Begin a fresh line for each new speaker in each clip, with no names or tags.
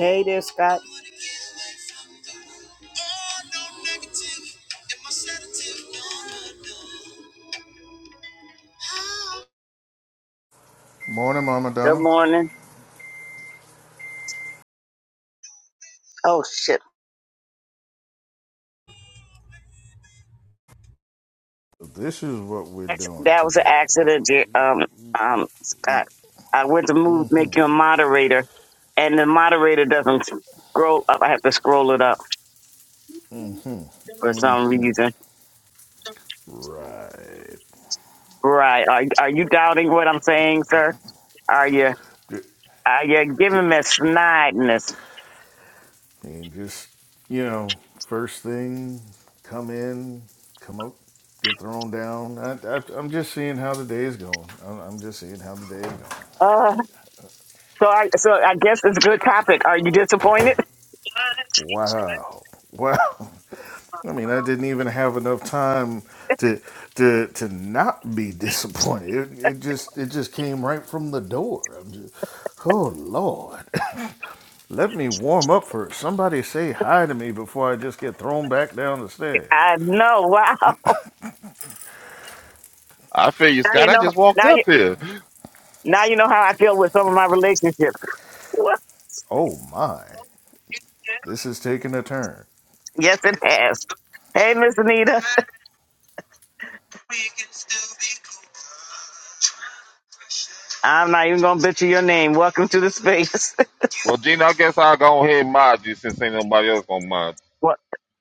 Hey there, Scott.
Morning, Mama
Good
Donna.
morning. Oh,
This is what we're
shit.
doing
that was an
today.
accident, Jer- um, um, Scott. I went to move, make you a moderator, and the moderator doesn't scroll up. I have to scroll it up for some reason.
Right.
Right? Are are you doubting what I'm saying, sir? Are you are you giving me snideness?
And just, you know, first thing, come in, come out, get thrown down. I, I, I'm just seeing how the day is going. I'm, I'm just seeing how the day is going.
Uh, so I so I guess it's a good topic. Are you disappointed?
Wow. Wow. I mean, I didn't even have enough time to to to not be disappointed. It, it just it just came right from the door. I'm just, oh Lord. Let me warm up first. Somebody say hi to me before I just get thrown back down the stairs.
I know. Wow.
I feel you,
Now you
Scott. I
know.
just walked
Now you
up here.
now you know how I feel with some of my relationships.
Oh my, this is taking a turn.
Yes, it has. Hey, Miss Anita, I'm not even gonna butcher your name. Welcome to the space.
Well, Gina, I guess I'll go ahead and mod you since ain't nobody else gonna mod.
well,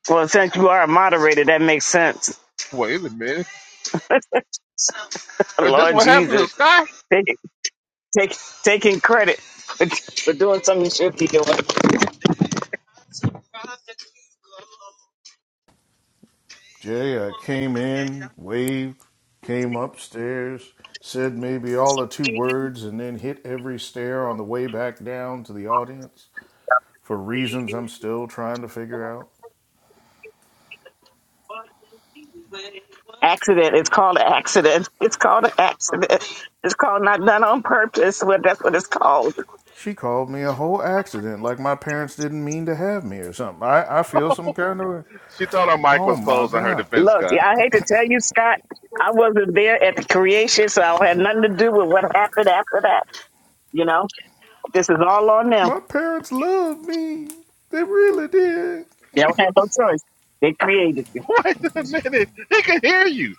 well, since you are a moderator, that makes sense.
Wait a minute. Is this
Lord
what happened to
Jesus,
Scott?
take, take, taking credit for, for doing something you should be doing.
Jay, I came in, waved, came upstairs, said maybe all the two words, and then hit every stair on the way back down to the audience for reasons I'm still trying to figure out.
Accident. It's called an accident. It's called an accident. It's called not done on purpose. Well, that's what it's called.
She called me a whole accident, like my parents didn't mean to have me or something. I, I feel some kind of.
She thought her mic
Oh
was
my
closed in her
God.
defense,
Look,
Scott.
yeah, I hate to tell you, Scott, I wasn't there at the creation, so I had nothing to do with what happened after that. You know, this is all on them.
My parents loved me. They really did.
They don't have no choice. They created you.
Wait a minute. He can hear you.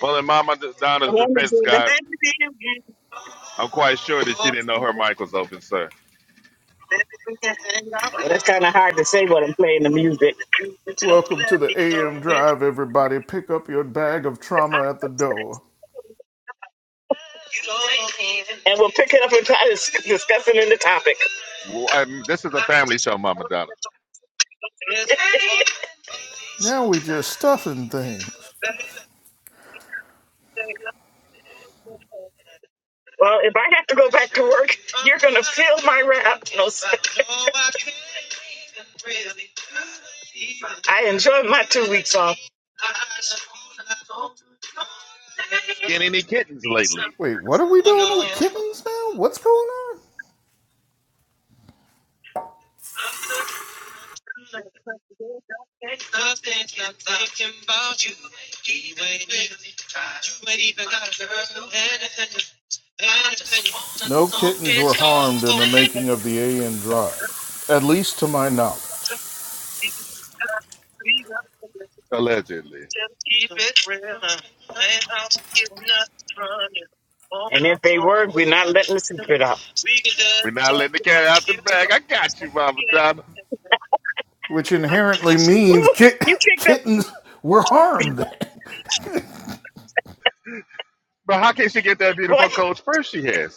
Well, in Mama
The
Donna's
one that's
defense,
in the-
Scott,
interview.
I'm quite sure that she didn't know her mic was open, sir.
That's kind of hard to say when I'm playing the music.
Welcome to the AM Drive, everybody. Pick up your bag of trauma at the door.
And we'll pick it up and try to see what's in the topic.
Well, I'm- this is a family show, Mama Donna.
Now we just stuffing things.
Well, if I have to go back to work, still my rap. I enjoy my.
Skinny any kittens lately,
Wait, what are we doing with kittens now? What's going on? No kittens were harmed in the making of the AM Drive, at least to my
time.
knowledge.
allegedly. We're not letting the cat out the bag. I got you, Mama Donna.
Which inherently means
Ooh,
kit-
you kicked up,
kittens were harmed.
But how can she get that beautiful
boy.
coach first she has?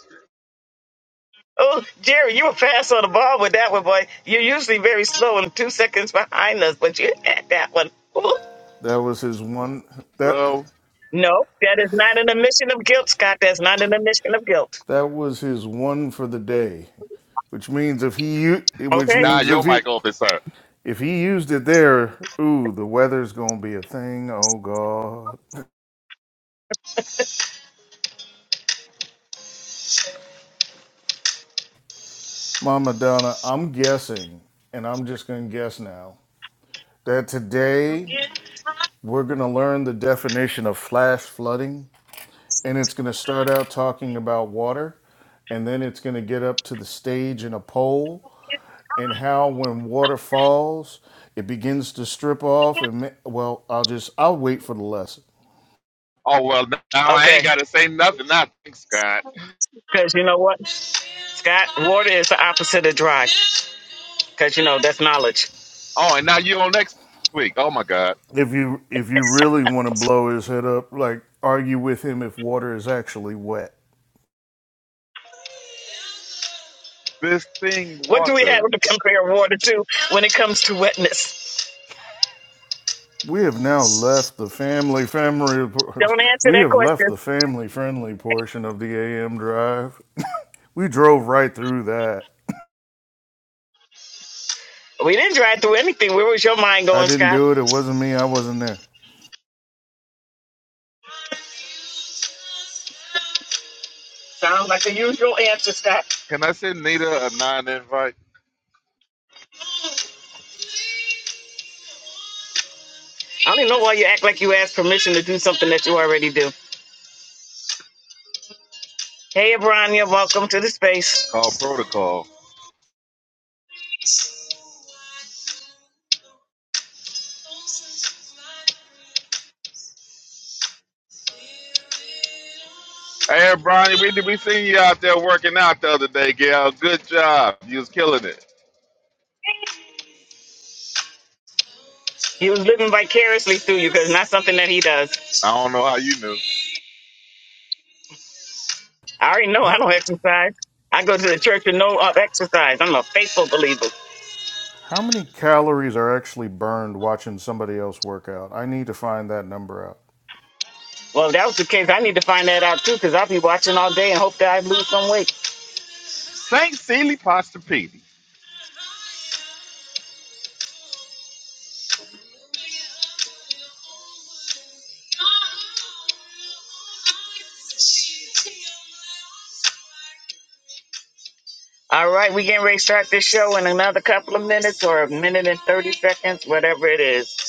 Oh, Jerry, you were fast on the ball with that one, boy. You're usually very slow and two seconds behind us, but you had that one. Ooh.
that was his one. That
Well,
No, that is not an admission of guilt, Scott. That's not an admission of guilt.
that was his one for the day. Which means if he, which
Okay?
Now
means
your
if he,
mic open, sir.
if he used it there, ooh, the weather's gonna be a thing. Oh God, Mama Donna, I'm guessing, and I'm just gonna guess now that today we're gonna learn the definition of flash flooding, and it's gonna start out talking about water, and then it's gonna get up to the stage in a pole, and how when water falls, it begins to strip off, and ma- well, I'll just I'll wait for the lesson.
Oh well, now I
Okay.
ain't gotta say nothing. Now thanks God.
Because you know what? Scott, water is the opposite of dry because, you know, that's knowledge.
Oh, and now you on next week. Oh my God,
if you if you really want to blow his head up, like argue with him if water is actually wet.
this thing,
What do we have
Walter.
to compare water to when it comes to wetness?
We have now left the family family.
Don't answer
We
that
have left
question.
the family friendly portion of the AM drive. We drove right through that.
We didn't drive through anything. Where was your mind
I
going,
didn't
Scott?
do it. It wasn't me. I wasn't there.
Sounds like the usual answer, Scott.
Can I send Nita a non-invite?
I don't even know why you act like you asked permission to do something that you already do. Hey, Abrania, welcome to the
It's
space.
called protocol. Hey, Bronny, we we seen you out there working out the other day, gal. Good job. You was killing it.
He was living vicariously through you because it's not something that he does.
I don't know how you knew.
I already know I
How
don't exercise. I go to the church with no uh, exercise. I'm a faithful believer.
how many calories are actually burned watching somebody else work out? I need to find that number out.
Well, if that was the case, I need to find that out too, because I'll be watching all day and hope that I lose some weight.
Saint Celie Pasta Petey.
All right, we getting ready to start this show in another couple of minutes or a minute and thirty seconds, whatever it is.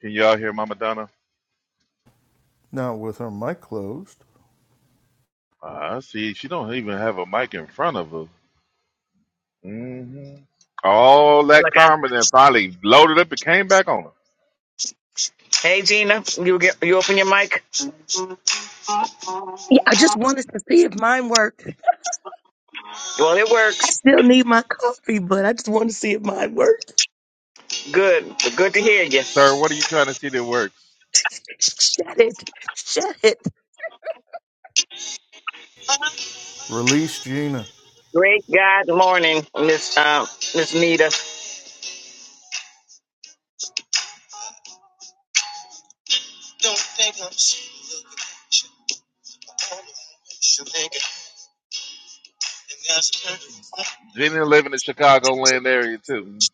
Can y'all hear Mama Donna?
Now with her mic closed,
Ah, see, she don't even have a mic in front of her. hmm All
Feel
that
Like I,
karma then finally loaded up and came back on her.
hey Gina, you get you open your mic?
Yeah, I just wanted to see if mine worked.
Well, it
I
works.
still need my coffee, but I just wanted to see if mine worked.
Good, good to hear you.
Sir, what are you trying to see that works?
Shut it. Shut it.
release Gina.
Great God morning, Miss uh, Miss Nita.
Jenny live in the Chicagoland area too.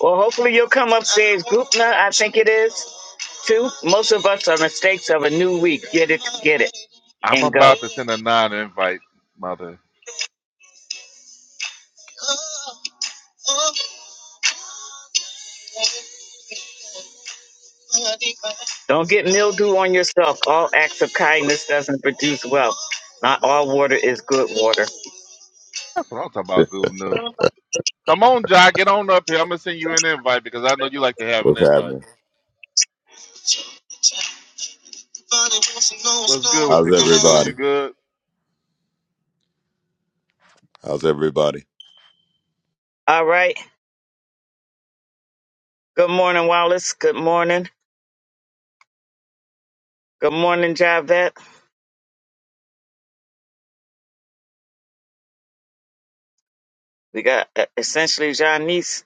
Well, hopefully you'll come upstairs, Gupna. I think it is too. Most of us are mistakes of a new week. Get it, get it,
I'm
and go.
about to send a non-invite, mother.
Don't get mildew on yourself. All acts of kindness doesn't produce wealth. Not all water is good water.
That's what I'm talking about, Goob New. Come on, Jai, get on up here. I'm gonna send you an invite because I know you like to have an
What's
invite.
happening?
What's good with you,
How's
Goob New?
everybody?
You good?
How's everybody?
All right. Good morning, Wallace. Good morning. Good morning, Javette. We got uh, essentially Janice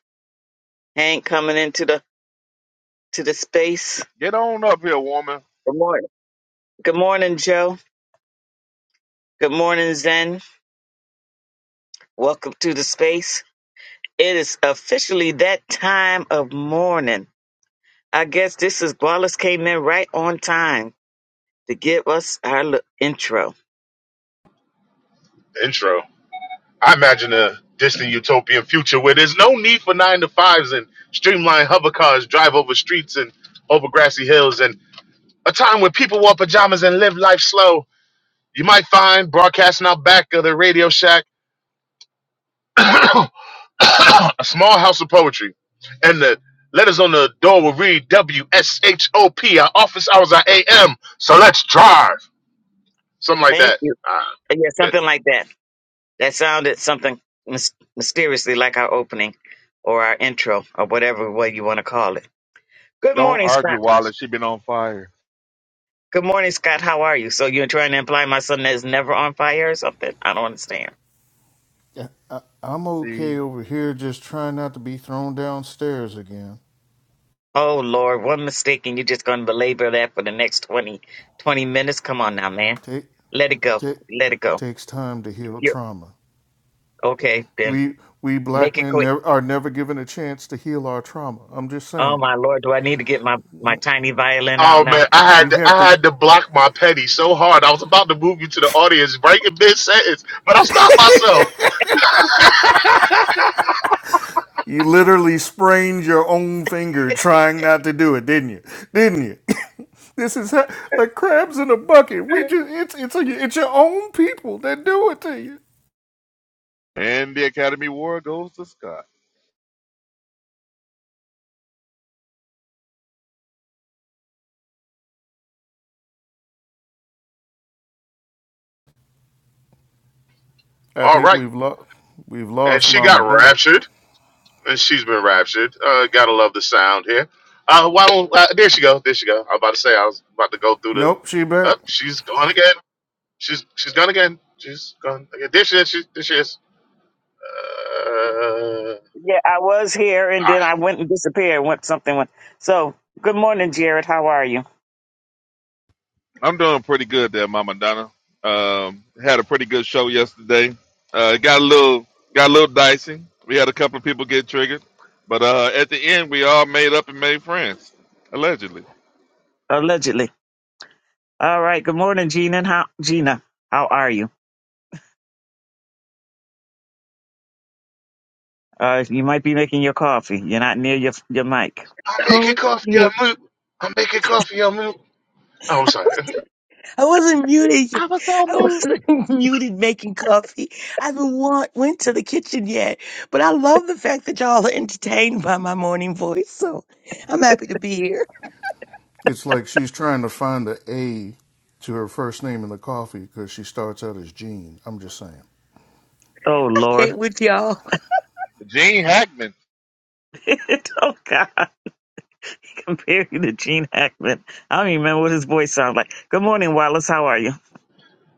Hank coming into the to the space.
Get on up here, woman.
Good morning. Good morning, Joe. Good morning, Zen. Welcome to the space. It is officially that time of morning. I guess this is Wallace came in right on time. to give us our li- intro.
the intro. I imagine a distant utopian future where there's no need for nine to fives and streamlined hover cars drive over streets and over grassy hills, and a time when people wore pajamas and live life slow. You might find broadcasting out back of the Radio Shack a small house of poetry, and the letters on the door will read W S H O P. Our office hours are A.M. So let's drive, something like
Thank
that.
you.
Uh,
Yeah,
Yeah.
something like that. That sounded something mys- mysteriously like our opening or our intro or whatever way you want to call it. Good
Don't
morning,
argue,
Scott.
Wallace. She been on fire.
Good morning, Scott. How are you? So you're trying to imply my son is never on fire or something? I don't understand.
Yeah, I, I'm okay
See?
over here, just trying not to be thrown downstairs again.
Oh Lord, one mistake and you're just gonna belabor that for the next 20 20 minutes. Come on now, man.
Take,
Let it go.
take,
Let it go.
takes time to heal
You're
trauma.
okay, then
We we black
make it
men
quick.
never, are never given a chance to heal our trauma. I'm just
Oh
saying,
my Lord, do I need to get my, my tiny violin out
Oh
now?
man, I had
we
to,
have
I
to.
had to block my petty so hard. I was about to move you to the audience right in mid sentence, but I stopped myself.
You literally sprained your own finger trying not to do it, didn't you? Didn't you? this is how, like crabs in a bucket. We just it's it's a, it's your own people that do it to you.
And the Academy Award goes to Scott.
I
All
think
right,
we've lost we've
and
lost
she
Mama
got
Dunn.
raptured, and she's been raptured. Uh, gotta love the sound here. Uh, why don't uh, there she go? There she go. I'm about to say I was about to go through the.
Nope, she back.
Up, she's gone again. She's she's gone again. She's gone again. There she is. She, there she is. Uh,
Yeah, I was here and then I went and disappeared. Went something went. So good morning, Jared. How are you?
I'm doing pretty good there, Mama Donna. Um, had a pretty good show yesterday. Uh, it got a little got a little dicey. We had a couple of people get triggered, but uh, at the end, we all made up and made friends, allegedly.
Allegedly. All right. Good morning, Gina. How Gina? How are you? Uh, you might be making your coffee. You're not near your your mic.
I'm making
Oh,
coffee. I'm
man.
moot. I'm making coffee. I'm moot. Oh, I'm sorry.
I wasn't muted.
I was so
I
moved.
wasn't muted making coffee. I haven't wa- went to the kitchen yet, but I love the fact that y'all are entertained by my morning voice. So I'm happy to be here.
It's like she's trying to find the A to her first name in the coffee because she starts out as Jean. I'm just saying.
Oh
I
Lord.
can't with y'all.
Gene Hackman,
oh God. He Compared you to Gene Hackman. I don't even remember what his voice sounds like. Good morning, Wallace. How are you?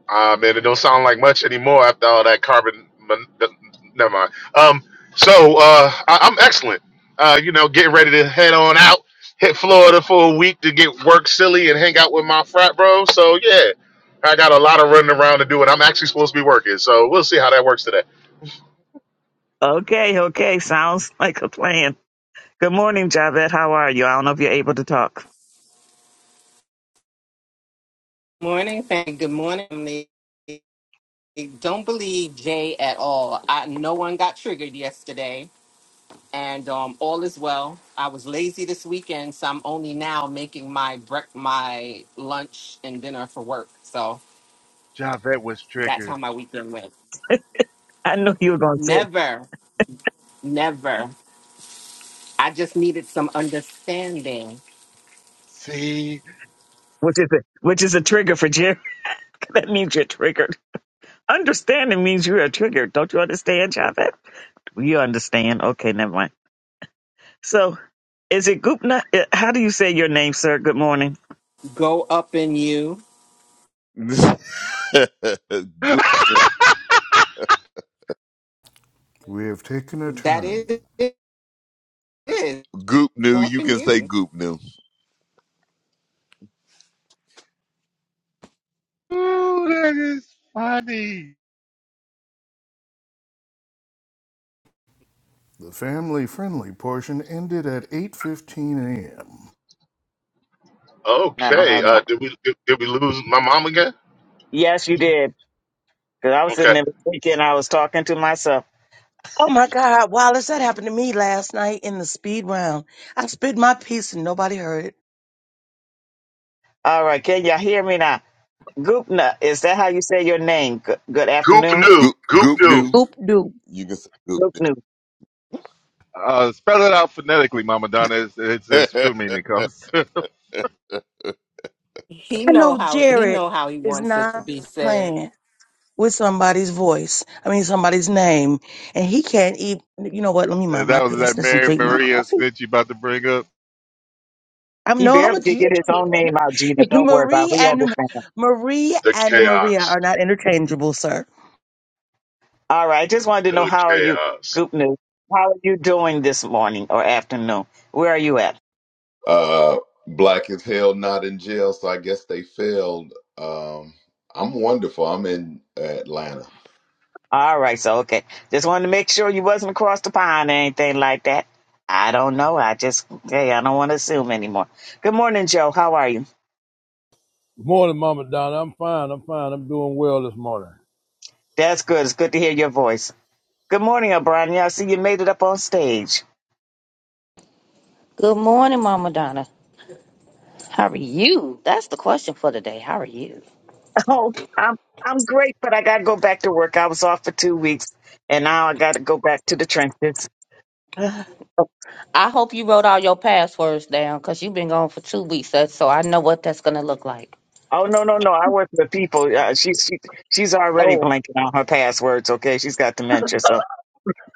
Ah, man, it don't sound like much anymore after all that carbon. Mon- the- never mind. Um, so uh, I- I'm excellent. Uh, you know, getting ready to head on out, hit Florida for a week to get work silly and hang out with my frat bro. So yeah, I got a lot of running around to do, and I'm actually supposed to be working. So we'll see how that works today.
Okay. Okay. Sounds like a plan. Good morning, Javette. How are you? I don't know if you're able to talk.
Morning, family. Good morning. family. Don't believe Jay at all. I, no one got triggered yesterday, and um, all is well. I was lazy this weekend, so I'm only now making my brec- my lunch and dinner for work. So
Javette was
that's how
triggered.
my weekend went.
I know you were going to say it,
Never, never. I just needed some understanding.
See,
which is a which is a trigger for Jerry. that means you're triggered. Understanding means you are triggered. Don't you understand, Javette? You understand. Okay, never mind. So, is it Gupna? uh, How do you say your name, sir? Good morning.
Go up in you.
ooh,
goop,
We have taken a
That is
turn.
it.
goop new.
Go up
You
in
can say
you.
goop new.
that is funny.
The family-friendly portion ended at 8:15 a.m.
I don't have
Okay. Uh,
enough.
did we did, did we lose my mom again?
Yes, you did. Because I was sitting
Okay.
there thinking I was talking to myself.
Oh my God, Wallace, that happened to me last night in the speed round. I spit my piece and nobody heard it.
All right, can y'all hear me now? Gupna, is that how you say your name? Good, good
Goop
afternoon.
knew.
Goop,
Goop
goop
knew
new.
Oop doop.
You can say goop
Gupna.
Uh, spell it out phonetically, Mama Donna. It's, it's, it's
new.
true meaning, Coach. that
He
I
know
know
how he
Jared
know how he
is
wants it to
not
be said.
playing with somebody's voice. I mean, somebody's name, and he can't even. You know what? Let me mind my
was that
business and
Mary
drink my
Maria
coffee.
snitch you about to bring up.
I'm
He
no, I'm a
barely could
G.
get his own name out, Gina. Don't worry about it.
Marie
We
and
understand.
Marie
the
and Maria
chaos.
are not interchangeable, sir.
All right, I just wanted to know
The
how are you,
chaos.
Gupna? How are you doing this morning or afternoon? Where are you at?
uh, black as hell, not in jail. So I guess they failed. Um, I'm wonderful. I'm in Atlanta.
All right, so okay. Just wanted to make sure you wasn't across the pond or anything like that. I don't know. I just hey, I don't want to assume anymore. Good morning, Joe. How are you?
Good morning, Mama Donna. I'm fine. I'm fine. I'm doing well this morning.
That's good. It's good to hear your voice. Good morning, O'Brien. Yeah, I see you made it up on stage.
Good morning, Mama Donna. How are you? That's the question for today. How are you?
Oh, I'm I'm great, but I gotta go back to work. I was off for two weeks and now I gotta go back to the trenches.
I hope you wrote all your passwords down because you've been gone for two weeks, that's- so I know what that's going to look like.
Oh no, no, no. I work with people. Uh, she's she, she's already
Oh,
blanking on her passwords, okay? She's got dementia, so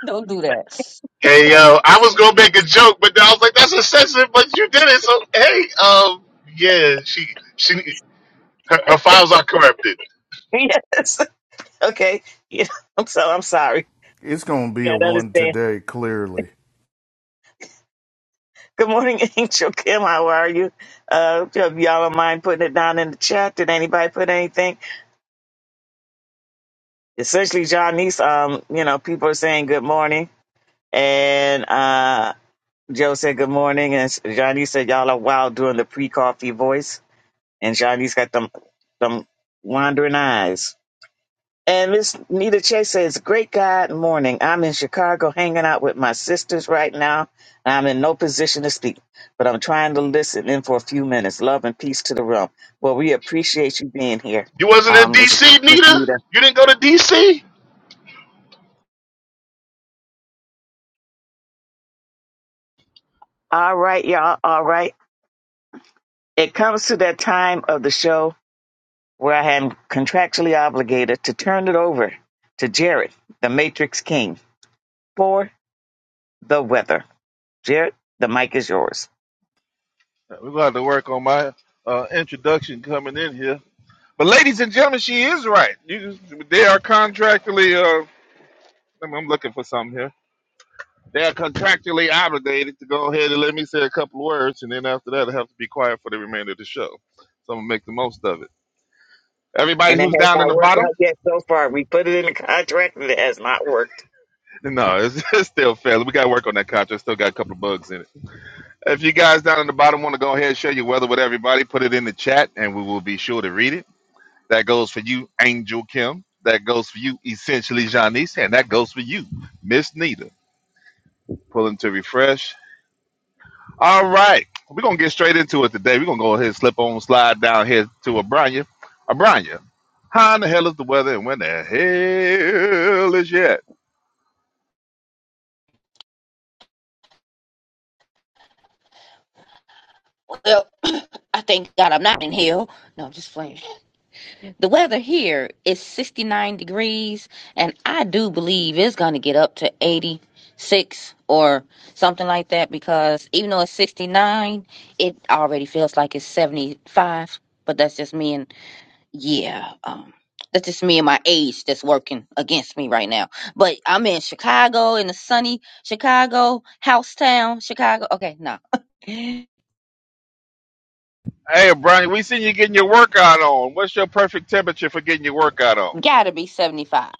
don't do that.
Hey yo, I was gonna make a joke, but then I was like, "That's excessive," but you did it. So hey, um, yeah, she she her, her files are corrupted.
yes. Okay. Yeah, I'm so I'm sorry.
It's gonna be a
Yeah, I
one
understand.
today, clearly.
Good morning, Angel Kim. How are you? Uh, if y'all don't mind putting it down in the chat. Did anybody put anything? Essentially, Johnny's. Um, you know, people are saying good morning, and uh, Joe said good morning, and Johnny said y'all are wild doing the pre-coffee voice, and Johnny's got them them wandering eyes. And Miss Nita Chase says, Great God morning. I'm in Chicago hanging out with my sisters right now. I'm in no position to speak, but I'm trying to listen in for a few minutes. Love and peace to the room. Well, we appreciate you being here,
You wasn't at
um, Miss
DC,
Miss
Nita.
Nita.
You didn't go to DC.
All right, y'all. All right. It comes to that time of the show where I am contractually obligated to turn it over to Jared, the Matrix King, for the weather. Jared, the mic is yours.
We're going to have to work on my uh, introduction coming in here. But, ladies and gentlemen, she is right. You, they are contractually, uh, I'm, I'm looking for something here. They are contractually obligated to go ahead and let me say a couple of words, and then after that, I have to be quiet for the remainder of the show. So, I'm going to make the most of it. Everybody
and it
who's
has
down in
not
the
worked
bottom,
out yet so far. We put it in the contract and it has not worked.
no, it's, it's still fair. We got to work on that contract. Still got a couple of bugs in it. If you guys down in the bottom want to go ahead and share your weather with everybody, put it in the chat, and we will be sure to read it. That goes for you, Angel Kim. That goes for you, essentially Janice, and that goes for you, Miss Nita. Pulling to refresh. All right, we're gonna get straight into it today. We're gonna go ahead and slip on slide down here to Abranya. Abranya, how in the hell is the weather, and when the hell is it?
Well, I thank God I'm not in hell. No, I'm just playing. The weather here is 69 degrees, and I do believe it's going to get up to 86 or something like that because even though it's 69, it already feels like it's 75. But that's just me, and yeah, um, that's just me and my age that's working against me right now. But I'm in Chicago, in the sunny Chicago, house town, Chicago. Okay, no,
Hey, Abranya, we seen you getting your workout on. What's your perfect temperature for getting your workout on?
gotta be 75.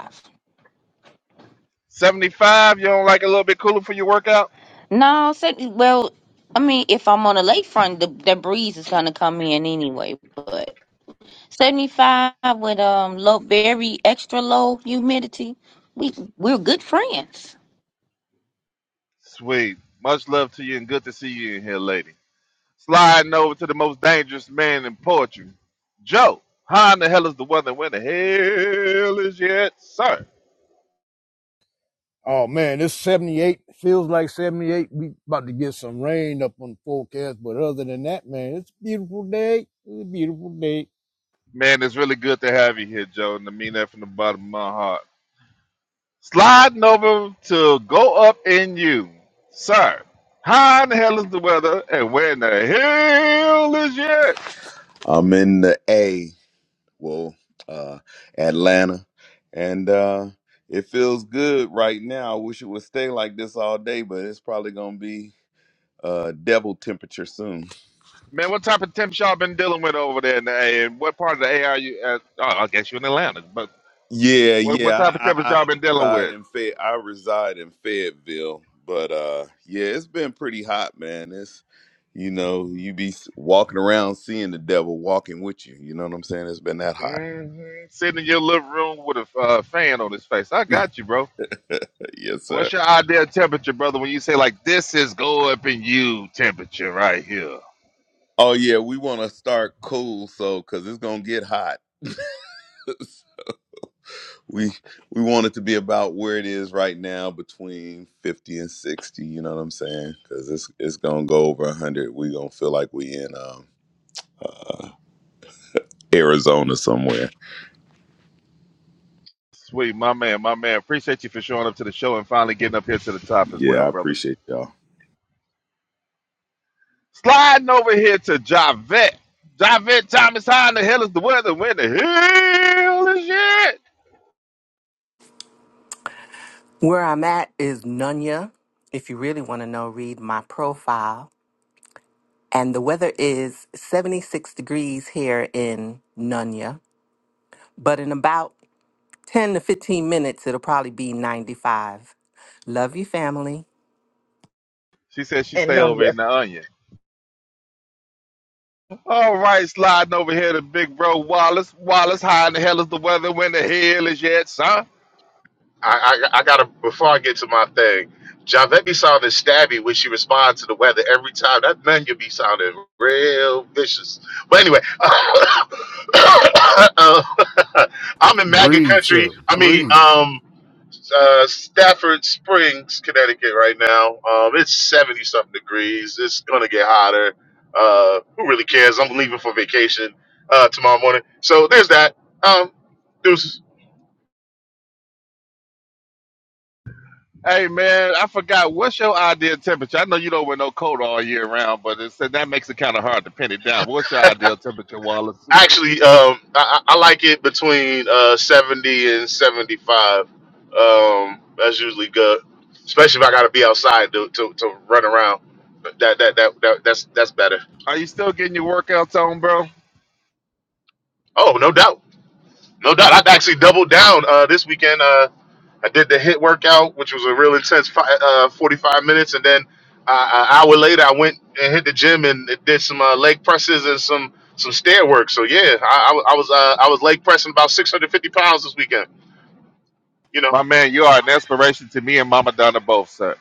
Seventy-five. You don't like a little bit cooler for your workout?
No, se- well, I mean, if I'm on the lakefront, the, the breeze is gonna come in anyway. But 75 with um low, very extra low humidity, we we're good friends.
Sweet. Much love to you, and good to see you in here, lady. Sliding over to the most dangerous man in poetry. Joe, how in the hell is the weather? Where the hell is yet, sir?
Oh man, it's 78. Feels like 78. We about to get some rain up on the forecast, but other than that, man, it's a beautiful day. It's a beautiful day.
Man, it's really good to have you here, Joe, and I mean that from the bottom of my heart. Sliding over to go up in you, sir. How in the hell is the weather? And where in the hell is yet?
I'm in the A. Well, uh, Atlanta, and uh, it feels good right now. I wish it would stay like this all day, but it's probably gonna be uh devil temperature soon.
Man, what type of temps y'all been dealing with over there in the A? And what part of the A are you at? Oh, I guess you're in Atlanta. But
Yeah,
what, what
yeah.
type of temps
I I, I
y'all been dealing
reside
with?
in Fay- I reside in Fayetteville, but uh yeah, it's been pretty hot, man. It's you know, you be s- walking around seeing the devil walking with you. You know what I'm saying? It's been that hot.
Mhm. Sitting in your living room with a uh, fan on his face. I got you, bro.
yes,
What's
sir.
your ideal temperature, brother? When you say like this is go up in you temperature right here.
Oh yeah, we want to start cool so cuz it's going to get hot. we we want it to be about where it is right now between 50 and 60 you know what i'm saying because it's it's gonna go over 100 we gonna feel like we in um, arizona somewhere
Sweet, my man, my man. Appreciate you for showing up to the show and finally getting up here to the top as
yeah i
well, brother.
appreciate y'all
Sliding over here to Javette. Javette Thomas, how in the hell is the weather? When the hell is it?
Where I'm at is Nunya. If you really want to know, read my profile. And the weather is 76 degrees here in Nunya. But in about 10 to 15 minutes, it'll probably be 95. Love you, family.
She said she
And
stay
um,
over in the onion. All right, sliding over here to big bro Wallace. Wallace, how in the hell is the weather? When the hell is it, son?
I, I I gotta before I get to my thing. Javette be sounding stabby when she responds to the weather every time. That man, you be sounding real vicious. But anyway, uh, I'm in MAGA
Breathe,
country.
sir.
I mean,
Breathe.
um. uh, Stafford Springs, Connecticut, right now. Um, it's seventy something degrees. It's gonna get hotter. Uh, who really cares? I'm leaving for vacation uh, tomorrow morning. So there's that. Um, there's
Hey man, I forgot what's your ideal temperature. I know you don't wear no coat all year round, but it's that makes it kind of hard to pin it down. What's your ideal temperature, Wallace?
actually um, I, I I like it between uh, seventy and seventy five. Um, that's usually good, especially if I gotta be outside to to, to run around. That, that that that that's that's better.
Are you still getting your workouts on, bro?
Oh, no doubt. No doubt. I've actually doubled down uh, this weekend. Uh, I did the hit workout, which was a real intense fi- uh, 45 minutes, and then uh, an hour later, I went and hit the gym and did some uh, leg presses and some some stair work. So yeah, I, I was I was, uh, I was leg pressing about 650 pounds this weekend. You know,
My man, you are an inspiration to me and Mama Donna both, sir.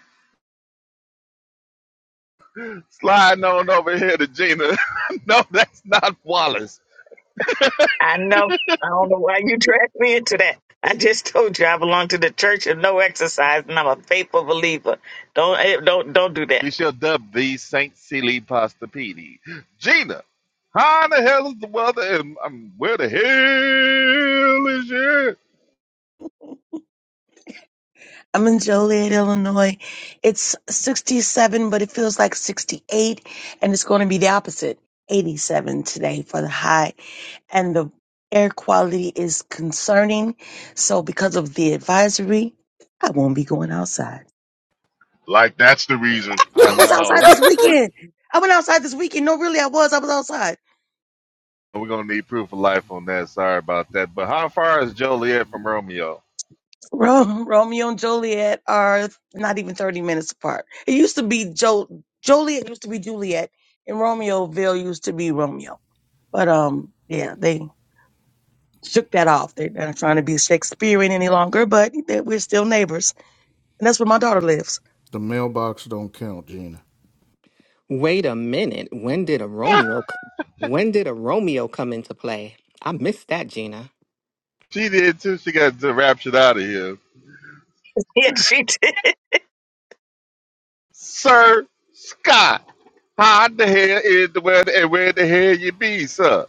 Sliding on over here to Gina. no, that's not Wallace.
I know, I don't know why you dragged me into that. I just told you I belong to the church of no exercise, and I'm a faithful believer. Don't eh, don't don't do that.
We shall dub thee Saint Silly Pastapedi. Gina, how in the hell is the weather? And um, where the hell is it?
I'm in Joliet, Illinois. It's 67, but it feels like 68, and it's going to be the opposite, 87 today for the high. and the air quality is concerning. So because of the advisory, I won't be going outside.
like that's the reason.
I
I was
know.
outside this weekend. I went outside this weekend. No, really, I was. I was outside.
We're gonna need proof of life on that. Sorry about that. But how far is Joliet from Romeo?
Ro- Romeo and Juliet are not even 30 minutes apart. It used to be jo- Joliet used to be Juliet and Romeoville used to be Romeo. But um, yeah, they shook that off. They're not trying to be Shakespearean any longer, but they- we're still neighbors. And that's where my daughter lives.
The mailbox don't count, Gina.
Wait a minute. When did a Romeo? c- When did a Romeo come into play? I missed that, Gina.
She did too. She got raptured out of here.
Yeah, she did.
Sir Scott, how the hell is the where the, where the hell you be, sir?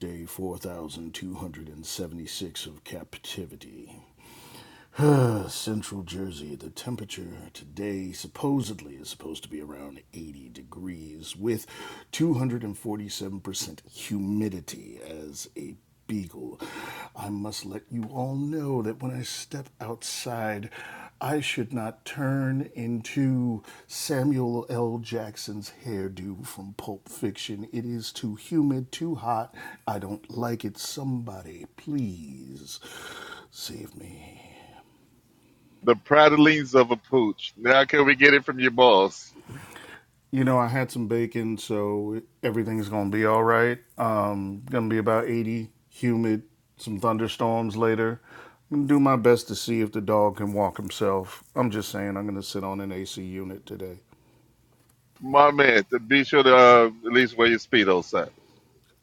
Day 4,276 of captivity. Central Jersey, the temperature today supposedly is supposed to be around 80 degrees with 247% humidity as a beagle. I must let you all know that when I step outside, I should not turn into Samuel L. Jackson's hairdo from Pulp Fiction. It is too humid, too hot. I don't like it. Somebody, please save me.
The prattlings of a pooch. Now can we get it from your boss?
You know, I had some bacon, so everything's gonna be all right. Um, gonna be about 80, humid, some thunderstorms later. I'm gonna do my best to see if the dog can walk himself. I'm just saying, I'm gonna sit on an AC unit today.
My man, to be sure to uh, at least wear your speedo, sir.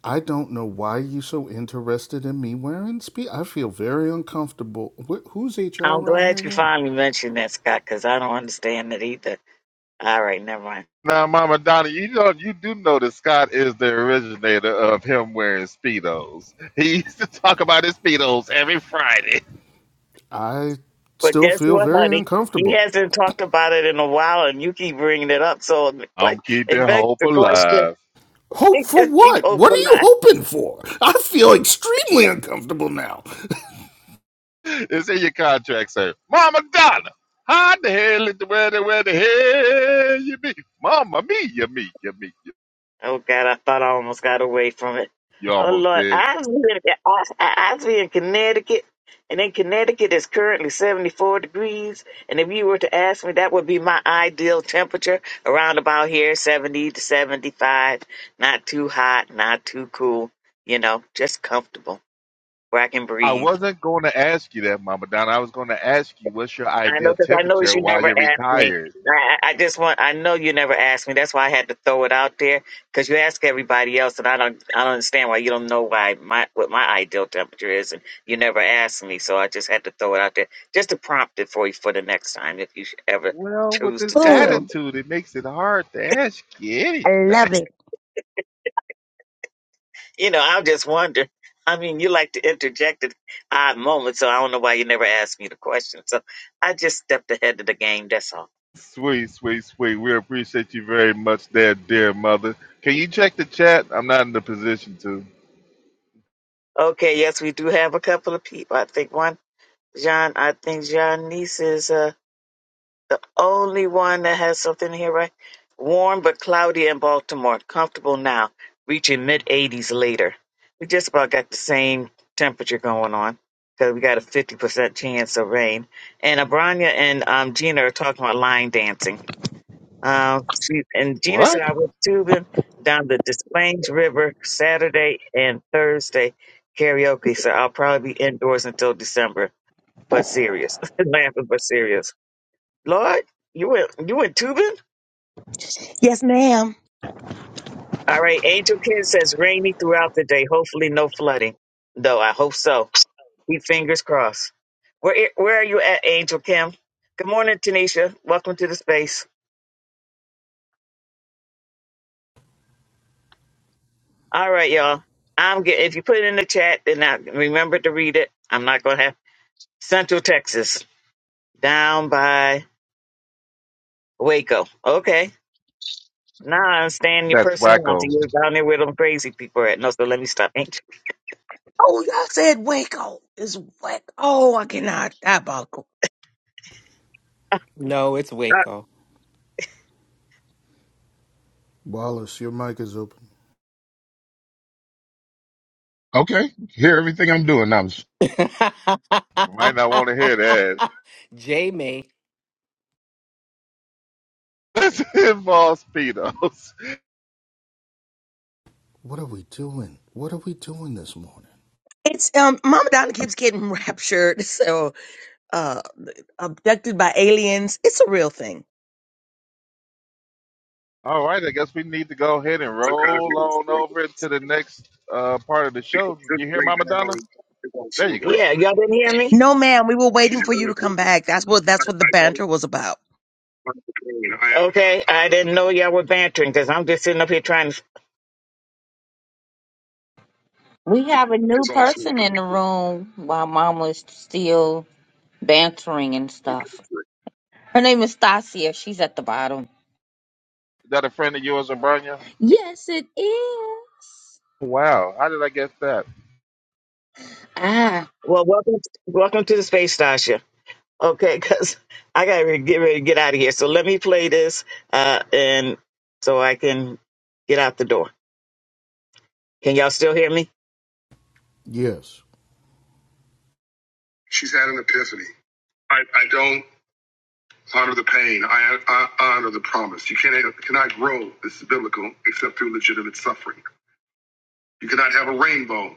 I don't know why you so interested in me wearing spe I feel very uncomfortable. Wh- who's HR
I'm
around here
glad you
again?
finally mentioned that, Scott, because I don't understand it either. All right, never mind.
Now, Mama Donna, you know you do know that Scott is the originator of him wearing speedos. He used to talk about his speedos every Friday.
I
But
still
guess
feel
what,
very
honey? He
uncomfortable.
hasn't talked about it in a while, and you keep bringing it up. So the que-
I'm keeping
it begs
hope
the question.
alive.
Hope
It
for
just keep
what? What are
open
you
eye.
hoping for? I feel extremely uncomfortable now.
It's in your contract, sir. Mama Donna, how the hell is the where where the hell you be? Mama me, you me, you me. You
Oh God, I thought I almost got away from it.
You
Oh
almost
Lord,
did.
I was in, I, I was in Connecticut, and in Connecticut it's currently seventy-four degrees. And if you were to ask me, that would be my ideal temperature around about here, seventy to seventy-five. Not too hot, not too cool. You know, just comfortable where I can
I
breathe.
wasn't going to ask you that, Mama Donna. I was going to ask you what's your
I
ideal
know because I noticed
temperature
you
while
never
you're
asked me.
retired.
I, I I just want I know you never asked me. That's why I had to throw it out there because you ask everybody else, and I don't I don't understand why you don't know why my what my ideal temperature is, and you never asked me. So I just had to throw it out there just to prompt it for you for the next time if you should ever
Well, with
choose to
this
do it.
Boom.
attitude, it makes it hard to ask you
I
anything.
love it.
You know, I just wonder. I mean, you like to interject at odd moments, so I don't know why you never asked me the question. So I just stepped ahead of the game. That's all.
Sweet, sweet, sweet. We appreciate you very much, there, dear mother. Can you check the chat? I'm not in the position to.
Okay, yes, we do have a couple of people. I think one. John, I think John Nice is uh, only one that has something here, right? Warm but cloudy in Baltimore. Comfortable now, reaching mid 80s later. We just about got the same temperature going on because we got a 50% chance of rain. And Abranya and um, Gina are talking about line dancing. Um, she, and Gina
What?
said I was tubing down the Des Plaines River Saturday and Thursday karaoke, so I'll probably be indoors until December but serious. Laughing but serious. Lord, you went you went tubing?
Yes, ma'am.
All right, Angel Ken says rainy throughout the day. Hopefully no flooding. Though I hope so. Keep fingers crossed. Where where are you at, Angel Kim? Good morning, Tanisha. Welcome to the space. All right, y'all. I'm get if you put it in the chat, then I remember to read it. I'm not gonna have Central Texas down by Waco. Okay. Now I understand your
That's
personality.
wacko.
You're down there where them crazy people are at. No, so let me stop, Angel.
Oh, y'all said Waco is Waco. Oh, I cannot diabolical.
No, it's Waco.
Wallace, your mic is open.
Okay, hear everything I'm doing. I'm,
Might not want to hear that.
J May.
This involves pedos.
What are we doing? What are we doing this morning?
It's um Mama Donna keeps getting raptured, so uh abducted by aliens. It's a real thing.
All right, I guess we need to go ahead and
That kind of
roll
music.
on over to the next uh, part of the
Because
show.
this
You hear Mama Donna?
breakdown on
There you go.
Yeah, y'all didn't hear me?
No ma'am, we were
She
waiting
said,
for you
i
to come back. That's what
I,
that's what the
don't
banter was about.
want to complain. I am. Okay, I didn't know y'all were bantering because I'm just sitting up here trying to.
We have a new
It's all
person
celebration.
in the room while Mama is still bantering and stuff. Her name is Stasia. She's at the bottom.
Is that a friend of yours, Abranya?
Yes, it is.
Wow, how did I get that?
Ah,
Well, welcome, welcome to the space, Tasha. Okay, because I gotta get ready to get out of here. So let me play this, uh, and so I can get out the door. Can y'all still hear me?
Yes.
She's had an epiphany. I, I don't. Honor the pain. I, I honor the promise. You cannot, cannot grow, this is biblical, except through legitimate suffering. You cannot have a rainbow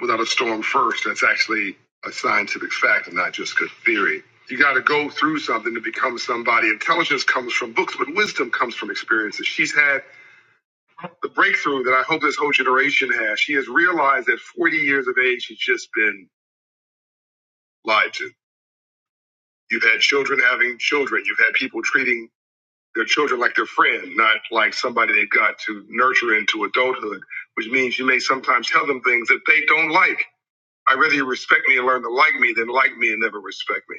without a storm first. That's actually a scientific fact and not just good theory. You got to go through something to become somebody. Intelligence comes from books, but wisdom comes from experiences. She's had the breakthrough that I hope this whole generation has. She has realized at 40 years of age, she's just been lied to. You've had children having children. You've had people treating their children like their friend, not like somebody they've got to nurture into adulthood, which means you may sometimes tell them things that they don't like. I'd rather you respect me and learn to like me than like me and never respect me.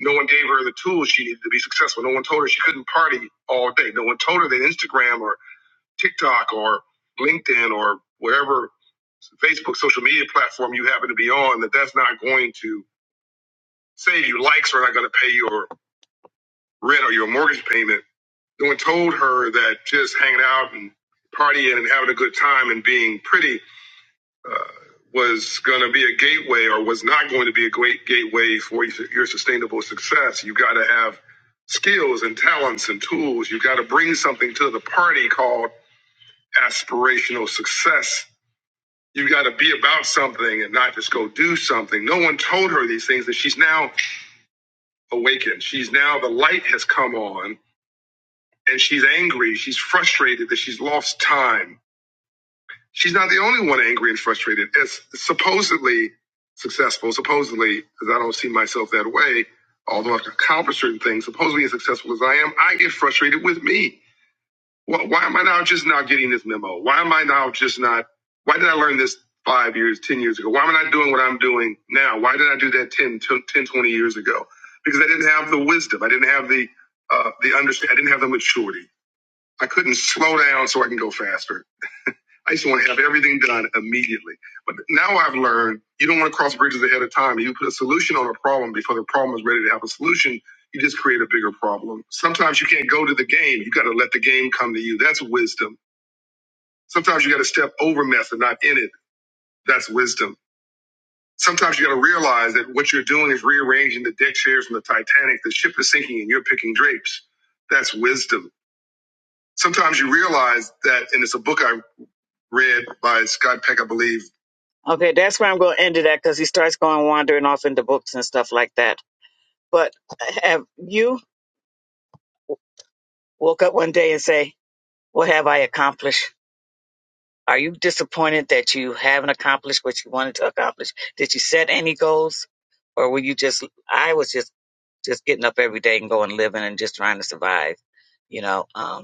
No one gave her the tools she needed to be successful. No one told her she couldn't party all day. No one told her that Instagram or TikTok or LinkedIn or whatever Facebook social media platform you happen to be on, that that's not going to save you. Likes are not going to pay your rent or your mortgage payment when told her that just hanging out and partying and having a good time and being pretty was going to be a gateway or was not going to be a great gateway for your sustainable success. You got to have skills and talents and tools. You got to bring something to the party called aspirational success. You got to be about something and not just go do something. No one told her these things and she's now awakened. She's now the light has come on and she's angry. She's frustrated that she's lost time she's not the only one angry and frustrated. As supposedly successful, supposedly, because I don't see myself that way, although I've accomplished certain things, supposedly as successful as I am, I get frustrated with me. Why, why am I now just now getting this memo? Why am I now just not? Why did I learn this five years, 10 years ago? Why am I not doing what I'm doing now? Why did I do that 10, twenty years ago? Because I didn't have the wisdom. I didn't have the, uh, the understanding. I didn't have the maturity. I couldn't slow down so I can go faster. I used to want to have everything done immediately. But now I've learned you don't want to cross bridges ahead of time. You put a solution on a problem before the problem is ready to have a solution. You just create a bigger problem. Sometimes you can't go to the game. You got to let the game come to you. That's wisdom. Sometimes you got to step over mess and not in it. That's wisdom. Sometimes you got to realize that what you're doing is rearranging the deck chairs from the Titanic. The ship is sinking and you're picking drapes. That's wisdom. Sometimes you realize that, and it's a book I read by Scott Peck, I believe Okay, that's where I'm going to end it at because he starts going wandering off into books and stuff like that. But eh, have you woke up one day and say, "What have I accomplished?" Are you disappointed that you haven't accomplished what you wanted to accomplish? Did you set any goals, or were you just? I was just just getting up every day and going living and just trying to survive, you know. Um,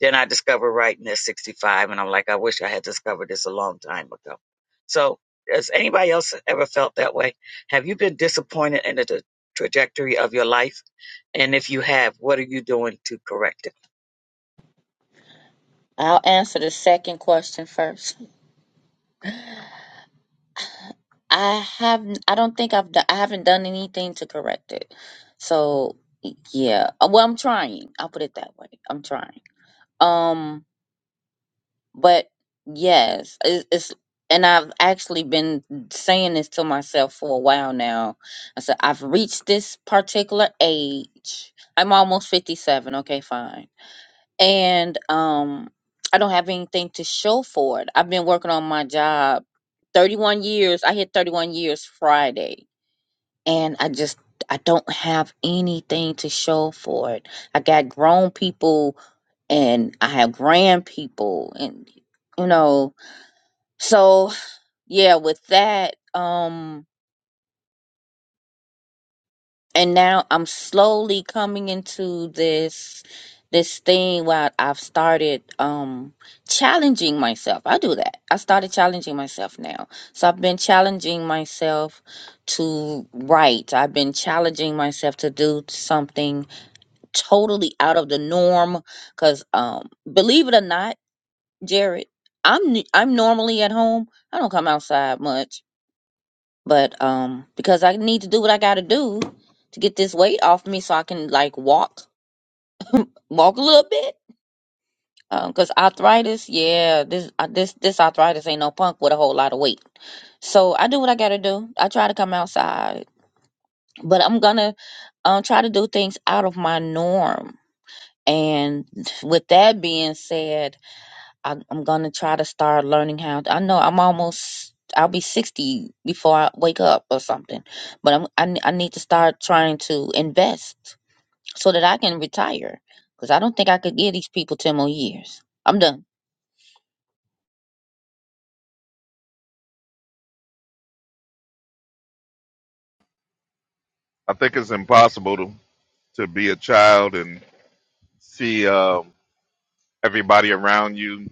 Then I discovered writing at 65, and I'm like, I wish I had discovered this a long time ago. So, has anybody else ever felt that way? Have you been disappointed in the tra- trajectory of your life? And if you have, what are you doing to correct it?
I'll answer the second question first. I have. I don't think I've. do- I haven't done anything to correct it. So yeah. Well, I'm trying. I'll put it that way. I'm trying. Um. But yes, it, it's and I've actually been saying this to myself for a while now. I said I've reached this particular age. I'm almost 57. Okay, fine. And um I don't have anything to show for it. I've been working on my job 31 years. I hit 31 years Friday and I just I don't have anything to show for it. I got grown people and I have grand people and you know so yeah with that um and now I'm slowly coming into this this thing where I've started um challenging myself. I do that. I started challenging myself now. So I've been challenging myself to write. I've been challenging myself to do something totally out of the norm because um believe it or not jared i'm n- i'm normally at home i don't come outside much but um because i need to do what i gotta do to get this weight off me so i can like walk walk a little bit um because arthritis yeah this uh, this this arthritis ain't no punk with a whole lot of weight so i do what i gotta do i try to come outside but i'm gonna um try to do things out of my norm and with that being said I, I'm gonna try to start learning how. I know I'm almost. I'll be sixty before I wake up or something. But I'm. I, ne- I need to start trying to invest so that I can retire. Because I don't think I could give these people ten more years. I'm done.
I think it's impossible to, to be a child and see uh, everybody around you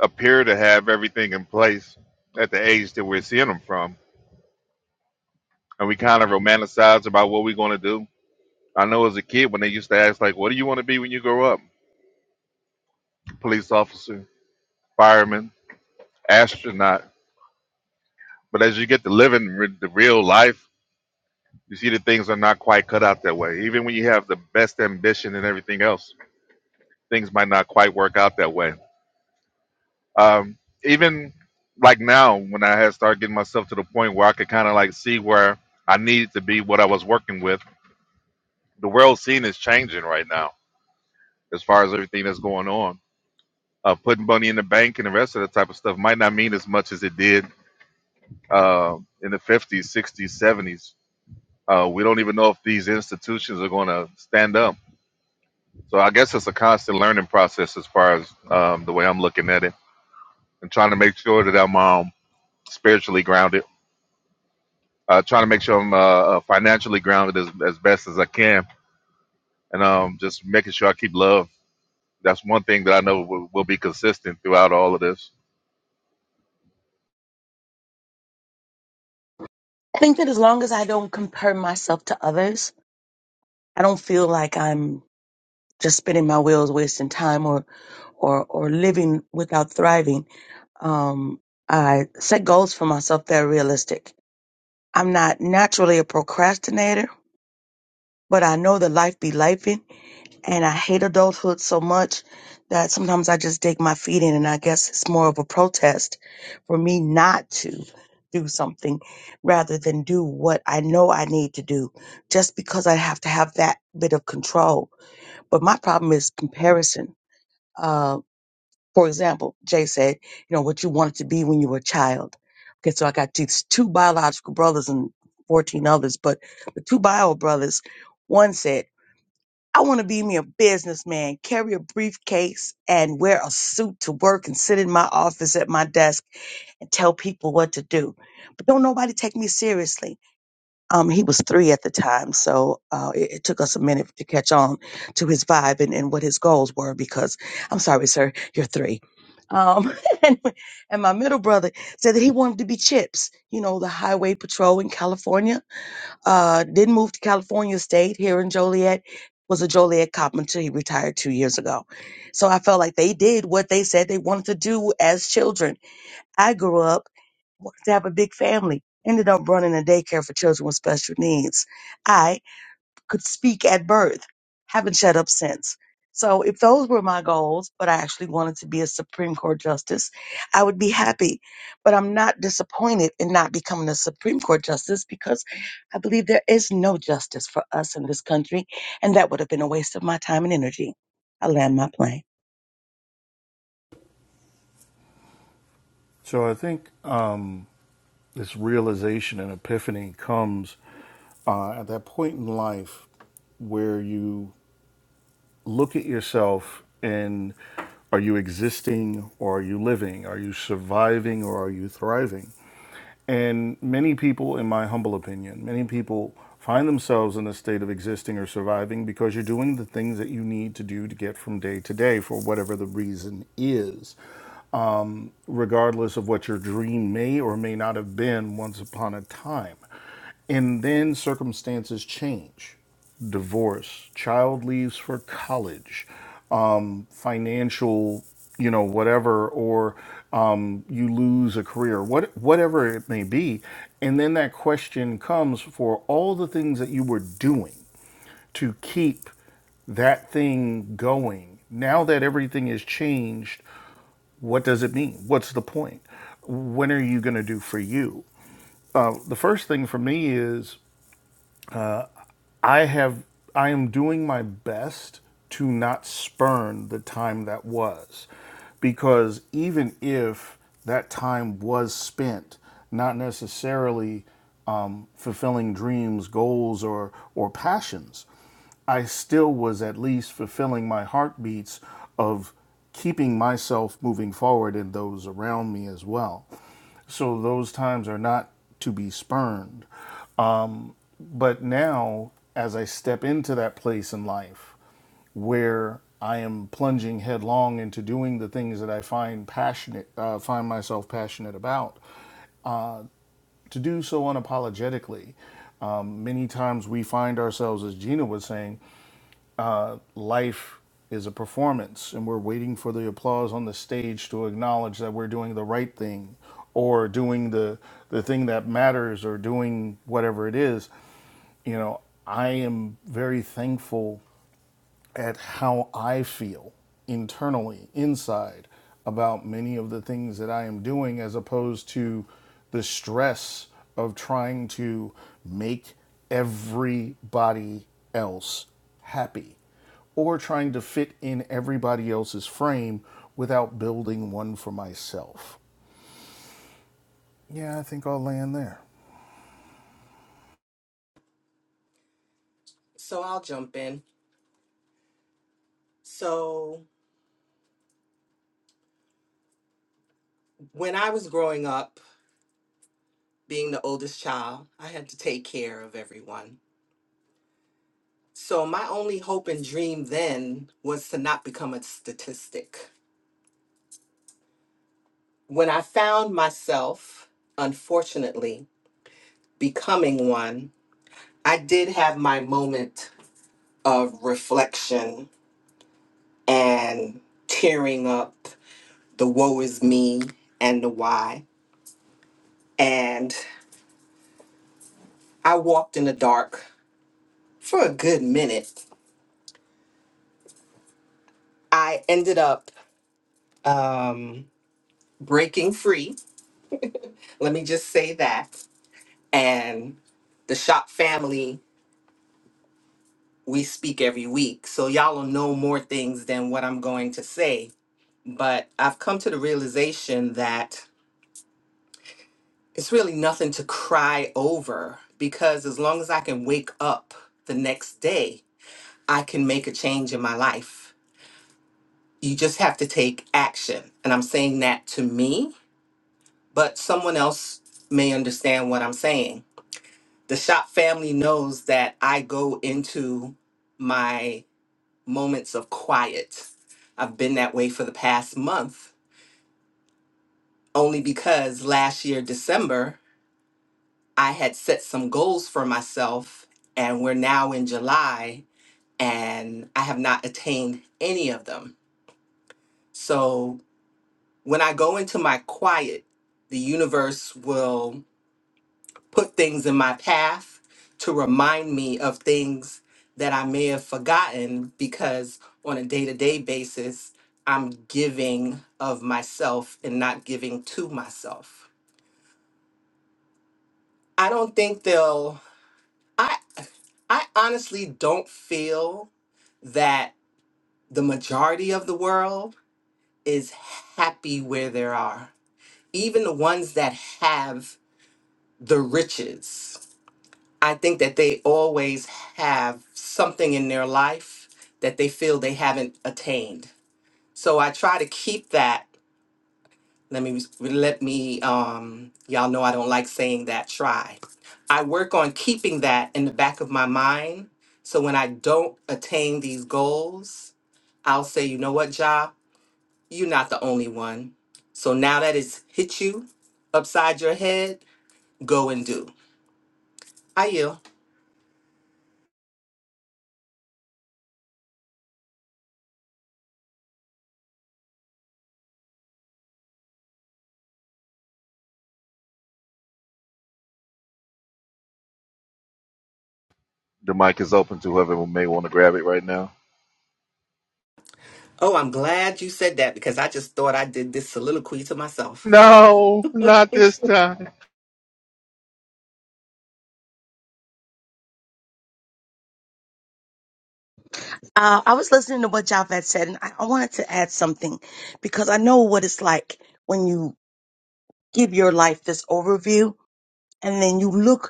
appear to have everything in place at the age that we're seeing them from. And we kind of romanticize about what we're going to do I know as a kid when they used to ask like, "What do you want to be when you grow up?" Police officer, fireman, astronaut. But as you get to living re- the real life, you see that things are not quite cut out that way. Even when you have the best ambition and everything else, things might not quite work out that way. Um, even like now, when I had started getting myself to the point where I could kind of like see where I needed to be, what I was working with, the world scene is changing right now as far as everything that's going on Uh, putting money in the bank and the rest of that type of stuff might not mean as much as it did uh, in the 50s, 60s, 70s. Uh, we don't even know if these institutions are going to stand up. So I guess it's a constant learning process as far as um, the way I'm looking at it and trying to make sure that I'm um, spiritually grounded, uh, trying to make sure I'm uh, uh, financially grounded as, as best as I can, and um, just making sure I keep love. That's one thing that I know will, will be consistent throughout all of this.
I think that as long as I don't compare myself to others, I don't feel like I'm just spinning my wheels, wasting time, or or or living without thriving. Um, I set goals for myself that are realistic. I'm not naturally a procrastinator, but I know that life be life, and I hate adulthood so much that sometimes I just dig my feet in, and I guess it's more of a protest for me not to do something rather than do what I know I need to do just because I have to have that bit of control. But my problem is comparison. Uh, for example, Jay said, you know, what you wanted to be when you were a child. Okay, so I got these two biological brothers and 14 others, but the two bio brothers, one said, I want to be me a businessman, carry a briefcase and wear a suit to work and sit in my office at my desk and tell people what to do. But don't nobody take me seriously. Um, he was three at the time, so uh, it, it took us a minute to catch on to his vibe and, and what his goals were because I'm sorry, sir, you're three. Um, and, and my middle brother said that he wanted to be Chips, you know, the highway patrol in California uh, didn't move to California State here in Joliet. Was a Joliet cop until he retired two years ago. So I felt like they did what they said they wanted to do as children. I grew up wanted to have a big family. Ended up running a daycare for children with special needs. I could speak at birth. Haven't shut up since. So if those were my goals, but I actually wanted to be a Supreme Court justice, I would be happy. But I'm not disappointed in not becoming a Supreme Court justice because I believe there is no justice for us in this country, and that would have been a waste of my time and energy. I land my plane.
So I think um, this realization and epiphany comes uh, at that point in life where you look at yourself and are you existing or are you living? Are you surviving or are you thriving? And many people, in my humble opinion, many people find themselves in a state of existing or surviving because you're doing the things that you need to do to get from day to day for whatever the reason is regardless of what your dream may or may not have been once upon a time. And then circumstances change divorce, child leaves for college, um, financial, you know, whatever, or um, you lose a career, what, whatever it may be. And then that question comes for all the things that you were doing to keep that thing going. Now that everything has changed, what does it mean? What's the point? When are you going to do for you? Uh, the first thing for me is I have I am doing my best to not spurn the time that was because even if that time was spent not necessarily um, fulfilling dreams, goals, or or passions, I still was at least fulfilling my heartbeats of keeping myself moving forward and those around me as well. So those times are not to be spurned. But now, as I step into that place in life where I am plunging headlong into doing the things that I find passionate, uh, find myself passionate about, to do so unapologetically. Um, many times we find ourselves, as Gina was saying, uh, life is a performance and we're waiting for the applause on the stage to acknowledge that we're doing the right thing or doing the, the thing that matters or doing whatever it is, you know, I am very thankful at how I feel internally, inside, about many of the things that I am doing, as opposed to the stress of trying to make everybody else happy or trying to fit in everybody else's frame without building one for myself. Yeah, I think I'll land there.
So I'll jump in. So When I was growing up, being the oldest child, I had to take care of everyone. So my only hope and dream then was to not become a statistic. When I found myself, unfortunately, becoming one, I did have my moment of reflection and tearing up the woe is me and the why. And I walked in the dark for a good minute. I ended up. Um, breaking free. Let me just say that. And the shop family, we speak every week. So y'all will know more things than what I'm going to say. But I've come to the realization that it's really nothing to cry over because as long as I can wake up the next day, I can make a change in my life. You just have to take action. And I'm saying that to me, but someone else may understand what I'm saying the shop family knows that I go into my moments of quiet. I've been that way for the past month, only because last year, December, I had set some goals for myself, and we're now in July, and I have not attained any of them. So when I go into my quiet, the universe will put things in my path to remind me of things that I may have forgotten because on a day to day basis, I'm giving of myself and not giving to myself. I don't think they'll, I, I honestly don't feel that the majority of the world is happy where they are. Even the ones that have the riches I think that they always have something in their life that they feel they haven't attained. So I try to keep that. Let me let me um y'all know I don't like saying that try. I work on keeping that in the back of my mind so when I don't attain these goals, I'll say, "You know what, Ja? You're not the only one." So now that it's hit you upside your head, go and do. I yield.
The mic is open to whoever may want to grab it right now.
Oh, I'm glad you said that because I just thought I did this soliloquy to myself.
No, not this time.
Uh, I was listening to what Javed said, and I, I wanted to add something because I know what it's like when you give your life this overview and then you look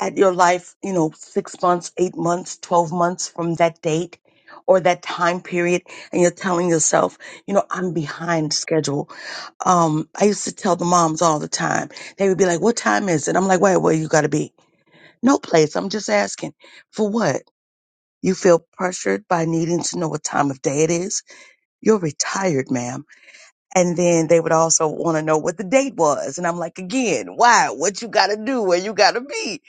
at your life, you know, six months, eight months, 12 months from that date or that time period. And you're telling yourself, you know, I'm behind schedule. Um, I used to tell the moms all the time, they would be like, what time is it? I'm like, wait, where you got to be? No place. I'm just asking for what? You feel pressured by needing to know what time of day it is? You're retired, ma'am. And then they would also want to know what the date was. And I'm like, again, why? What you got to do? Where you got to be?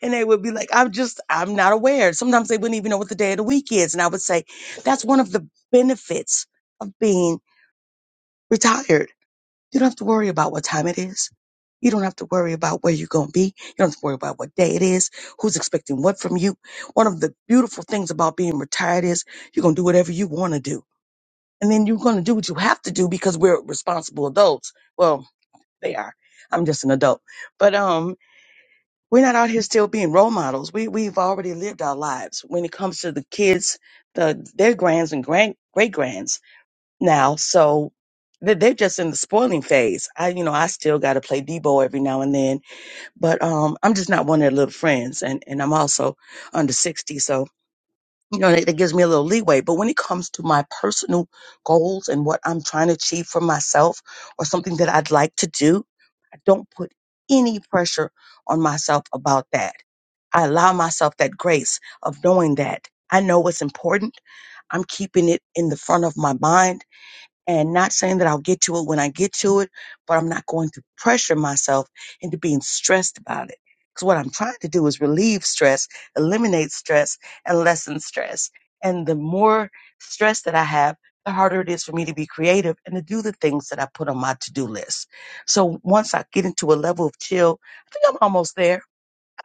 And they would be like, I'm just, I'm not aware. Sometimes they wouldn't even know what the day of the week is. And I would say, that's one of the benefits of being retired. You don't have to worry about what time it is. You don't have to worry about where you're going to be. You don't have to worry about what day it is, who's expecting what from you. One of the beautiful things about being retired is you're going to do whatever you want to do and then you're going to do what you have to do because we're responsible adults. Well, they are. I'm just an adult, but um, we're not out here still being role models. We we've already lived our lives when it comes to the kids, the their grands and grand great grands now. So they- they're just in the spoiling phase. I you know I still got to play Debo every now and then, but um, I'm just not one of their little friends, and and I'm also under sixty, so you know, that, that gives me a little leeway. But when it comes to my personal goals and what I'm trying to achieve for myself or something that I'd like to do, I don't put any pressure on myself about that. I allow myself that grace of knowing that I know what's important. I'm keeping it in the front of my mind and not saying that I'll get to it when I get to it, but I'm not going to pressure myself into being stressed about it. Because what I'm trying to do is relieve stress, eliminate stress, and lessen stress. And the more stress that I have, the harder it is for me to be creative and to do the things that I put on my to do list. So once I get into a level of chill, I think I'm almost there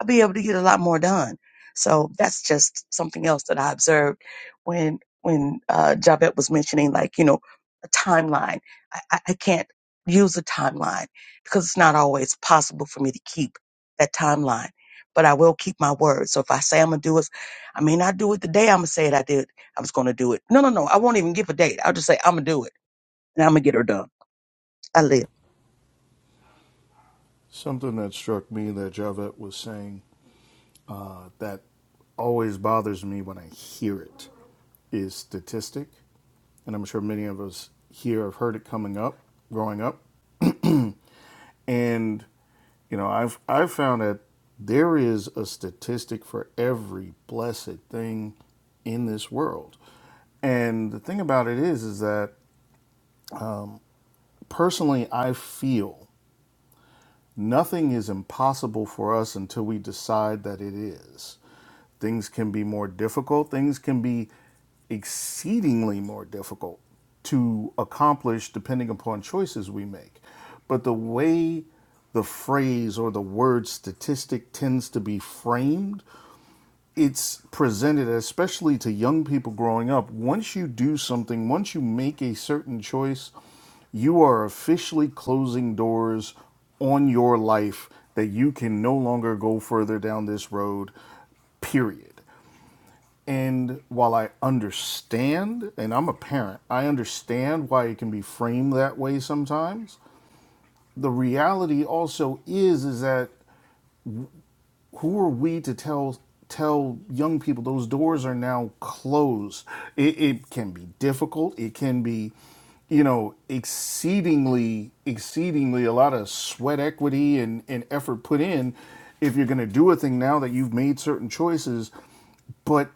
I'll be able to get a lot more done. So that's just something else that I observed when when uh, Javette was mentioning, like you know, a timeline. I, I I can't use a timeline because it's not always possible for me to keep that timeline. But I will keep my word. So if I say I'm gonna do it, I may not do it the day I'm gonna say it. I did. I was gonna do it. No, no, no. I won't even give a date. I'll just say I'm gonna do it, and I'm gonna get her done. I live.
Something that struck me that Javette was saying that always bothers me when I hear it is statistic. And I'm sure many of us here have heard it coming up, growing up. And, you know, I've, I've found that there is a statistic for every blessed thing in this world. And the thing about it is, is that personally, I feel Nothing is impossible for us until we decide that it is. Things can be more difficult, things can be exceedingly more difficult to accomplish depending upon choices we make. But the way the phrase or the word statistic tends to be framed it's presented, especially to young people growing up, once you do something, once you make a certain choice, you are officially closing doors on your life that you can no longer go further down this road, period. And while I understand, and I'm a parent, I understand why it can be framed that way sometimes. The reality also is is that who are we to tell tell young people those doors are now closed it, it can be difficult it can be you know exceedingly exceedingly a lot of sweat equity and, and effort put in if you're going to do a thing now that you've made certain choices but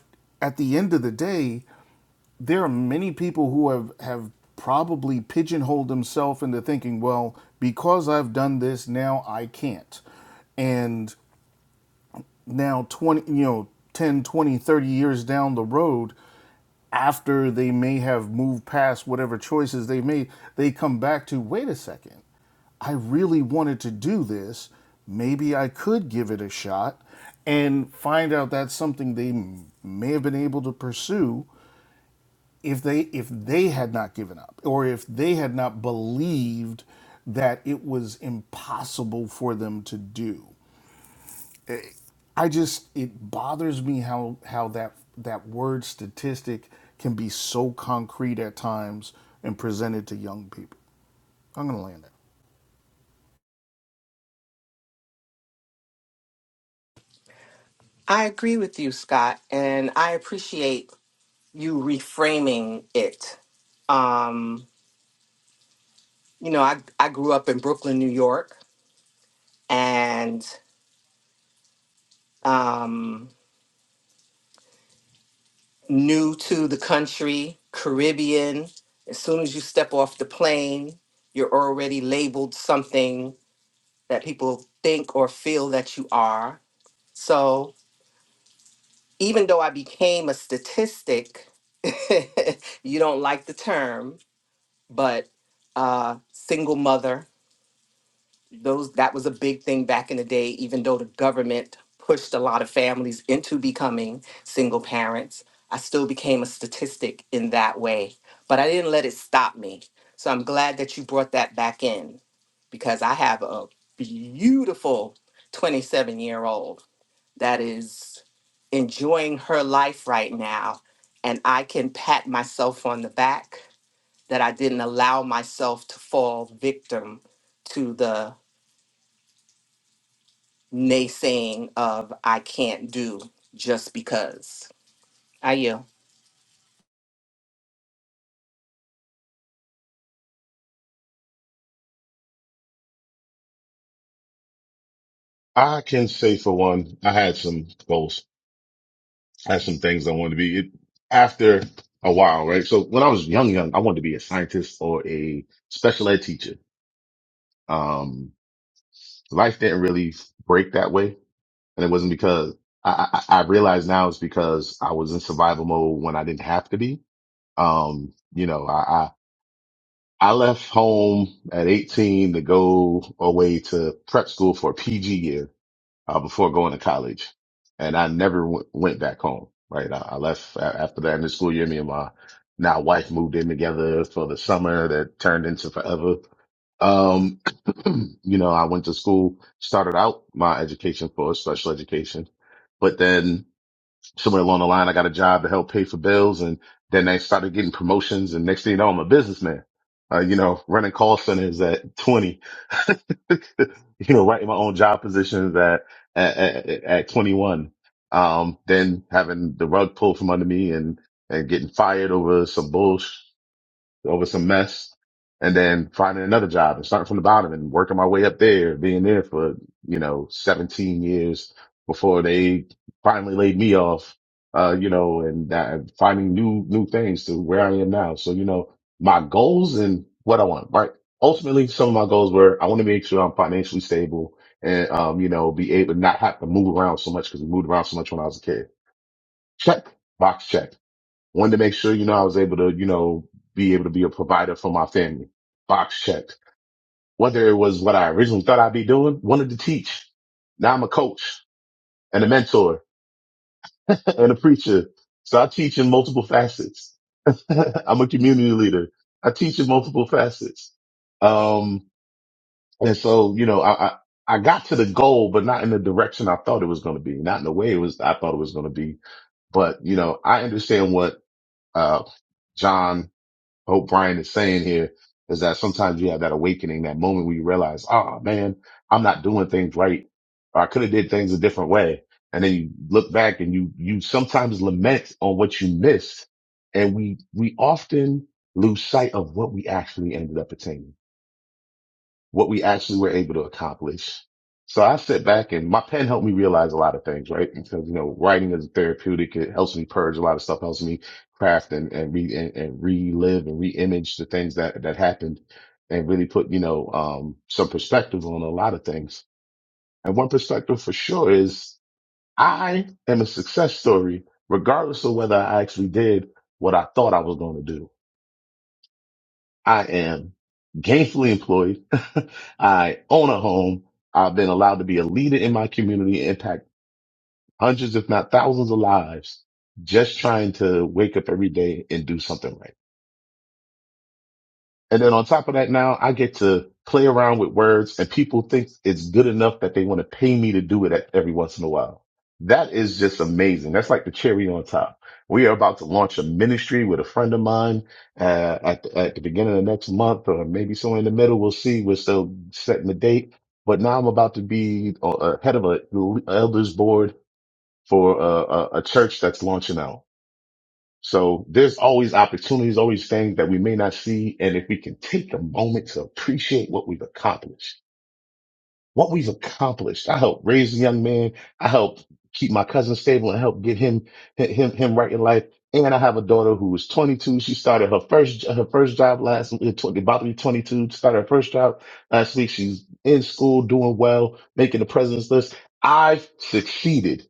at the end of the day there are many people who have have probably pigeonholed themselves into thinking well because i've done this now i can't and now 20 you know 10, 20, 30 years down the road after they may have moved past whatever choices they made they come back to wait a second i really wanted to do this maybe i could give it a shot and find out that's something they may have been able to pursue if they if they had not given up or if they had not believed that it was impossible for them to do I just it bothers me how how that that word statistic can be so concrete at times and presented to young people. I'm gonna land it.
I agree with you, Scott, and I appreciate you reframing it. Um, you know, I, I grew up in Brooklyn, New York, and um, new to the country, Caribbean. As soon as you step off the plane, you're already labeled something that people think or feel that you are. So. even though I became a statistic, you don't like the term, but uh, single mother, those that was a big thing back in the day. Even though the government pushed a lot of families into becoming single parents, I still became a statistic in that way. But I didn't let it stop me. So I'm glad that you brought that back in because I have a beautiful 27 year old that is enjoying her life right now. And I can pat myself on the back that I didn't allow myself to fall victim to the naysaying of I can't do just because. I you.
I can say for one, I had some goals. I had some things I wanted to be it, after a while, right? So when I was young, young, I wanted to be a scientist or a special ed teacher. Um, life didn't really break that way. And it wasn't because I, I, I realize now it's because I was in survival mode when I didn't have to be. Um, you know, I, I, I left home at 18 to go away to prep school for a PG year uh, before going to college. And I never w- went back home, right? I, I left a- after that in the school year. Me and my now wife moved in together for the summer that turned into forever. Um, you know, I went to school, started out my education for special education, but then somewhere along the line, I got a job to help pay for bills. And then I started getting promotions. And next thing you know, I'm a businessman, uh, you know, running call centers at 20, you know, writing my own job positions at, at, at, at 21. Um, then having the rug pulled from under me and, and getting fired over some bullshit over some mess and then finding another job and starting from the bottom and working my way up there, being there for, you know, 17 years before they finally laid me off, uh, you know, and uh, finding new, new things to where I am now. So, you know, my goals and what I want, right? Ultimately, some of my goals were I want to make sure I'm financially stable and, um, you know, be able to not have to move around so much because we moved around so much when I was a kid. Check, box check wanted to make sure, you know, I was able to, you know, be able to be a provider for my family. Box checked. Whether it was what I originally thought I'd be doing, wanted to teach. Now I'm a coach and a mentor and a preacher. So I teach in multiple facets. I'm a community leader. I teach in multiple facets. Um, and so, you know, I, I, I got to the goal, but not in the direction I thought it was going to be, not in the way it was, I thought it was going to be. But, you know, I understand what, uh, John I hope Brian is saying here is that sometimes you have that awakening, that moment where you realize, oh man, I'm not doing things right. Or I could have did things a different way. And then you look back and you, you sometimes lament on what you missed. And we, we often lose sight of what we actually ended up attaining what we actually were able to accomplish. So I sit back and my pen helped me realize a lot of things, right? Because, you know, writing is therapeutic. It helps me purge a lot of stuff, helps me craft and, and re, and, and relive and re-image the things that, that happened and really put, you know, um, some perspective on a lot of things. And one perspective for sure is I am a success story, regardless of whether I actually did what I thought I was going to do. I am gainfully employed. I own a home. I've been allowed to be a leader in my community, and impact hundreds, if not thousands of lives, just trying to wake up every day and do something right. And then on top of that, now I get to play around with words and people think it's good enough that they want to pay me to do it at- every once in a while. That is just amazing. That's like the cherry on top. We are about to launch a ministry with a friend of mine uh, at, the, at the beginning of next month or maybe somewhere in the middle. We'll see. We're still setting the date, but now I'm about to be uh, uh, head of a elders board for uh, a, a church that's launching out. So there's always opportunities, always things that we may not see. And if we can take a moment to appreciate what we've accomplished, what we've accomplished, I helped raise a young man. I helped keep my cousin stable and help get him, him, him right in life. And I have a daughter who is 22. She started her first, her first job last, uh, tw- about to be 22, started her first job last week. She's in school, doing well, making the president's list. I've succeeded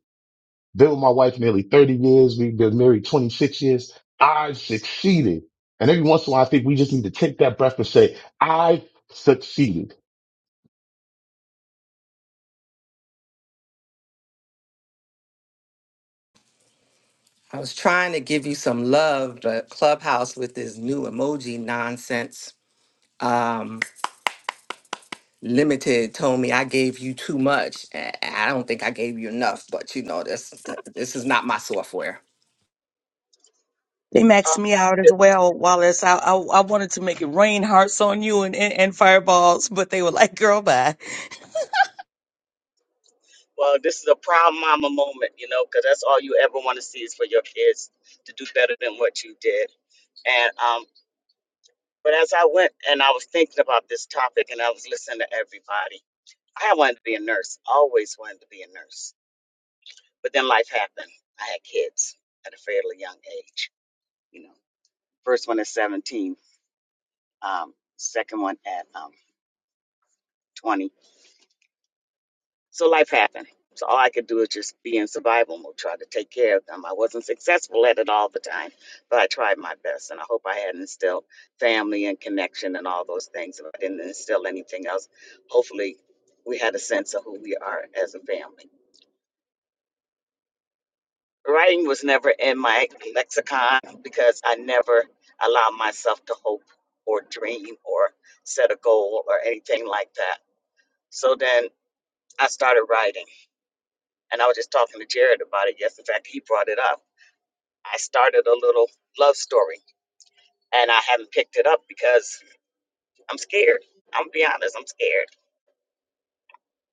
been with my wife nearly 30 years. We've been married 26 years. I've succeeded. And every once in a while, I think we just need to take that breath and say, I've succeeded.
I was trying to give you some love, but Clubhouse with this new emoji nonsense. Um, Limited told me I gave you too much. I I don't think I gave you enough, but you know this. This is not my software.
They maxed me out
Um,
as well, Wallace. I, I I wanted to make it rain hearts on you and, and, and fireballs, but they were like, girl, bye.
Well, this is a proud mama moment, you know, because that's all you ever want to see is for your kids to do better than what you did. And um, but as I went and I was thinking about this topic and I was listening to everybody, I wanted to be a nurse, always wanted to be a nurse. But then life happened. I had kids at a fairly young age, you know. First one at 17, um, second one at um, 28. So life happened. So all I could do is just be in survival mode, try to take care of them. I wasn't successful at it all the time, but I tried my best. And I hope I had instilled family and connection and all those things. If I didn't instill anything else, hopefully we had a sense of who we are as a family. Writing was never in my lexicon because I never allowed myself to hope or dream or set a goal or anything like that. So then I started writing And I was just talking to Jared about it yesterday. In fact, he brought it up. I started a little love story and I haven't picked it up because I'm scared. I'm gonna be honest, I'm scared.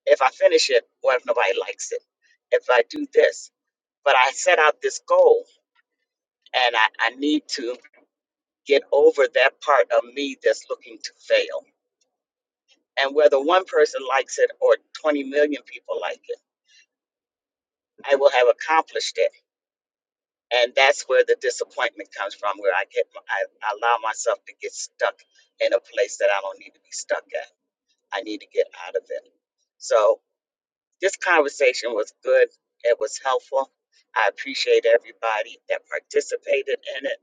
If I finish it, what if nobody likes it? If I do this. But I set out this goal and I, I need to get over that part of me that's looking to fail. And whether one person likes it or 20 million people like it, I will have accomplished it and that's where the disappointment comes from where i get i allow myself to get stuck in a place that i don't need to be stuck at i need to get out of it so this conversation was good it was helpful i appreciate everybody that participated in it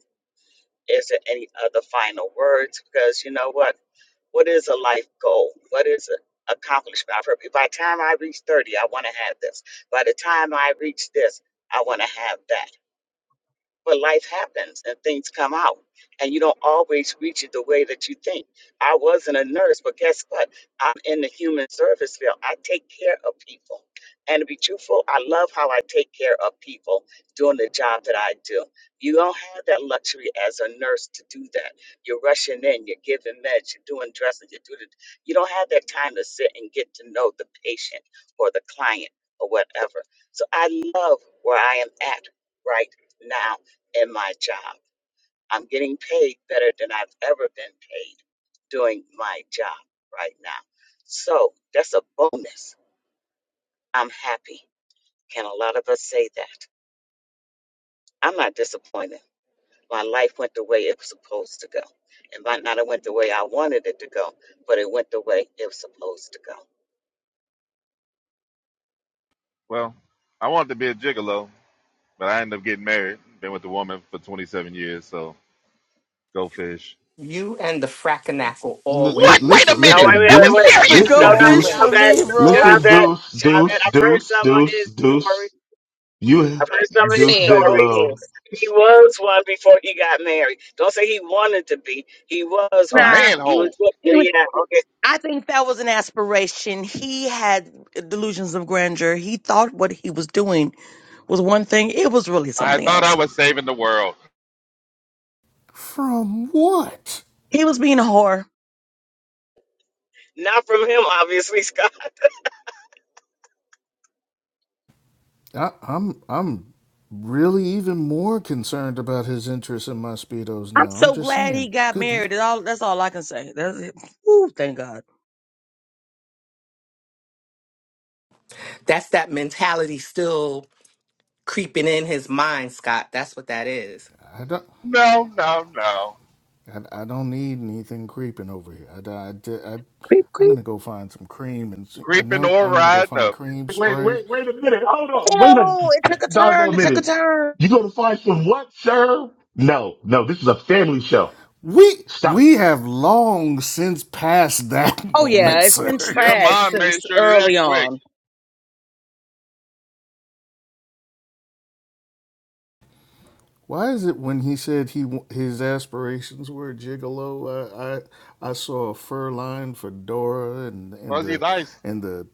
is there any other final words because you know what what is a life goal what is an accomplishment i've heard people, by the time i reach 30 i want to have this by the time i reach this i want to have that but life happens and things come out and you don't always reach it the way that you think i wasn't a nurse but guess what i'm in the human service field i take care of people and to be truthful i love how i take care of people doing the job that i do you don't have that luxury as a nurse to do that you're rushing in you're giving meds you're doing dressing you're doing it. you don't have that time to sit and get to know the patient or the client or whatever so i love where i am at right now in my job. I'm getting paid better than I've ever been paid doing my job right now. So that's a bonus. I'm happy. Can a lot of us say that? I'm not disappointed. My life went the way it was supposed to go. It might not have went the way I wanted to go, but it would go.
Well, I wanted to be a gigolo, but I ended up getting married. Been with a woman for 27 years, so go fish.
You and the frackinackle
L- l-
What? Wait a
listen,
always.
No,
minute!
wait,
listen,
wait,
That was
wait, wait.
deuce,
The
serious!
go
No,
listen,
fish
no,
for
deuce,
Always.
Javette,
me, bro.
listen,
Javette,
deuce,
Javette.
deuce,
I've heard
deuce,
some of
deuce,
his
deuce.
story.
You,
I've heard some of his
Deuce
Said go
stories.
Bigelow.
fast.
He was one before he got married. Don't say he wanted to be. He was
A
one. He was,
manhole.
yeah, okay.
I think that was an aspiration. He had delusions of grandeur. He thought what he was doing was one thing. It was really
I
something
thought I
else.
was saving the world.
From what?
He was being a whore.
Not from him, obviously, Scott.
I, I'm I'm really even more concerned about his interest in my speedos
I'm
now. I'm
so
just
glad he
saying,
got
good.
married. That's all, that's all I can say. That's it. Ooh, thank God.
That's that mentality still creeping in his mind, Scott. That's what that is.
I I don't
No, no, no.
I, I don't need anything creeping over here. I, I, I,
Creep,
i am
creep.
gonna go find some cream and
Creeping
no,
or
I'm gonna go
riding
find
up.
cream
Wait,
spray.
wait, wait a minute. Hold on. Wait
Ew, it
a
took a turn.
doggone
It took a
minute.
turn.
You gonna find some what, sir? No, no, this is a family show.
We
Stop it.
we have long since passed that
Oh, yeah,
moment,
it's been
sir.
Your
trash
mom
since
made sure to
early
that quick.
on.
Why is it when he said he his aspirations were gigolo? I I, I saw a fur line fedora and and
Fuzzy
the
dice.
and the.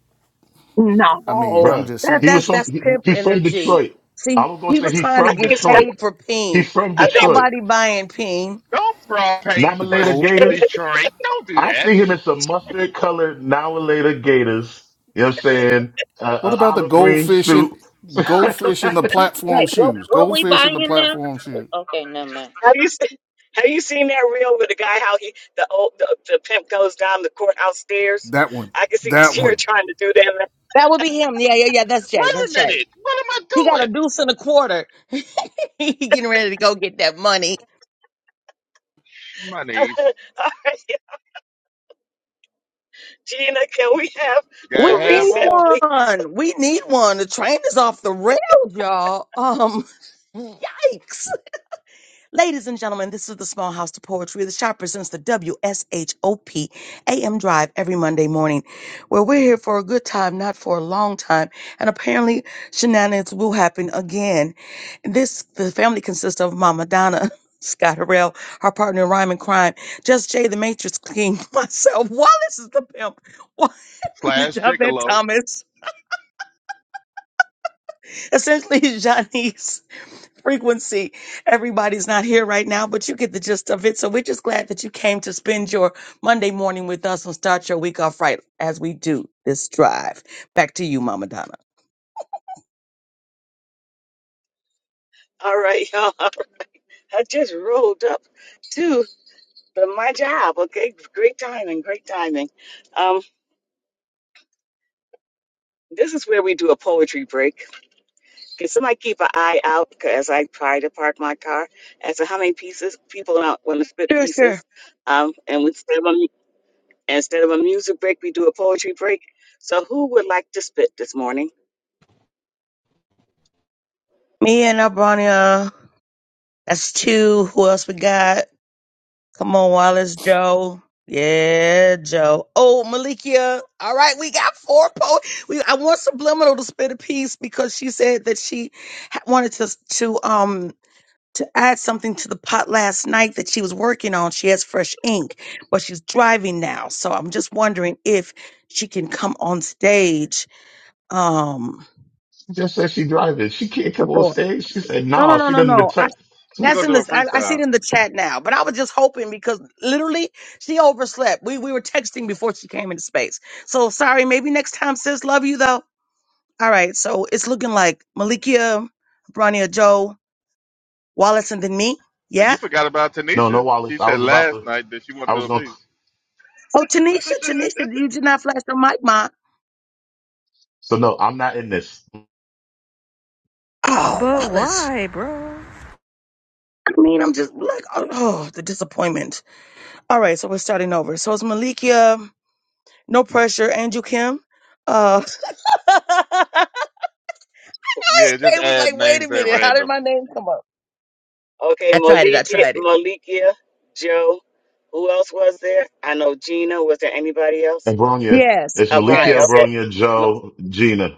I mean,
No,
I'm
Bruh,
just
that
saying
he was
that's
from
that's
he,
pimp
he's from
energy.
Detroit.
See,
I was gonna
he
say
was
he's
trying to
I
from
get
think, Scott,
Detroit.
paid for peen.
He's from
I
Ain't
think,
Detroit.
nobody buying peen.
Don't broad
Now
paint
the
Br-
later
gold.
Gators.
Detroit. Don't do
I
that.
see him in some mustard colored now later Gators. You know what I'm saying? Uh,
What
uh,
about the
olive green
goldfish in
suit.
goldfish in the platform
Hey, what
shoes?
what we
Goldfish in the
buying now?
platform shoes.
Okay, never mind.
have you, se- have you seen that reel with the guy, how he, the old, the, the pimp goes down the courthouse stairs?
That one.
I can see
That
Gina
one.
trying to do that.
That would be him. Yeah, yeah, yeah. That's Jay.
Wait a
That's Jay.
minute. What am I
He got
doing?
a deuce and a quarter. he getting ready to go get that money.
My niece
All right, Gina, can we have
We
got
a
half
need
reset,
off
please?
one. We need one. The train is off the rails, y'all. Um, yikes. Ladies and gentlemen, this is the Small House to Poetry. The shop presents the W S H O P A M Drive every Monday morning, where we're here for a good time, not for a long time. And apparently, shenanigans will happen again. This the family consists of Mama Donna. Scott Harrell, her partner in Rhyme and Crime, Just Jay the Matrix King, myself, Wallace is the pimp,
slash
Javette
gigolo.
Thomas, essentially Janice, frequency. Everybody's not here right now, but you get the gist of it. So we're just glad that you came to spend your Monday morning with us and start your week off right as we do this drive. Back to you, Mama Donna.
All right, y'all. I just rolled up to the- my job. Okay, great timing, great timing. Um, This is where we do a poetry break. Can somebody keep an eye out as I try to park my car as to how many pieces people out want to spit
Sure, sure.
pieces? Um, and instead of a, mu- instead of a music break, we do a poetry break. So who would like to spit this morning?
Me and Abronia. That's two. Who else we got? Come on, Wallace Joe. Yeah, Joe. Oh, Malikia. All right, we got four poets. We I want Subliminal to spit a piece because she said that she ha- wanted to to um to add something to the pot last night that she was working on. She has fresh ink, but she's driving now. So I'm just wondering if she can come on stage um
Just said she driving. She can't come on
before.
stage. She said
No, no,
no.
no,
She
no,
doesn't
no. I,
return.
She
that's
gonna
in
do a
this. I, I see it
freestyle.
in the chat now. But I was just hoping because literally she overslept. We we were texting before she came into space. So sorry. Maybe next time, sis. Love you though. All right. So it's looking like Malikia, Brania, Joe, Wallace, and then me.
You
Yeah.
forgot about
No, no,
Tanisha. She
Wallace. I
said
was about
last
to.
night that she wanna
I was
do a
gonna.
piece.
Oh, Tanisha, Tanisha, you did not flash your mic, ma.
So no, I'm not in this.
Oh,
But
Wallace.
why, bro?
I mean, I'm just like, oh, oh, the disappointment. All right, so we're starting over. So it's Malikia, no pressure, Andrew Kim, uh,
yeah, just
Kay was
add
like, wait a
names at
minute, how did
random.
my name come up?
Okay,
I tried it. I
Malika,
tried it.
Malika, Joe. Who else was there? I know Gina. Was there anybody else?
Abronia.
Yes,
It's
Uh, Bronny.
Malikia,
yes.
Okay.
Abronia, Joe, Gina.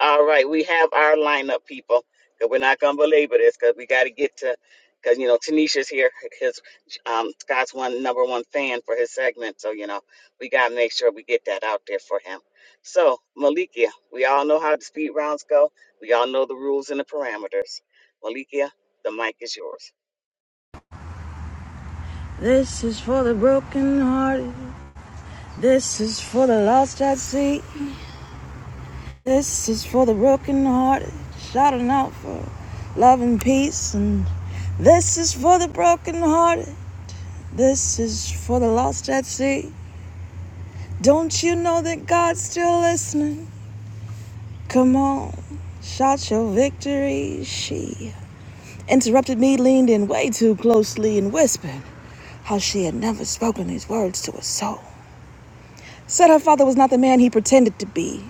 All right, we have our lineup, people, because we're not gonna belabor this because we got to get to because you know Tanisha's here. His um, Scott's one number one fan for his segment, so you know we gotta make sure we get that out there for him. So Malikia, we all know how the speed rounds go. We all know the rules and the parameters. Malikia, the mic is yours.
This is for the broken hearted. This is for the lost at sea. This is for the broken hearted. Shouting out for love and peace. And this is for the broken hearted. This is for the lost at sea. Don't you know that God's still listening? Come on, shout your victory, she. interrupted me, leaned in way too closely, and whispered how she had never spoken these words to a soul. Said her father was not the man he pretended to be.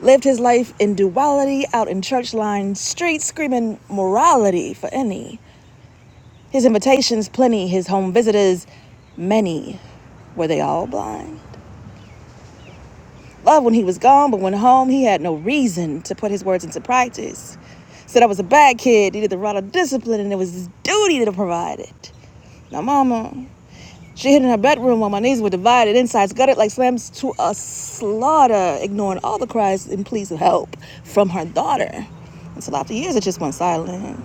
Lived his life in duality out in church lined streets, screaming morality for any. His invitations plenty, his home visitors many. Were they all blind? Loved when he was gone, but when home, he had no reason to put his words into practice. Said I was a bad kid, needed the right of discipline, and it was his duty to provide it. Now, mama. She hid in her bedroom while my knees were divided, insides gutted like slams to a slaughter, ignoring all the cries and pleas of help from her daughter. Until after years, it just went silent.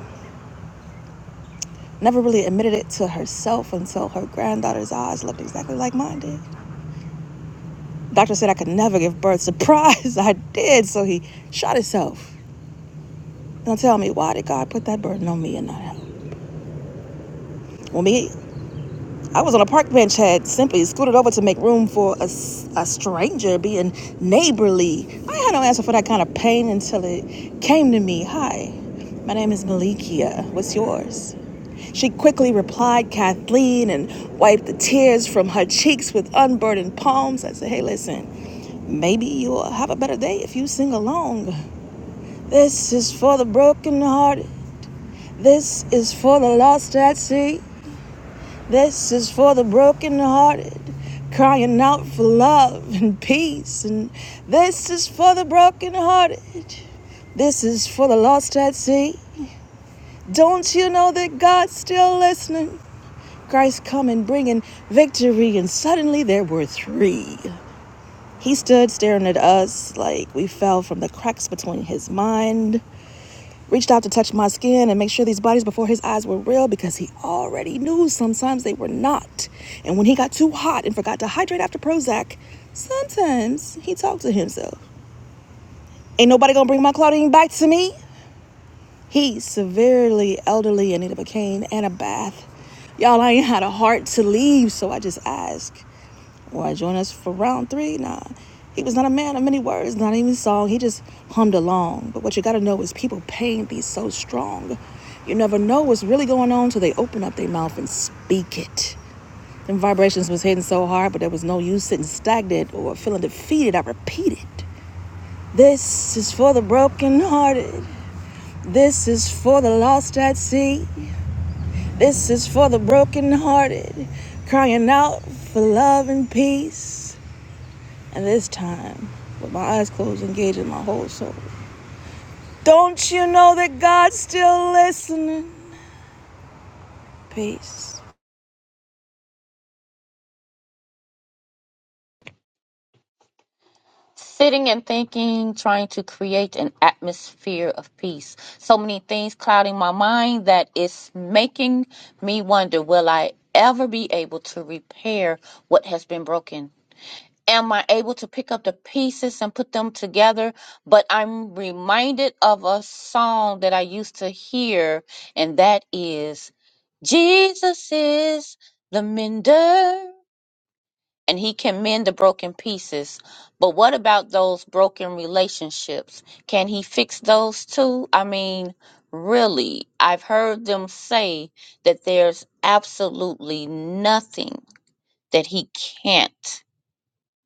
Never really admitted it to herself until her granddaughter's eyes looked exactly like mine did. Doctor said I could never give birth. Surprise, I did, so he shot himself. Now tell me, why did God put that burden on me and not him? Well, me, I was on a park bench, had simply scooted over to make room for a a stranger being neighborly. I had no answer for that kind of pain until it came to me. Hi, my name is Malikia. What's yours? She quickly replied, Kathleen, and wiped the tears from her cheeks with unburdened palms. I said, Hey, listen, maybe you'll have a better day if you sing along. This is for the broken hearted. This is for the lost at sea. This is for the brokenhearted, crying out for love and peace. And this is for the brokenhearted. This is for the lost at sea. Don't you know that God's still listening? Christ coming, bringing victory, and suddenly there were three. He stood staring at us like we fell from the cracks between his mind reached out to touch my skin and make sure these bodies before his eyes were real because he already knew sometimes they were not. And when he got too hot and forgot to hydrate after Prozac, sometimes he talked to himself. Ain't nobody gonna bring my Claudine back to me. He severely elderly and needed a cane and a bath. Y'all, I ain't had a heart to leave, so I just asked, Will I join us for round three? Nah. He was not a man of many words, not even song. He just hummed along. But what you gotta know is people pain be so strong. You never know what's really going on till they open up their mouth and speak it. Them vibrations was hitting so hard, but there was no use sitting stagnant or feeling defeated. I repeated. This is for the brokenhearted. This is for the lost at sea. This is for the brokenhearted, crying out for love and peace. And this time, with my eyes closed, engaging my whole soul. Don't you know that God's still listening? Peace.
sitting and thinking, trying to create an atmosphere of peace. So many things clouding my mind that it's making me wonder will I ever be able to repair what has been broken? Am I able to pick up the pieces and put them together? But I'm reminded of a song that I used to hear, and that is Jesus is the mender and he can mend the broken pieces. But what about those broken relationships? Can he fix those too? I mean, really, I've heard them say that there's absolutely nothing that he can't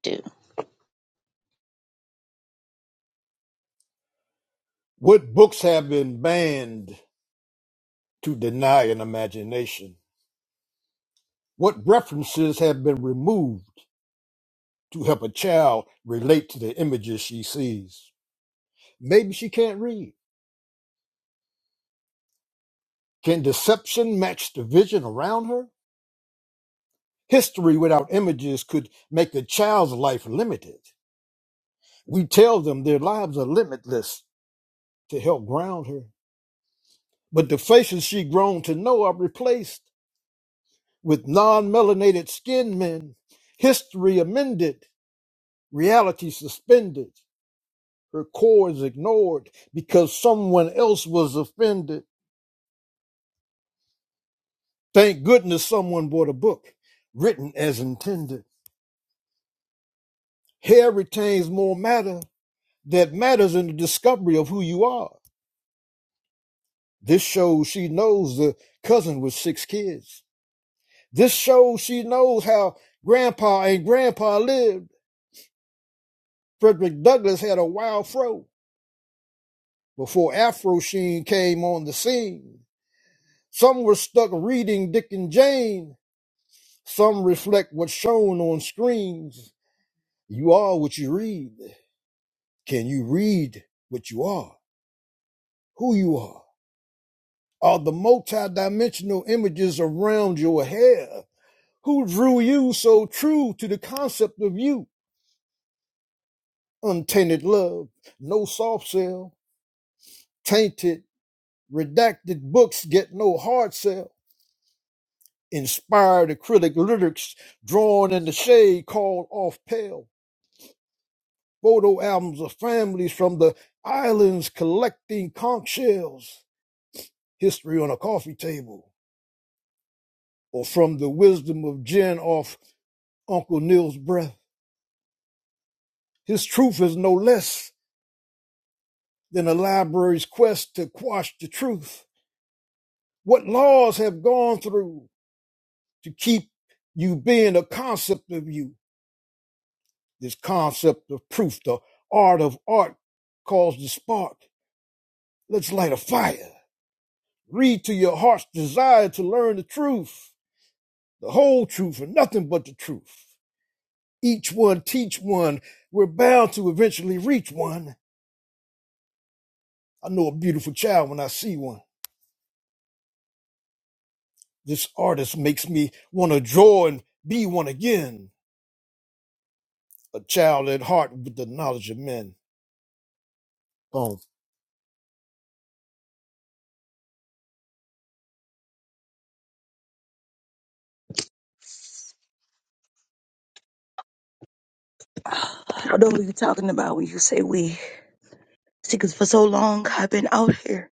do.
What books have been banned to deny an imagination? What references have been removed to help a child relate to the images she sees? Maybe she can't read. Can deception match the vision around her? History without images could make a child's life limited. We tell them their lives are limitless to help ground her. But the faces she grown to know are replaced with non melanated skinned men. History amended, reality suspended. Her core is ignored because someone else was offended. Thank goodness someone bought a book written as intended. Hair retains more matter that matters in the discovery of who you are. This shows she knows the cousin with six kids. This shows she knows how grandpa and grandpa lived. Frederick Douglass had a wild fro before Afro Sheen came on the scene. Some were stuck reading Dick and Jane. Some reflect what's shown on screens. You are what you read. Can you read what you are? Who you are? Are the multidimensional images around your hair? who drew you so true to the concept of you, untainted love, no soft sell, tainted, redacted books get no hard sell, inspired acrylic lyrics drawn in the shade called off pale, photo albums of families from the islands collecting conch shells, history on a coffee table, or from the wisdom of gin off Uncle Neil's breath. His truth is no less than a library's quest to quash the truth What laws have gone through to keep you being a concept of you? This concept of proof, the art of art calls the spark. Let's light a fire. Read to your heart's desire to learn the truth, the whole truth, and nothing but the truth. Each one teach one. We're bound to eventually reach one. I know a beautiful child when I see one. This artist makes me want to draw and be one again, a child at heart with the knowledge of men. Boom.
I don't know who you're talking about when you say we. See, 'cause for so long I've been out here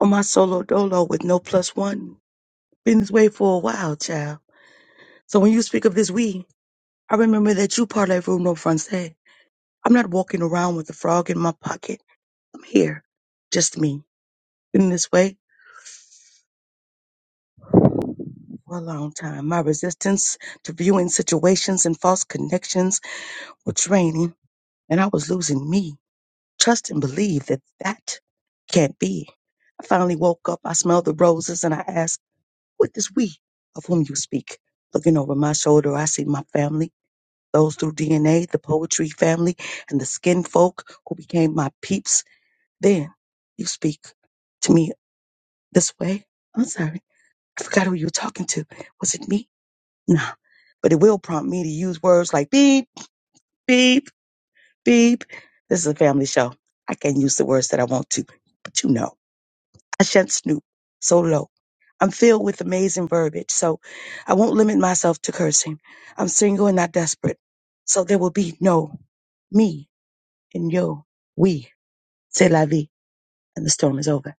on my solo dolo with no plus one. Been this way for a while, child. So when you speak of this we, I remember that you parlay from no français. I'm not walking around with a frog in my pocket. I'm here, just me. Been this way for a long time. My resistance to viewing situations and false connections were draining. and I was losing me. Trust and believe that that can't be. I finally woke up. I smelled the roses and I asked, What is we of whom you speak? Looking over my shoulder, I see my family, those through DNA, the poetry family, and the skin folk who became my peeps. Then you speak to me this way. I'm sorry. I forgot who you were talking to. Was it me? Nah. But it will prompt me to use words like beep, beep, Beep. This is a family show. I can use the words that I want to, but you know, I shan't snoop so low. I'm filled with amazing verbiage, so I won't limit myself to cursing. I'm single and not desperate, so there will be no me and yo, we. C'est la vie, and the storm is over.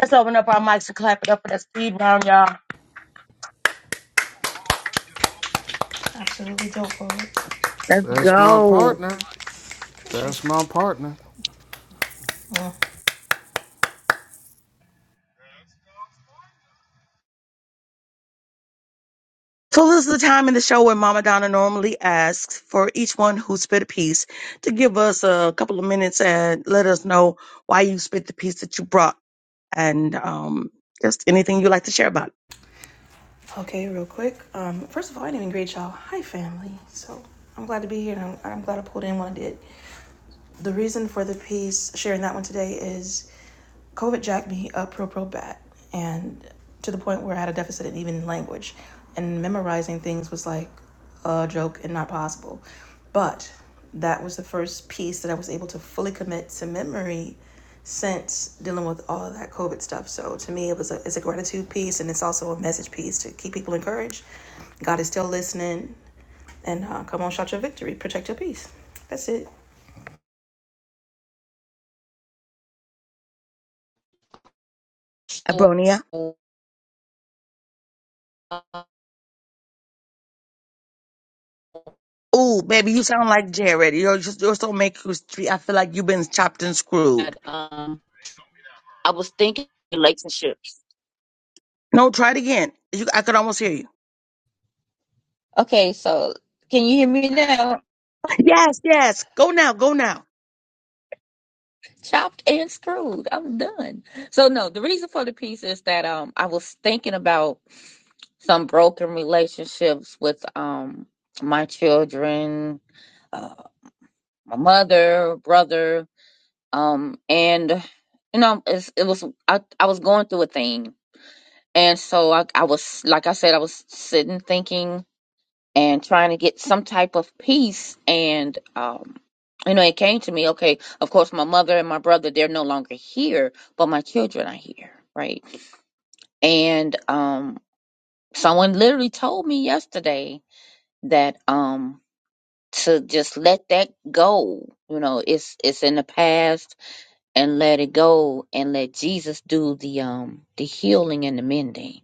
Let's open up our mics and clap it up for that speed round, y'all.
Absolutely dope bullets.
Let's
That's my
go.
partner.
Appreciate you.
That's my partner.
Mm.
So this is the time in the show where Mama Donna normally asks for each one who spit a piece to give us a couple of minutes and let us know why you spit the piece that you brought and um, just anything you like to share about it.
Okay, real quick. Um, first of all, I didn't even greet y'all. Hi, family. So I'm glad to be here, and I'm, I'm glad I pulled in when I did. The reason for the piece, sharing that one today, is COVID jacked me up real, real bad, and to the point where I had a deficit in even language, and memorizing things was like a joke and not possible. But that was the first piece that I was able to fully commit to memory since dealing with all of that COVID stuff. So to me, it was a it's a gratitude piece, and it's also a message piece to keep people encouraged. God is still listening, and uh, come on, shout your victory, protect your peace. That's it.
But,
Abronia. oh baby, you sound like Jared. You're just you're so make you I feel like you've been chopped and screwed.
Um, I was thinking relationships.
No, try it again. You, I could almost hear you.
Okay, so can you hear me now?
Yes, yes. Go now, go now.
Chopped and screwed. I'm done. So no, the reason for the piece is that um I was thinking about some broken relationships with um my children, uh, my mother, brother, um and you know it's, it was I I was going through a thing. And so I, I was like I said I was sitting thinking and trying to get some type of peace and um you know it came to me okay of course my mother and my brother they're no longer here but my children are here right and um someone literally told me yesterday that um to just let that go you know it's it's in the past and let it go and let Jesus do the um the healing and the mending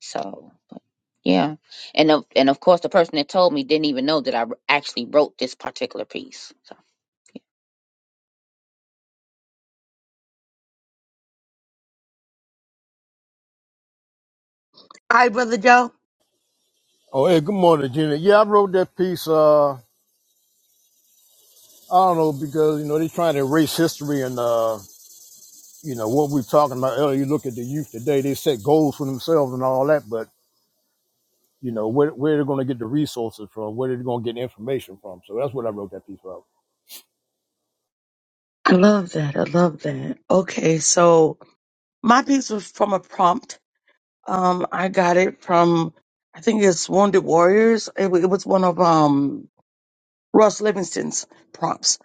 So, but yeah, and of, and of course, the person that told me didn't even know that I actually wrote this particular piece. So,
All right, brother Joe.
Oh, hey, good morning, Gina. Yeah, I wrote that piece. Uh, I don't know because you know they're trying to erase history and uh, you know what we were talking about earlier. You look at the youth today; they set goals for themselves and all that, but you know where where they're going to get the resources from, where they're going to get information from. So that's what I wrote that piece about.
I love that. I love that. Okay, so my piece was from a prompt Um, I got it from I think it's Wounded Warriors. It, wa- it was one of um Ross Livingston's prompts,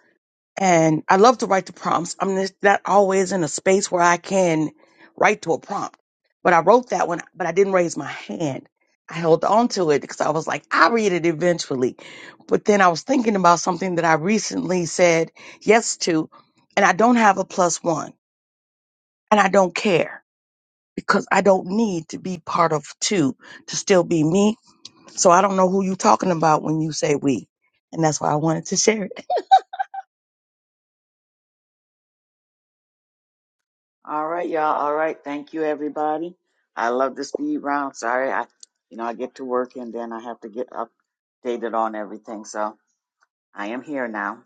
and I love to write the prompts. I'm just not always in a space where I can write to a prompt, but I wrote that one, but I didn't raise my hand. I held on to it because I was like, I'll read it eventually. But then I was thinking about something that I recently said yes to, and I don't have a plus one, and I don't care because I don't need to be part of two to still be me. So I don't know who you talking about when you say we. And that's why I wanted to share it.
All right, y'all. All right. Thank you, everybody. I love the speed round. Sorry, I, you know, I get to work and then I have to get updated on everything. So I am here now.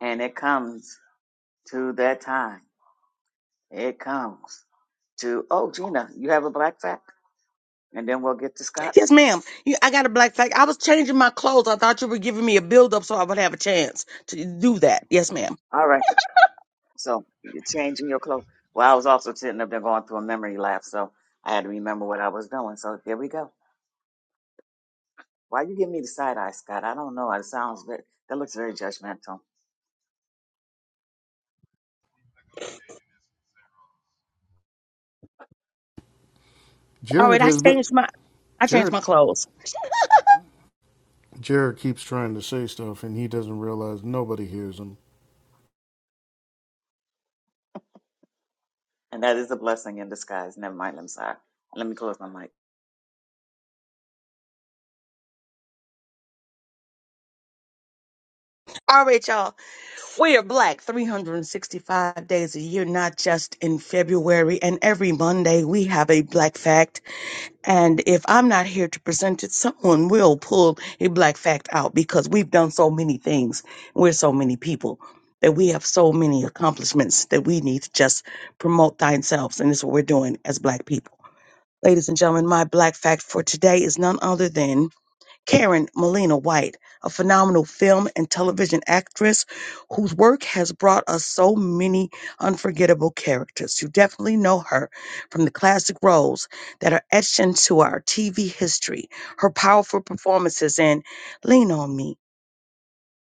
And it comes to that time. It comes to, oh, Gina, you have a black fact? And then we'll get to Scott.
Yes, ma'am. You- I got a black flag. I was changing my clothes. I thought you were giving me a build up so I would have a chance to do that. Yes, ma'am.
All right. So you're changing your clothes. Well, I was also sitting up there going through a memory lapse. So I had to remember what I was doing. So here we go. Why you give me the side eye, Scott? I don't know. It sounds very, that looks very judgmental.
All right,
Jared
I
has been
changed my I changed
Jared
my clothes.
Jared keeps trying to say stuff and he doesn't realize nobody hears him.
And that is a blessing in disguise. Never mind. I'm sorry. Let me close my mic.
All right, y'all. We are black 365 days a year, not just in February. And every Monday we have a black fact. And if I'm not here to present it, someone will pull a black fact out because we've done so many things. We're so many people that we have so many accomplishments that we need to just promote themselves. And this is what we're doing as black people. Ladies and gentlemen, my black fact for today is none other than Karen Molina White, a phenomenal film and television actress whose work has brought us so many unforgettable characters. You definitely know her from the classic roles that are etched into our TV history. Her powerful performances in Lean on Me,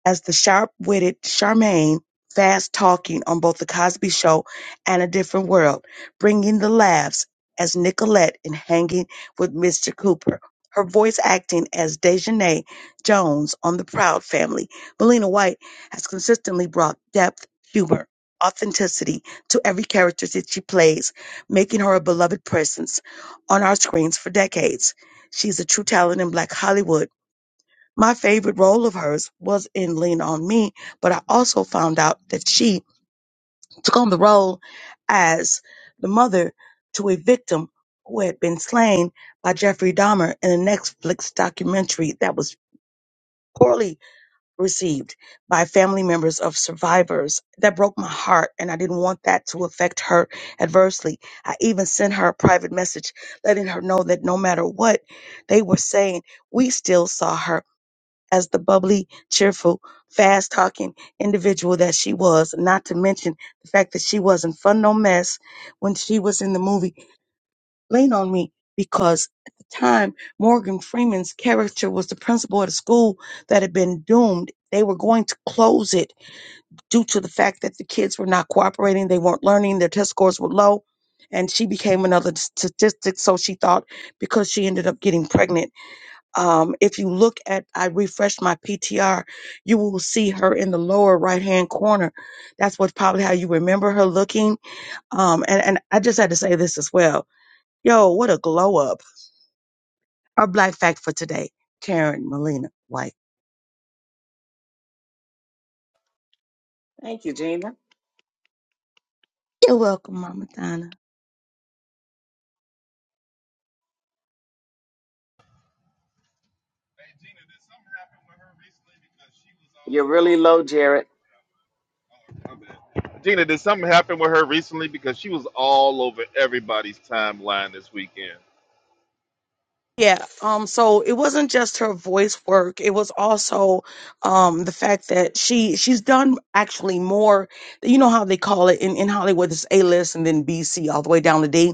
as the sharp-witted Charmaine, fast-talking on both The Cosby Show and A Different World, bringing the laughs as Nicolette in Hanging with Mr. Cooper. Her voice acting as Dejanay Jones on The Proud Family. Melina White has consistently brought depth, humor, authenticity to every character that she plays, making her a beloved presence on our screens for decades. She's a true talent in Black Hollywood my favorite role of hers was in Lean On Me, but I also found out that she took on the role as the mother to a victim who had been slain by Jeffrey Dahmer in a Netflix documentary that was poorly received by family members of survivors. That broke my heart, and I didn't want that to affect her adversely. I even sent her a private message letting her know that no matter what they were saying, we still saw her as the bubbly, cheerful, fast talking individual that she was, not to mention the fact that she wasn't fun no mess when she was in the movie Lean on Me, because at the time Morgan Freeman's character was the principal at a school that had been doomed. They were going to close it due to the fact that the kids were not cooperating, they weren't learning, their test scores were low. And she became another statistic, so she thought, because she ended up getting pregnant um, if you look at, I refreshed my PTR, you will see her in the lower right hand corner. That's what probably how you remember her looking. Um, and, and I just had to say this as well. Yo, what a glow up. Our black fact for today, Karen Molina White.
Thank you, Gina.
You're welcome, Mama Donna.
You're really low, Jared.
Gina, did something happen with her recently? Because she was all over everybody's timeline this weekend.
Yeah, um, so it wasn't just her voice work. It was also um the fact that she she's done actually more you know how they call it in, in Hollywood, it's A list and then B, C all the way down to D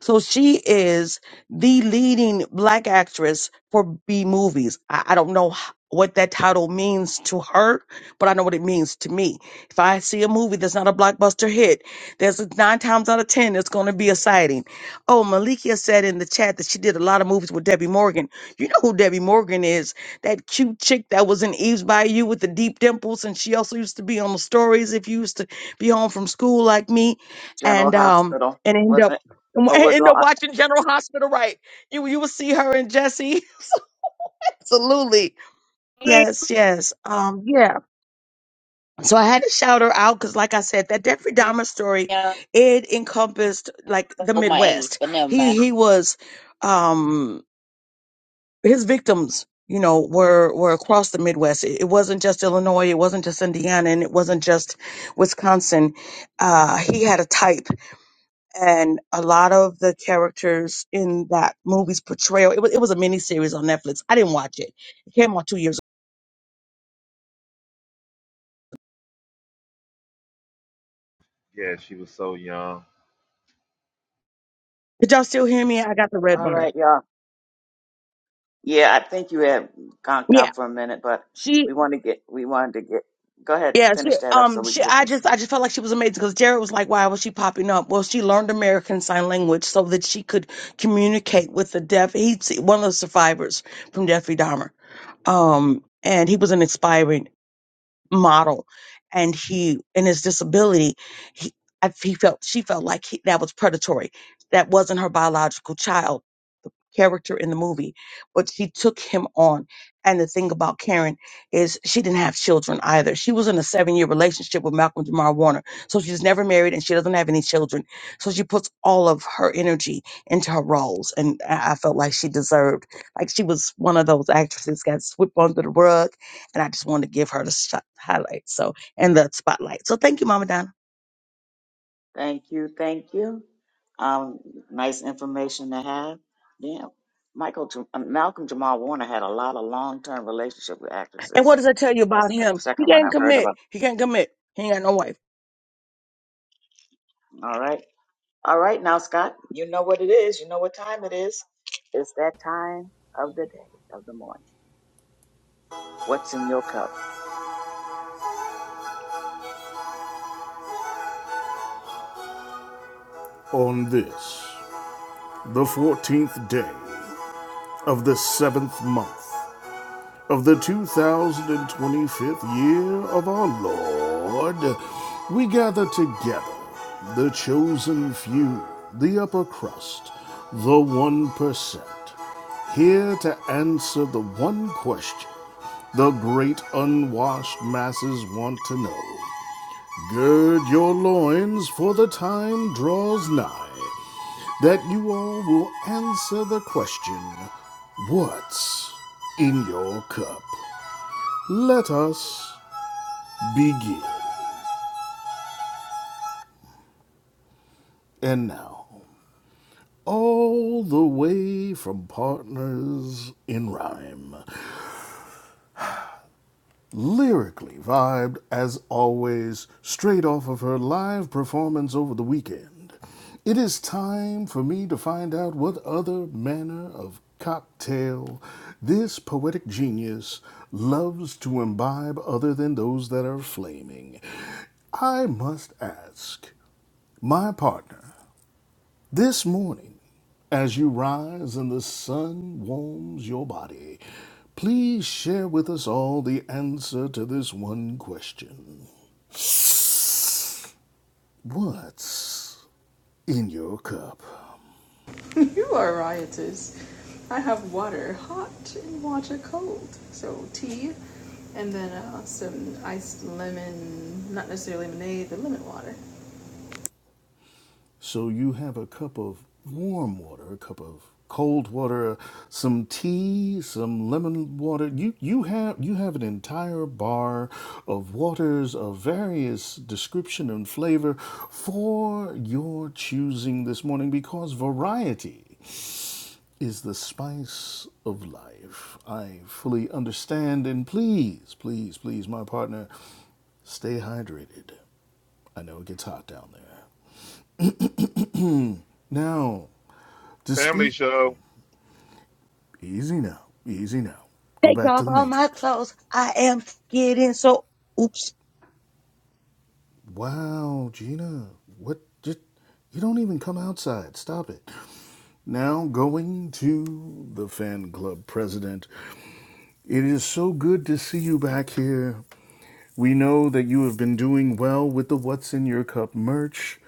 So she is the leading black actress for B movies. I, I don't know h- what that title means to her, but I know what it means to me. If I see a movie that's not a blockbuster hit, there's nine times out of ten it's going to be a sighting. Oh, Malikia said in the chat that she did a lot of movies with Debbie Morgan. You know who Debbie Morgan is? That cute chick that was in Eve's Bayou with the deep dimples, and she also used to be on the stories if you used to be home from school like me,
General
and um.
Hospital,
And end up
wasn't it?
and wa-
Or was
end
all,
up watching General Hospital, right? You you will see her and Jesse. Absolutely. Yes, yes. Um, yeah. So I had to shout her out because, like I said, that Jeffrey
yeah,
Dahmer story,
I
it encompassed like the
know my age,
Midwest.
but never
He
mind.
he was um his victims, you know, were were across the Midwest. It, it wasn't just Illinois, it wasn't just Indiana, and it wasn't just Wisconsin. Uh he had a type. and a lot of the characters in that movie's portrayal. It was it was a mini series on Netflix. I didn't watch it. It came out two years. ago.
Yeah, she was so young.
Did y'all still hear me? I got the red
all
bar.
right, y'all. Yeah, I think you had conked
Yeah,
out for a minute, but
she.
we want to get, we wanted to get, go ahead,
Yeah, she.
finish that up so
Um,
we
she.
can get
I
this.
just I just felt like she was amazing because Jared was like, "Why was she popping up?" Well, she learned American Sign Language so that she could communicate with the deaf. He's one of the survivors from Jeffrey Dahmer. Um. And he was an inspiring. model and he and his disability he I, he felt she felt like he, that was predatory that wasn't her biological child character in the movie, but she took him on. And the thing about Karen is she didn't have children either. She was in a seven year relationship with Malcolm Jamal Warner. So she's never married and she doesn't have any children. So she puts all of her energy into her roles. And I I felt like she deserved, like she was one of those actresses got swept under the rug. And I just wanted to give her the shot, highlight. So, and the spotlight. So thank you, Mama Donna.
Thank you, thank you. Um, nice information to have. Damn, Michael, Jam- uh, Malcolm Jamal Warner had a lot of long-term relationship with
And
actresses.
what does that tell you
That's
about
the
him? He
second one
can't
I've heard
commit.
about.
He can't commit. He ain't got no wife.
All right, all right, now Scott, you know what it is. You know what time it is. It's that time of the day of the morning. What's in your cup?
On this, the 14th day of the seventh month of the 2025th year of our Lord, we gather together, the chosen few, the upper crust, the 1%, here to answer the one question the great unwashed masses want to know Gird your loins, for the time draws nigh that you all will answer the question What's in your cup? Let us begin. And now, all the way from Partners in Rhyme, lyrically vibed as always straight off of her live performance over the weekend. It is time for me to find out what other manner of cocktail this poetic genius loves to imbibe other than those that are flaming. I must ask my partner this morning, as you rise and the sun warms your body, please share with us all the answer to this one question What's in your cup?
You are riotous. I have water hot and water cold. So tea, and then uh, some iced lemon, not necessarily lemonade, but lemon water.
So you have a cup of warm water, a cup of cold water, some tea, some lemon water. You you have you have an entire bar of waters of various description and flavor for your choosing this morning because variety is the spice of life. I fully understand and please, please, please my partner, stay hydrated. I know it gets hot down there. Now, to
Family
speak,
show,
easy now, easy now. Go
Take
back to
off
the
all my
Matrix.
clothes. I am getting so. Oops.
Wow, Gina, what? Just, you don't even come outside. Stop it. Now, going to the fan club president. It is so good to see you back here. We know that you have been doing well with the What's in Your Cup merch,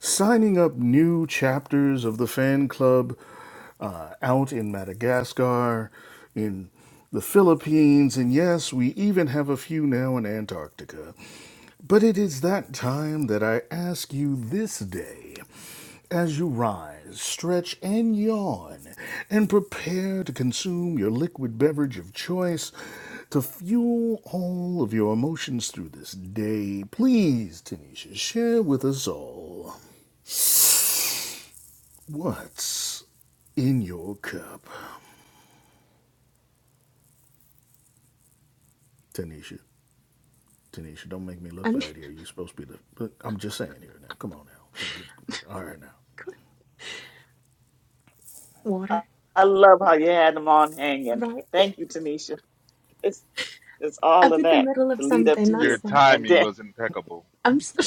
signing up new chapters of the fan club uh, out in Madagascar, in the Philippines, and yes, we even have a few now in Antarctica. But it is that time that I ask you this day. As you rise, stretch, and yawn, and prepare to consume your liquid beverage of choice to fuel all of your emotions through this day, please, Tanisha, share with us all what's in your cup. Tanisha, Tanisha, don't make me look
I'm
bad here. You're supposed to be the. But I'm just saying here now. Come on now. All right now.
I,
water,
I love how you had them on hanging.
right?
Thank you, Tanisha. It's it's all
I'm
of
in the
that
middle
to
of
lead up
something.
to
your
you,
That's that.
and
timing
then
was impeccable.
I'm so,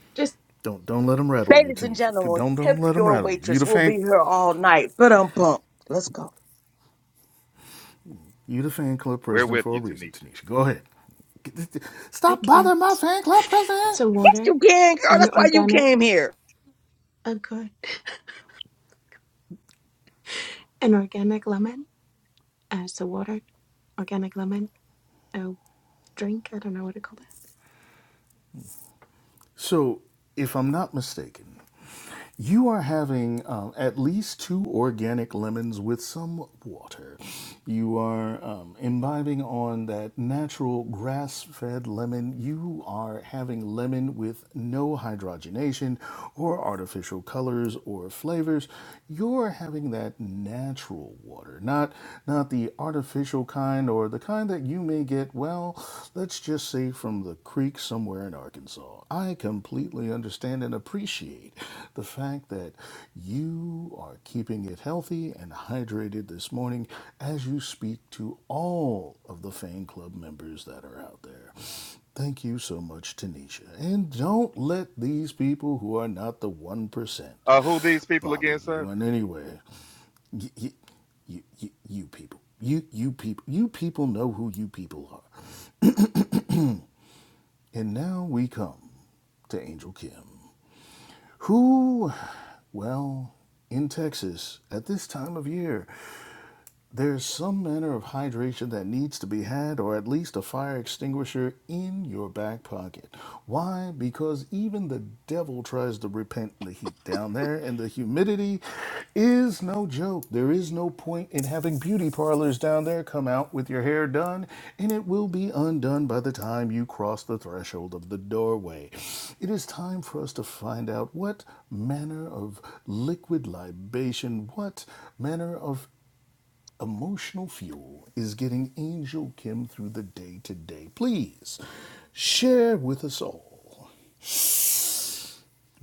just,
Don't don't let them rattle you,
Ladies and
Tanisha.
gentlemen,
Don't don't
tip
let them
your
rattle you. You
waitress.
the
We'll
fan.
be here all night. But um, am Let's go.
You the fan club
We're
president
with
for a
you,
reason,
Tanisha.
Tanisha. Go ahead.
I
Stop bothering my
can't.
fan club president.
So
Yes,
water
you can, girl.
and
That's why you
organic.
came here.
Oh, good. An organic lemon. Uh, so water, organic lemon. Oh, drink. I don't know what to call it.
So, if I'm not mistaken, you are having um, at least two organic lemons with some water. You are um, imbibing on that natural grass fed lemon. You are having lemon with no hydrogenation or artificial colors or flavors. You're having that natural water, not, not the artificial kind or the kind that you may get, well, let's just say from the creek somewhere in Arkansas. I completely understand and appreciate the fact that you are keeping it healthy and hydrated this morning as you speak to all of the fan club members that are out there. Thank you so much, Tanisha. And don't let these people who are not the 1%
Uh, who these people
bother
again, sir?
you in any way you, you, you, you, you people, you, you people, you people know who you people are. And now we come to Angel Kim, who, well, in Texas at this time of year There's some manner of hydration that needs to be had, or at least a fire extinguisher in your back pocket. Why? Because even the devil tries to repent in the heat down there, and the humidity is no joke. There is no point in having beauty parlors down there come out with your hair done, and it will be undone by the time you cross the threshold of the doorway. It is time for us to find out what manner of liquid libation, what manner of Emotional Fuel is getting Angel Kim through the day today. Please share with us all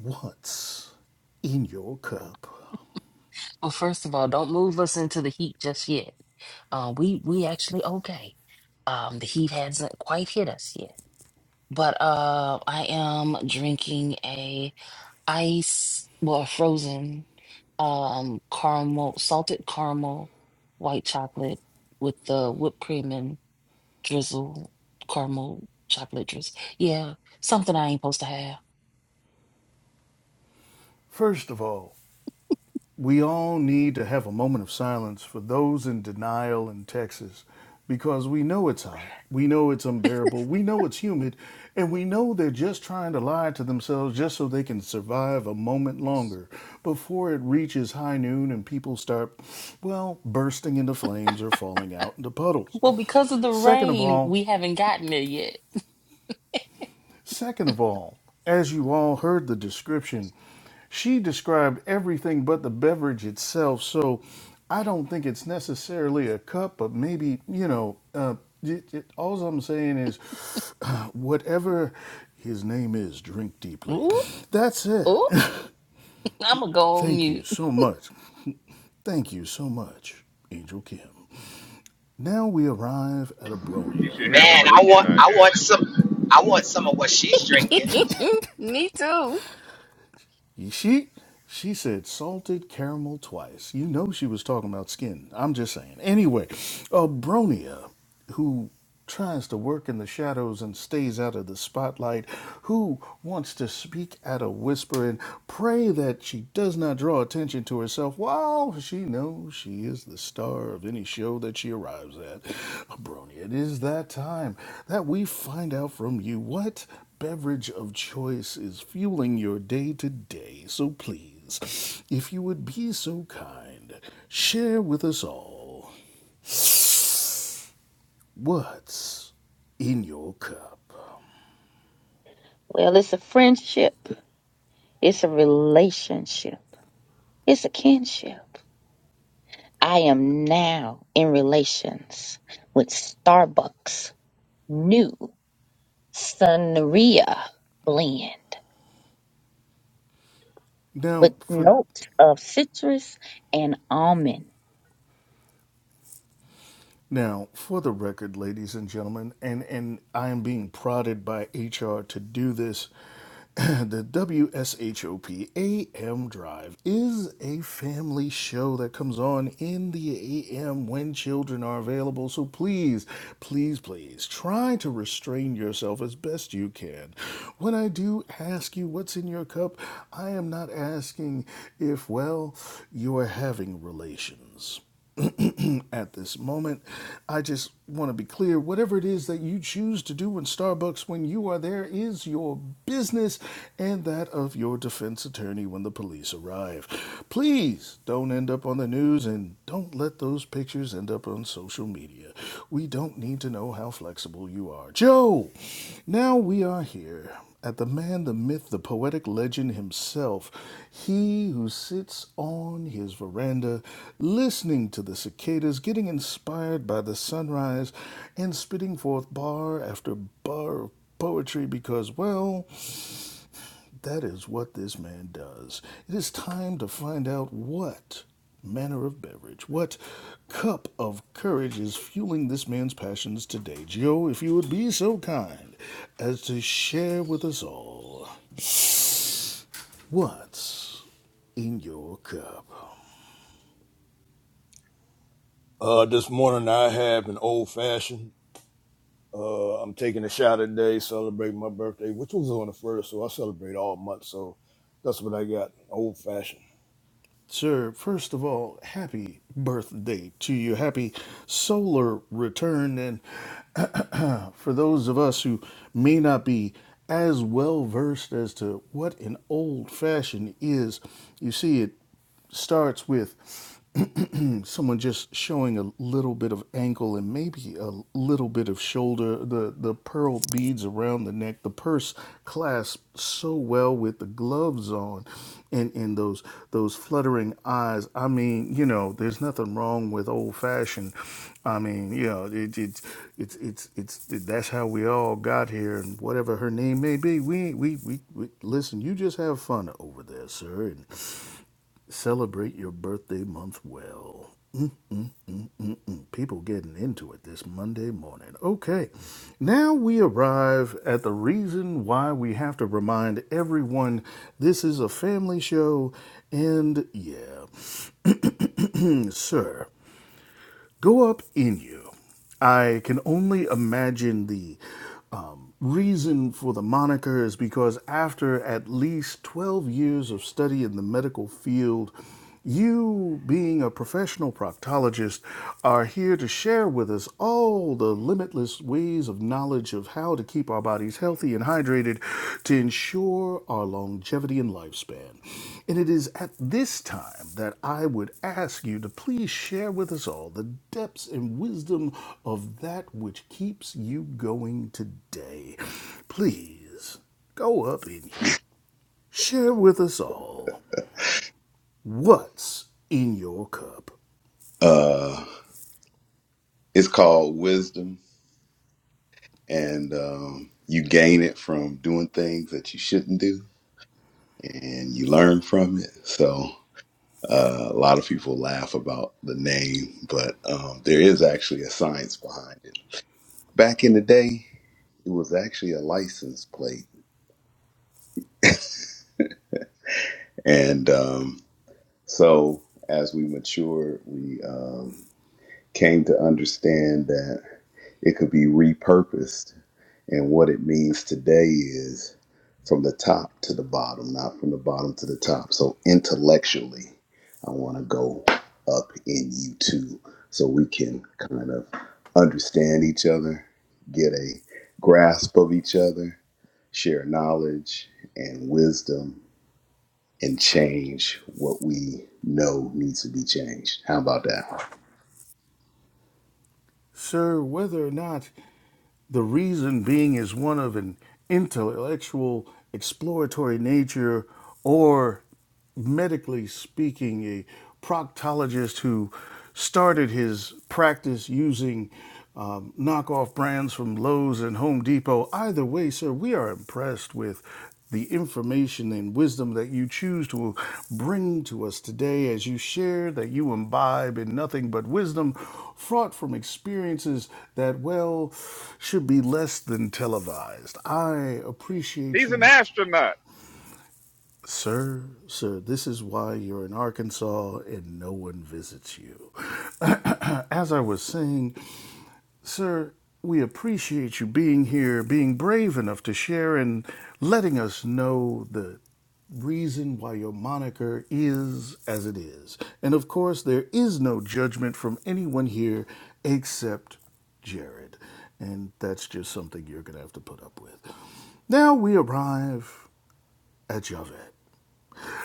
what's in your cup.
Well, first of all, don't move us into the heat just yet. Uh, we we actually okay. Um, the heat hasn't quite hit us yet. But uh, I am drinking a ice, well, a frozen um caramel, salted caramel, white chocolate with the whipped cream and drizzle, caramel chocolate drizzle. Yeah, something I ain't supposed to have.
First of all, we all need to have a moment of silence for those in denial in Texas because we know it's hot. We know it's unbearable. We know it's humid. And we know they're just trying to lie to themselves just so they can survive a moment longer before it reaches high noon and people start, well, bursting into flames or falling out into puddles.
Well, because of the
Second of
rain,
all,
we haven't gotten it yet.
Second of all, as you all heard the description, she described everything but the beverage itself, so I don't think it's necessarily a cup, but maybe, you know, uh, it, it, all I'm saying is uh, whatever his name is, drink deeply.
Ooh,
That's it.
ooh. I'm gonna go on
Thank you
mute.
so much. Thank you so much, Angel Kim. Now we arrive at
You
Abronia.
should hear them when Maliki and I are here.
Me too.
She she said salted caramel twice. You know she was talking about skin. I'm just saying. Anyway, uh, Bronia, who tries to work in the shadows and stays out of the spotlight, who wants to speak at a whisper and pray that she does not draw attention to herself while she knows she is the star of any show that she arrives at. Bronia, it is that time that we find out from you what beverage of choice is fueling your day to day, so please, if you would be so kind, share with us all what's in your cup.
Well, it's a friendship. It's a relationship. It's a kinship. I am now in relations with Starbucks new Sunria blend with
Now, for
notes of citrus and almond.
Now, for the record, ladies and gentlemen, and, and I am being prodded by HR to do this, the W S H O P A M Drive is a family show that comes on in the AM when children are available. So please, please, please try to restrain yourself as best you can. When I do ask you what's in your cup, I am not asking if, well, you are having relations phone at this moment. I just want to be clear whatever it is that you choose to do in Starbucks when you are there is your business and that of your defense attorney when the police arrive. Please don't end up on the news and don't let those pictures end up on social media. We don't need to know how flexible you are. Joe, now we are here at the man, the myth, the poetic legend himself, he who sits on his veranda listening to the cicadas, getting inspired by the sunrise, and spitting forth bar after bar of poetry because, well, that is what this man does. It is time to find out what manner of beverage, what cup of courage is fueling this man's passions today. Gio, if you would be so kind as to share with us all. What's in your cup?
Uh, this morning I have an old fashioned. Uh, I'm taking a shower today, celebrating my birthday, which was on the first, so I celebrate all month. So that's what I got, old fashioned.
Sir, first of all, happy birthday to you. Happy solar return. And uh, for those of us who may not be as well versed as to what an old fashioned is, you see, it starts with someone just showing a little bit of ankle and maybe a little bit of shoulder the the pearl beads around the neck the purse clasped so well with the gloves on and and those those fluttering eyes i mean you know there's nothing wrong with old fashioned i mean you know it, it's it's it's it's that's how we all got here and whatever her name may be we we we, we listen you just have fun over there sir and celebrate your birthday month well Mm, people getting into it this Monday morning. Okay, now we arrive at the reason why we have to remind everyone this is a family show, and yeah, sir go up in you. I can only imagine the um, reason for the moniker is because after at least 12 years of study in the medical field, you, being a professional proctologist, are here to share with us all the limitless ways of knowledge of how to keep our bodies healthy and hydrated to ensure our longevity and lifespan. And it is at this time that I would ask you to please share with us all the depths and wisdom of that which keeps you going today. Please go up in you. Share with us all what's in your cup.
uh it's called wisdom and um you gain it from doing things that you shouldn't do and you learn from it so uh, a lot of people laugh about the name, but um, there is actually a science behind it Back in the day, it was actually a license plate. And um, so as we matured, we um, came to understand that it could be repurposed. And what it means today is from the top to the bottom, not from the bottom to the top. So intellectually, I want to go up in you too, so we can kind of understand each other, get a grasp of each other, share knowledge and wisdom, and change what we know needs to be changed. How about that?
Sir, whether or not the reason being is one of an intellectual, exploratory nature, or medically speaking, a proctologist who started his practice using um, knockoff brands from Lowe's and Home Depot. Either way, sir, we are impressed with the information and wisdom that you choose to bring to us today as you share that you imbibe in nothing but wisdom fraught from experiences that, well, should be less than televised. I appreciate
He's an
you,
astronaut.
sir. Sir, this is why you're in Arkansas and no one visits you. as I was saying, Sir, we appreciate you being here, being brave enough to share, and letting us know the reason why your moniker is as it is. And of course, there is no judgment from anyone here except Jared. And that's just something you're going to have to put up with. Now we arrive at Javed.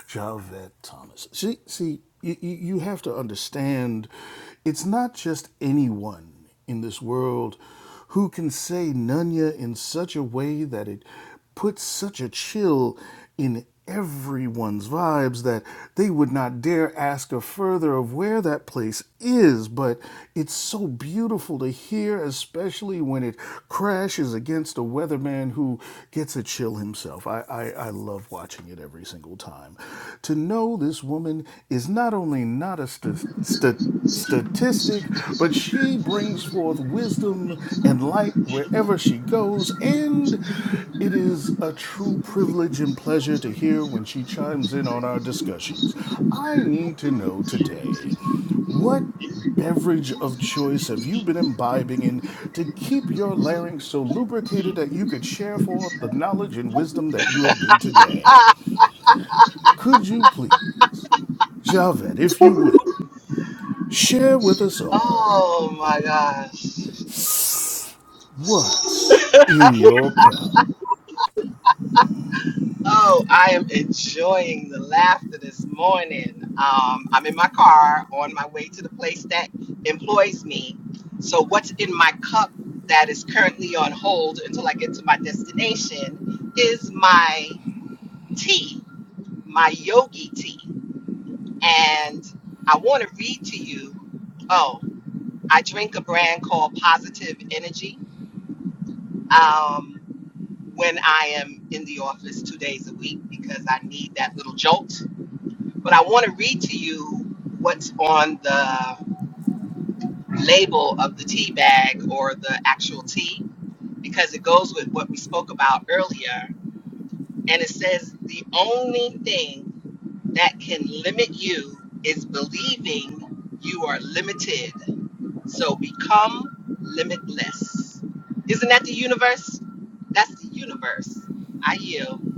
Javette Thomas. See, see, you, you you have to understand, it's not just anyone in this world who can say Nunya in such a way that it puts such a chill in everyone's vibes that they would not dare ask her further of where that place is but it's so beautiful to hear especially when it crashes against a weatherman who gets a chill himself i i, I love watching it every single single time. To know this woman is not only not a st- st- statistic, but she brings forth wisdom and light wherever she goes, and it is a true privilege and pleasure to hear when she chimes in on our discussions. I need to know today what beverage of choice have you been imbibing in to keep your larynx so lubricated that you could share forth the knowledge and wisdom that you have been today? Could you please, Javed, if you will, share with us all
Oh my gosh.
what's in your cup?
Oh, I am enjoying the laughter this morning. Um, I'm in my car on my way to the place that employs me. So, what's in my cup that is currently on hold until I get to my destination is my tea, my yogi tea. And I want to read to you. Oh, I drink a brand called Positive Energy um, when I am in the office two days a week because I need that little jolt. But I want to read to you what's on the label of the tea bag or the actual tea because it goes with what we spoke about earlier. And it says the only thing that can limit you is believing you are limited So become limitless. Isn't that the universe? That's the universe. I yield.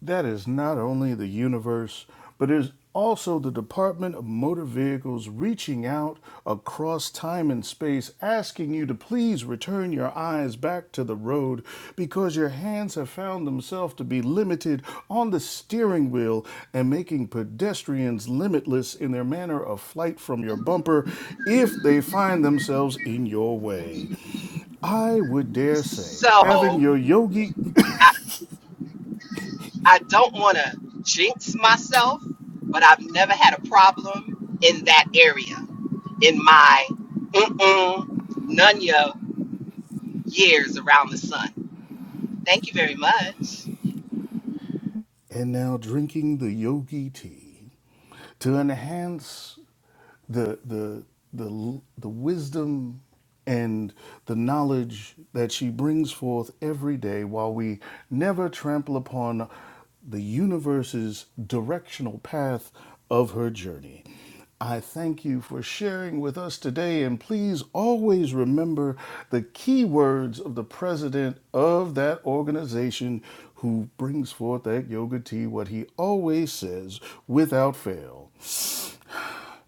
That is not only the universe, but is also the Department of Motor Vehicles reaching out across time and space, asking you to please return your eyes back to the road because your hands have found themselves to be limited on the steering wheel and making pedestrians limitless in their manner of flight from your bumper if they find themselves in your way. I would dare say having
So
your yogic
I don't want to jinx myself, but I've never had a problem in that area in my mm-mm, none years around the sun. Thank you very much.
and now drinking the yogi tea to enhance the the the the wisdom and the knowledge that she brings forth every day while we never trample upon the universe's directional path of her journey I thank you for sharing with us today, and please always remember the key words of the president of that organization who brings forth that yoga tea, what he always says without fail.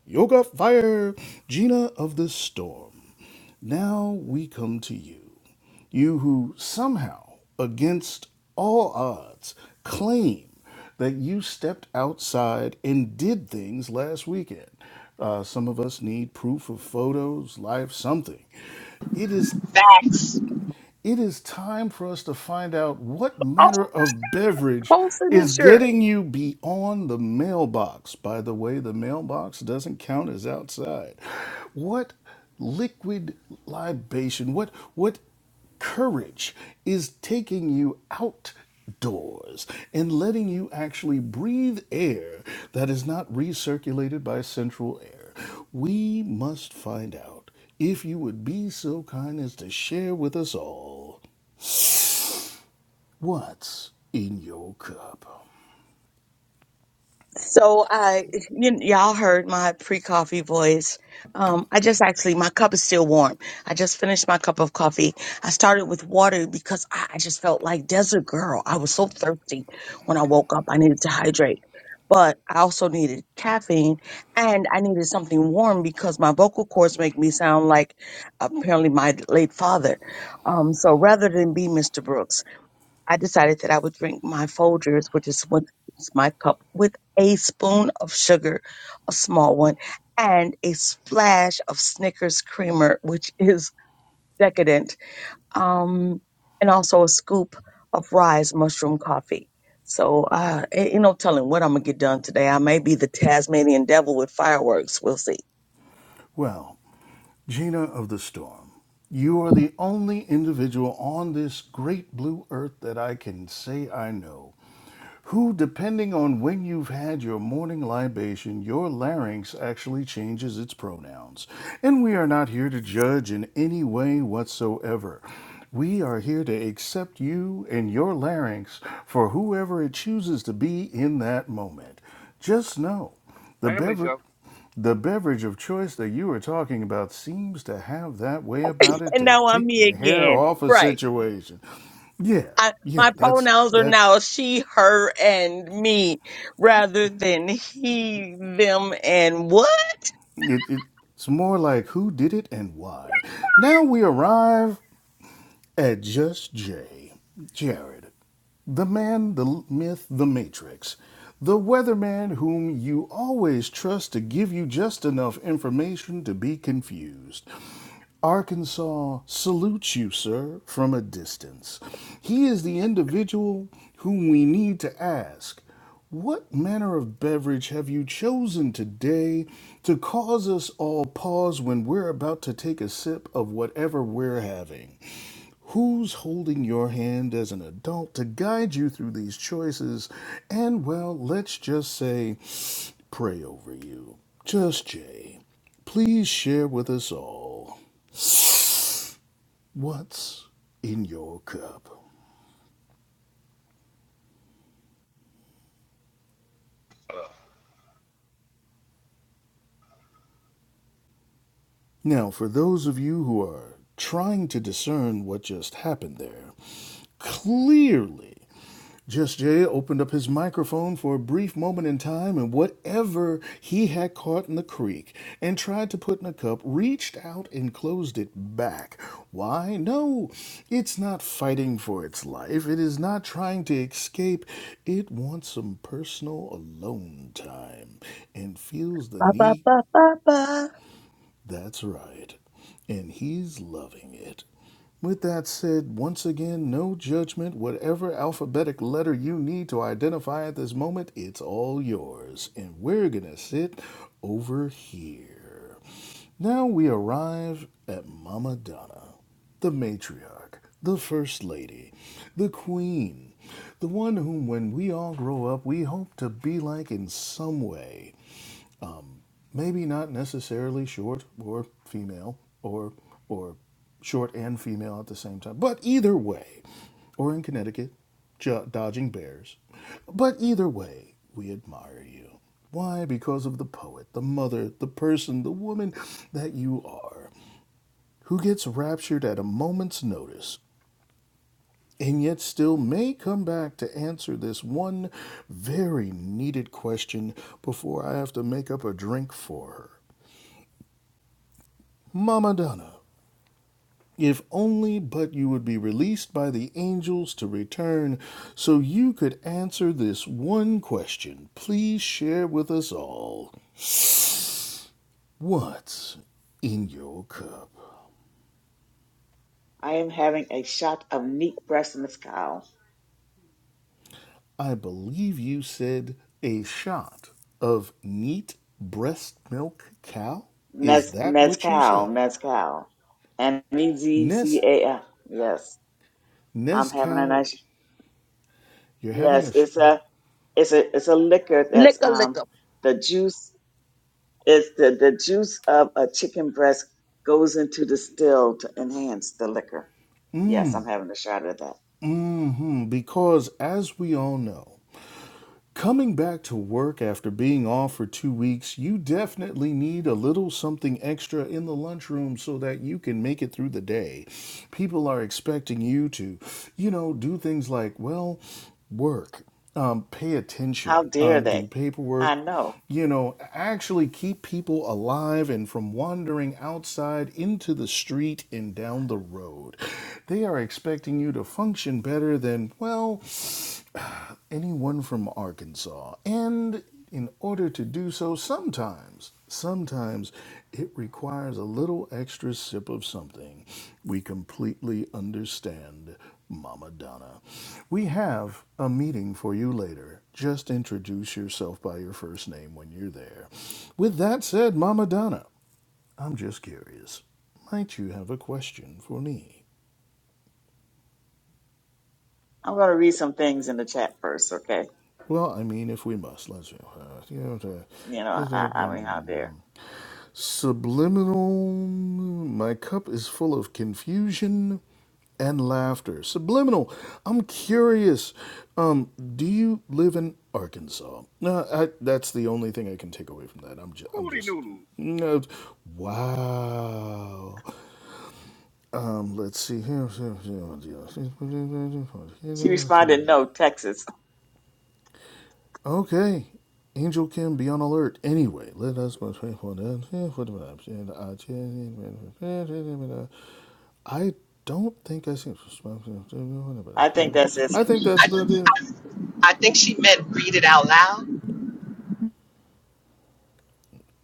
Yoga Fire, Gina of the Storm. Now we come to you, you who somehow, against all odds, claim that you stepped outside and did things last weekend. Uh, some of us need proof of photos, live, something. It is
Facts.
it is time for us to find out what
All
manner of beverage
posting and
is
sure.
getting you beyond the mailbox. By the way, the mailbox doesn't count as outside. What liquid libation, what what courage is taking you outdoors and letting you actually breathe air that is not recirculated by central air. We must find out if you would be so kind as to share with us all what's in your cup.
So I, y- y'all heard my pre-coffee voice. Um, I just actually, my cup is still warm. I just finished my cup of coffee. I started with water because I, I just felt like desert girl. I was so thirsty when I woke up. I needed to hydrate, but I also needed caffeine and I needed something warm because my vocal cords make me sound like apparently my late father. Um, so rather than be Mr. Brooks. I decided that I would drink my Folgers, which is what is my cup, with a spoon of sugar, a small one, and a splash of Snickers creamer, which is decadent, um, and also a scoop of Rise mushroom coffee. So, uh, a- you know, telling what I'm gonna get done today. I may be the Tasmanian devil with fireworks. We'll see.
Well, Gina of the Storm, you are the only individual on this great blue earth that I can say I know who, depending on when you've had your morning libation, your larynx actually changes its pronouns. And we are not here to judge in any way whatsoever. We are here to accept you and your larynx for whoever it chooses to be in that moment. Just know the
Family
beverage.
show.
The beverage of choice that you were talking about seems to have that way about it
And
to
now I'm
take
me
the hair
again.
off a
Right.
situation. Yeah,
I,
yeah,
my
that's
pronouns are
that.
now she, her, and me rather than he, them, and what?
It, it, it's more like who did it and why. Now we arrive at just Jay, Jared, the man, the myth, the matrix, the weatherman whom you always trust to give you just enough information to be confused. Arkansas salutes you, sir, from a distance. He is the individual whom we need to ask, What manner of beverage have you chosen today to cause us all pause when we're about to take a sip of whatever we're having? Who's holding your hand as an adult to guide you through these choices? And, well, let's just say, pray over you. Just Jay. Please share with us all. What's in your cup? Now, for those of you who are trying to discern what just happened there, clearly Just Jay opened up his microphone for a brief moment in time, and whatever he had caught in the creek and tried to put in a cup reached out and closed it back. Why? No, it's not fighting for its life. It is not trying to escape. It wants some personal alone time and feels the
Ba,
need
ba, ba, ba, ba.
that's right. And he's loving it. With that said, once again, no judgment. Whatever alphabetic letter you need to identify at this moment, it's all yours. And we're going to sit over here. Now we arrive at Mama Donna, the matriarch, the first lady, the queen, the one whom, when we all grow up, we hope to be like in some way maybe not necessarily short or female or or short and female at the same time but either way or in connecticut jo- dodging bears but either way we admire you why because of the poet the mother the person the woman that you are who gets raptured at a moment's notice and yet still may come back to answer this one very needed question before i have to make up a drink for her mama donna If only but you would be released by the angels to return so you could answer this one question, please share with us all. What's in your cup?
I am having a shot of neat breast mezcal.
I believe you said a shot of neat breast milk cow. Is
Mez,
that what you
mezcal,
said?
mezcal. And
Nest
M-E-Z-C-A-L. Yes, I'm having a
Nescau,
nice,
you're having a.
yes,
Sh-
it's a, It's a it's a liquor that's
Licka, licka.
um the juice it's the, the juice of a chicken breast goes into the still to enhance the liquor. Yes, I'm having a shot of that.
mm-hmm. Because as we all know, Coming back to work after being off for two weeks, you definitely need a little something extra in the lunchroom so that you can make it through the day. People are expecting you to, you know, do things like, well, work, um, pay
How
attention,
dare
um, do
they? I
paperwork,
know.
you know, actually keep people alive and from wandering outside into the street and down the road. They are expecting you to function better than, well, anyone from Arkansas. And in order to do so, sometimes, sometimes it requires a little extra sip of something. We completely understand, Mama Donna. We have a meeting for you later. Just introduce yourself by your first name when you're there. With that said, Mama Donna, I'm just curious. Might you have a question for me?
I'm gonna read some things in the chat first, okay?
Well, I mean, if we must, let's you know, the,
You
the,
know,
the,
I, I
the-
mean, how dare.
subliminal. My cup is full of confusion and laughter. Subliminal. I'm curious. Um, do you live in Arkansas? No, I, that's the only thing I can take away from that. I'm just, I'm
Moody
just.
noodles.
No, wow. Um, let's see here.
She responded, "No, Texas."
Okay. Angel Kim, be on alert. Anyway, let us most faithful I I don't think I see.
I think that's it.
I think that's about it.
I,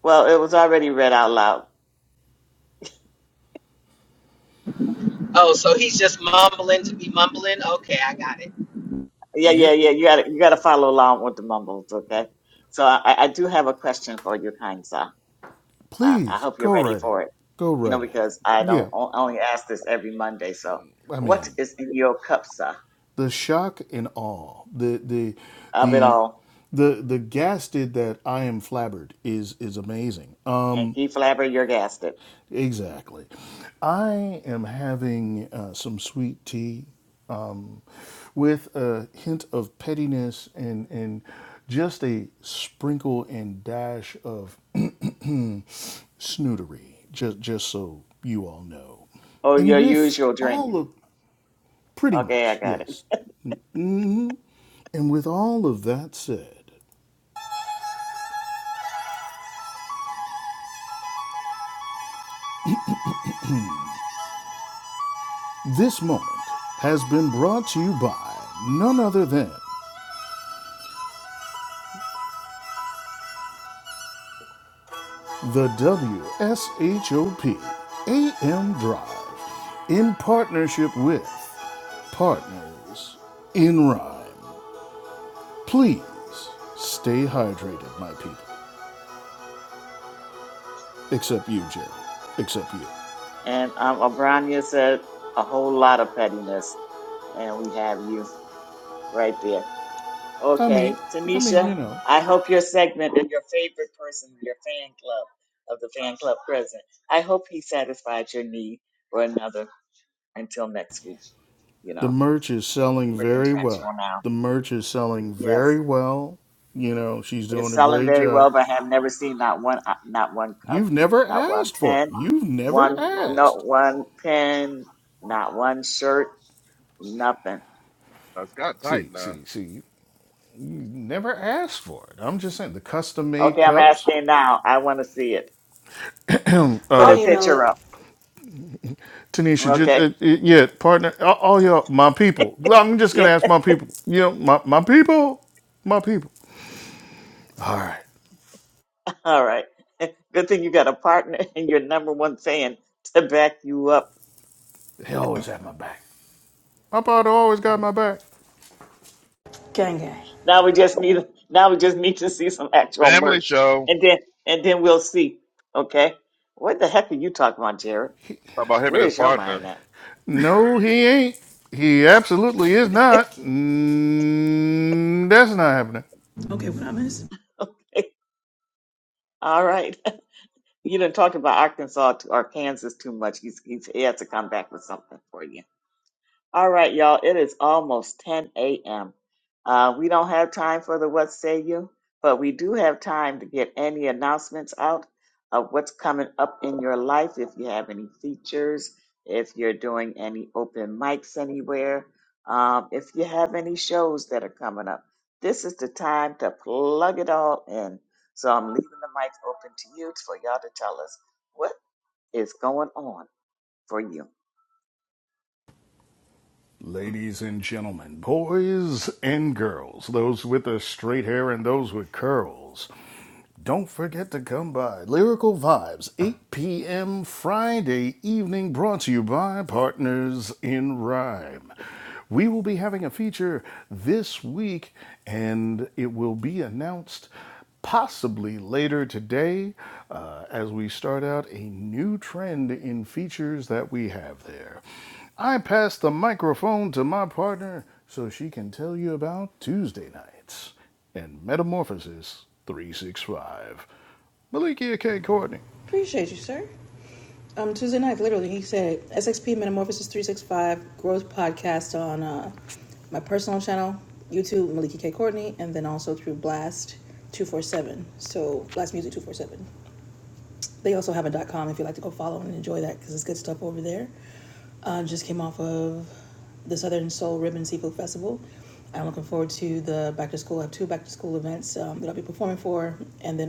Well, it was already read out loud.
oh, so he's just mumbling to be mumbling. Okay, I got it.
Yeah, yeah,
Yep.
yeah. You got to you got to follow along with the mumbles, okay? So I, I I do have a question for you, kind sir. Uh, I
Please
hope you're
go
ready
right ahead.
for it.
Go
You know,
right ahead.
because I don't
Yeah.
I only ask this every Monday. So,
I
what
mean,
is in your cup, sir?
the shock and awe, the the
of it
the
all
the the gasted that I am flabbered is is amazing.
and keep flabbergasted.
Exactly. I am having uh, some sweet tea um, with a hint of pettiness and, and just a sprinkle and dash of snootery, just, just so you all know.
Oh,
And
your
with
usual drink.
all of, pretty
Okay, I
much,
got it.
yes. And with all of that said, this moment has been brought to you by none other than The W S H O P A M Drive in partnership with Partners in Rhyme. Please stay hydrated, my people. Except you, Jerry. Except you.
And um, Abrania said a whole lot of pettiness, and we have you right there.
I mean,
Okay,
I mean,
Tanisha,
you know.
I hope your segment and your favorite person, your fan club of the fan club president, I hope he satisfied your need for another until next week. You
The
know,
merch is selling
we're
very well.
contractual now.
The merch is selling
Yes.
very well. You know, she's
It's
doing a
selling
great
very
job.
well, but I have never seen not one, uh, not one cup,
You've never
not one
asked for it.
pen,
You've never
one, not
asked.
one pen, not one shirt, nothing.
That's got tight
See,
now.
see, see. never asked for it. I'm just saying the custom made
Okay, I'm
cups.
asking now. I want to see it. Put
I'll
uh,
a
email
picture
it.
up.
Tanisha, just, uh,
Okay.
uh, yeah, partner, all, all y'all, my people. Well, I'm just
Yeah.
gonna ask my people. You know, my my people, my people. All right,
All right. Good thing you got a partner and your number one fan to back you up.
He always had my back. my father always got my back.
Gang gang.
Now we just need, now we just need to see some actual
Family
merch,
show.
and then, and then we'll see. Okay. What the heck are you talking about, Jared?
Talk about him
Where
and his
is your
partner.
mind at?
No, he ain't. He absolutely is not. Mm, that's not happening.
Okay, what I miss?
All right. You done talked about Arkansas to, or Kansas too much. He's, he's, he has to come back with something for you. All right, y'all. It is almost 10 a.m. Uh, we don't have time for the what say you, but we do have time to get any announcements out of what's coming up in your life. If you have any features, if you're doing any open mics anywhere, um, if you have any shows that are coming up, this is the time to plug it all in. So I'm leaving the mic open to you for y'all to tell us what is going on for you.
Ladies and gentlemen, boys and girls, those with the straight hair and those with curls. Don't forget to come by Lyrical Vibes, 8 p.m. Friday evening, brought to you by Partners in Rhyme. We will be having a feature this week, and it will be announced possibly later today uh, as we start out a new trend in features that we have there. I pass the microphone to my partner so she can tell you about Tuesday nights and Metamorphosis 365. Malikia K. Courtney.
Appreciate you, sir. Um, Tuesday night, literally, he said SXP Metamorphosis 365 Growth Podcast on uh, my personal channel, YouTube, Maliki K. Courtney, and then also through Blast 247. So, Blast Music 247. They also have a .com if you'd like to go follow and enjoy that because it's good stuff over there. Uh, just came off of the Southern Soul Ribbon Seafood Festival. I'm looking forward to the back to school. I have two back to school events um, that I'll be performing for, and then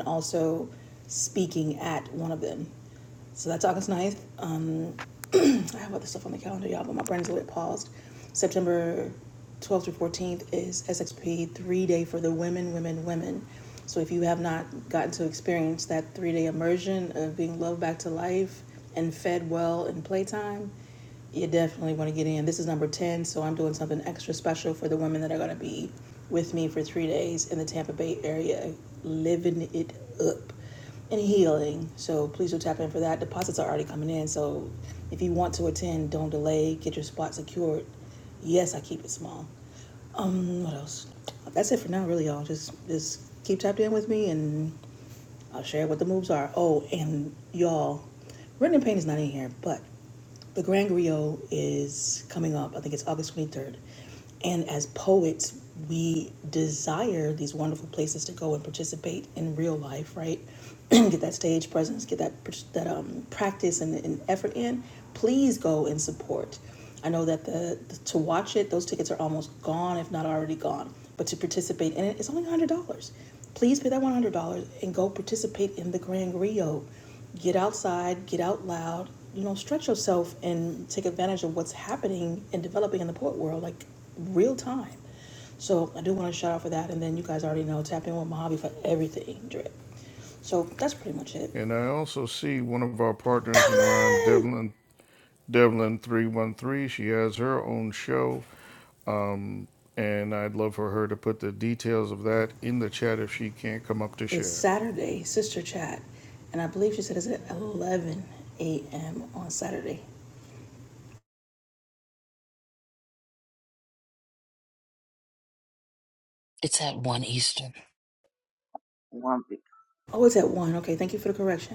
seven. So if you have your three days in the Tampa Bay area, living it up and healing. So please do tap in for that. Deposits are already coming in. So if you want to attend, don't delay. Get your spot secured. Yes, I keep it small. Um, what else? That's it for now, really, y'all. Just just keep tapped in with me, and I'll share what the moves are. Oh, and y'all, Written in Pain is not in here, but the Grand Griot is coming up. I think it's August 23rd. And as poets, we desire these wonderful places to go and participate in real life, right? get that stage presence, get that that um, practice and, and effort in. Please go and support. I know that the, the to watch it, those tickets are almost gone, if not already gone. But to participate in it, it's only one hundred dollars. Please pay that one hundred dollars and go participate in the Grand Rio. Get outside, get out loud, you know, stretch yourself and take advantage of what's happening and developing in the poet world. Like real time. So I do want to shout out for that. And then you guys already know, tap in with Mojave for everything drip. So that's pretty much it.
And I also see one of our partners in rhyme,
Dublin!
Devlin Devlin 313. She has her own show. Um, and I'd love for her to put the details of that in the chat if she can't come up to
It's
share.
Saturday, sister chat. And I believe she said it's at 11 a.m. on Saturday.
It's at one Eastern.
One big.
Oh, it's at 1. Okay, thank you for the correction.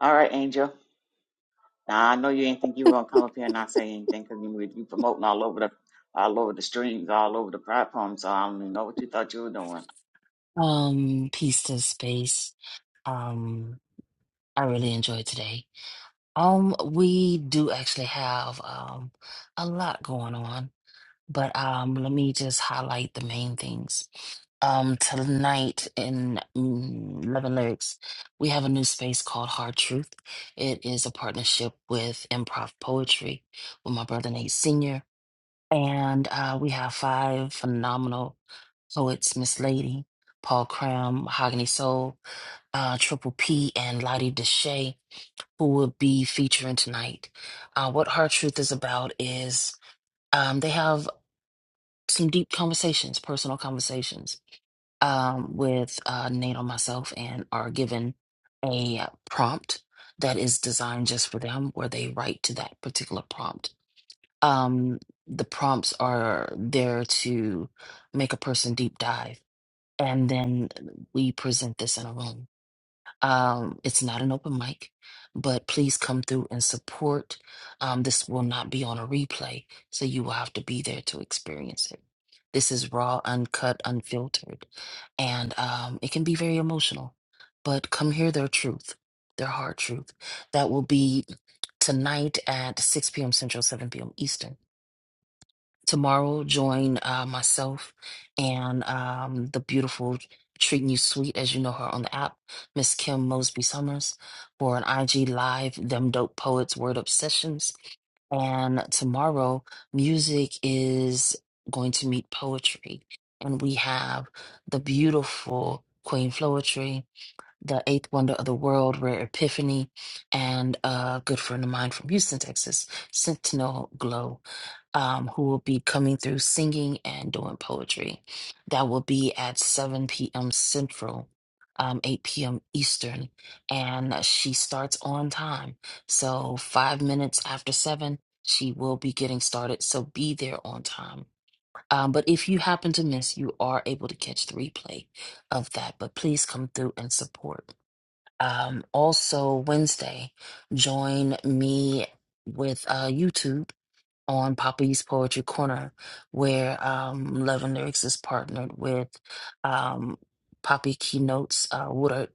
All right, Angel. Now I know you ain't think you were gonna come up here and not say anything because you you promoting all over the all over the streams, all over the platform. So I don't even know what you thought you were doing.
Um, peace to space. Um, I really enjoyed today. Um, we do actually have um a lot going on. But um, let me just highlight the main things. Um, tonight in mm, Love and Lyrics, we have a new space called Hard Truth. It is a partnership with Improv Poetry with my brother Nate Sr. And uh, we have five phenomenal poets, Miss Lady, Paul Cram, Mahogany Soul, uh, Triple P, and Lottie Deshay, who will be featuring tonight. Uh, what Hard Truth is about is um, they have some deep conversations, personal conversations um, with uh, Nate on myself, and are given a prompt that is designed just for them, where they write to that particular prompt. Um, the prompts are there to make a person deep dive, and then we present this in a room um, it's not an open mic, but please come through and support. Um, this will not be on a replay, so you will have to be there to experience it. This is raw, uncut, unfiltered, and um, it can be very emotional. But come hear their truth, their hard truth. That will be tonight at 6 p.m. Central, 7 p.m. Eastern tomorrow join uh, myself and um, the beautiful treating you sweet as you know her on the app miss kim mosby summers for an ig live them dope poets word up sessions and tomorrow music is going to meet poetry and we have the beautiful queen Floetry the eighth wonder of the world rare epiphany and a good friend of mine from houston texas sentinel glow um, who will be coming through singing and doing poetry that will be at 7 p.m central um, 8 p.m eastern and she starts on time so five minutes after seven she will be getting started so be there on time um, but if you happen to miss you are able to catch the replay of that but please come through and support um, also, Wednesday, join me with uh, YouTube on Poppy's Poetry Corner, where um, Love and Lyrics is partnered with um, Poppy Keynotes uh, Woodard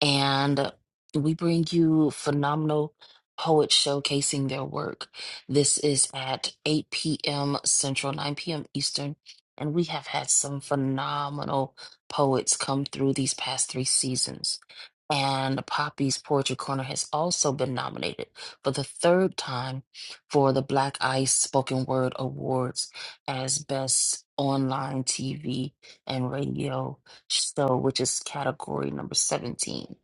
and we bring you phenomenal poets showcasing their work. This is at 8 p.m. Central, 9 p.m. Eastern, and we have had some phenomenal poets come through these past three seasons. And Poppy's Poetry Corner has also been nominated for the third time for the Black Ice Spoken Word Awards as Best Online TV and Radio so which is category number 17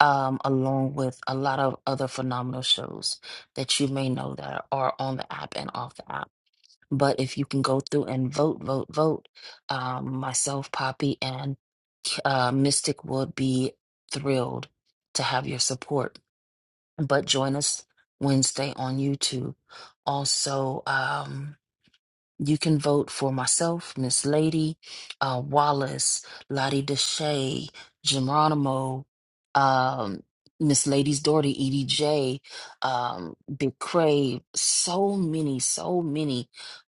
um, along with a lot of other phenomenal shows that you may know that are on the app and off the app but if you can go through and vote vote vote um, myself poppy and uh, mystic would be thrilled to have your support but join us wednesday on youtube also um, you can vote for myself, Miss Lady, uh, Wallace, Lottie Deshay, Geronimo, um, Miss Lady's daughter, EDJ, um, Big Crave. So many, so many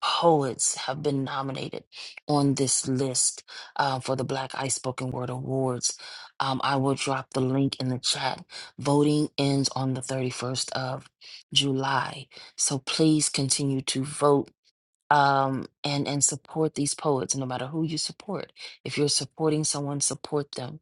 poets have been nominated on this list uh, for the Black Ice Spoken Word Awards. Um, I will drop the link in the chat. Voting ends on the 31st of July. So please continue to vote um, and and support these poets, no matter who you support. If you're supporting someone, support them.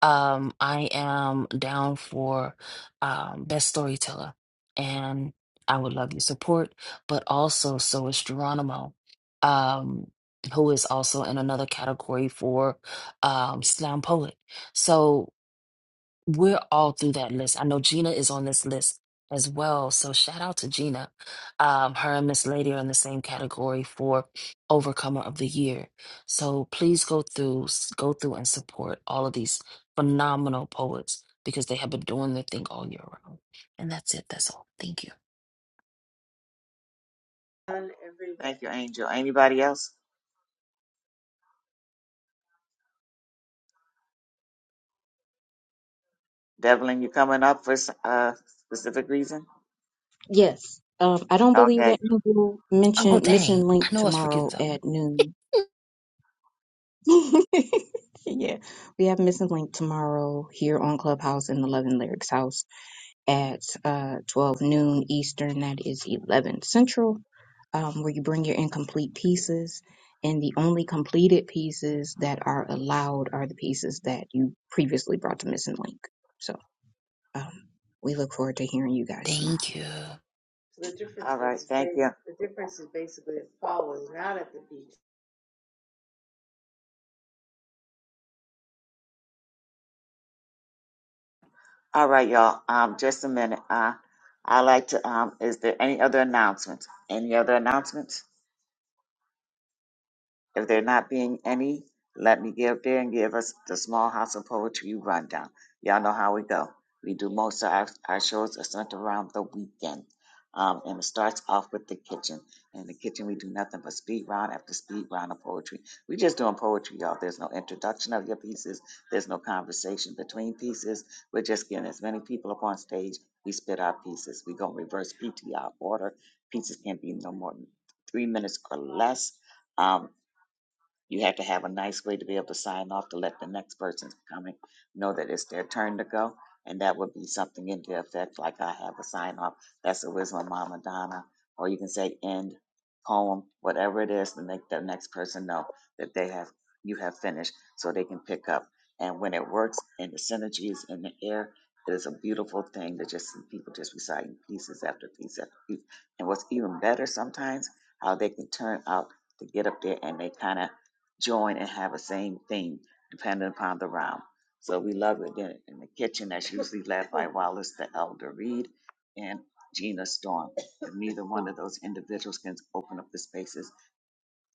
Um, I am down for um, best storyteller, and I would love your support. But also, so is Geronimo, um, who is also in another category for um, slam poet. So. We're all through that list. I know Gina is on this list as well. So shout out to Gina. Um, her and Miss Lady are in the same category for Overcomer of the Year. So please go through, s- go through and support all of these phenomenal poets because they have been doing their thing all year round. And that's it. That's all. Thank you.
Done every Thank you, Angel. Anybody else? Devlin, you coming up for s- a specific reason?
Yes. Um, I don't believe
Okay.
that Angel
Oh,
mentioned Missing
dang. I
Link
know I was forgetting
tomorrow
something.
at noon. yeah, we have Missing Link tomorrow here on Clubhouse in the Love and Lyrics House at uh, 12 noon Eastern. That is 11 Central, um, where you bring your incomplete pieces. And the only completed pieces that are allowed are the pieces that you previously brought to Missing Link. So um, we look forward to hearing you guys tomorrow.
Thank you.
yeah. All right, y'all. Um, just a minute. Uh, I like to. Um, is there any other announcements? Any other announcements? If there not being any, let me give there and give us the Small House of Poetry rundown. Y'all know how we go. We do most of our, our shows are centered around the weekend. Um, and it starts off with the kitchen. In the kitchen, we do nothing but speed round after speed round of poetry. We just doing poetry, y'all. There's no introduction of your pieces. There's no conversation between pieces. We're just getting as many people up on stage. We spit our pieces. We go to reverse PTR order. Pieces can be no more than three minutes or less. Um, you have to have a nice way to be able to sign off to let the next person coming know that it's their turn to go. And that would be something in the effect like I have a sign off. That's the wisdom of Mama Donna. Or you can say end poem, whatever it is, to make the next person know that they have you have finished so they can pick up. And when it works and the synergy is in the air, it is a beautiful thing to just see people just reciting pieces after piece after piece. And what's even better sometimes, how they can turn out to get up there and they kind of join and have the same thing depending upon the round. So we love it in, in the kitchen. That's usually led by Wallace the Elder Reed and Gina Storm. If neither one of those individuals can open up the spaces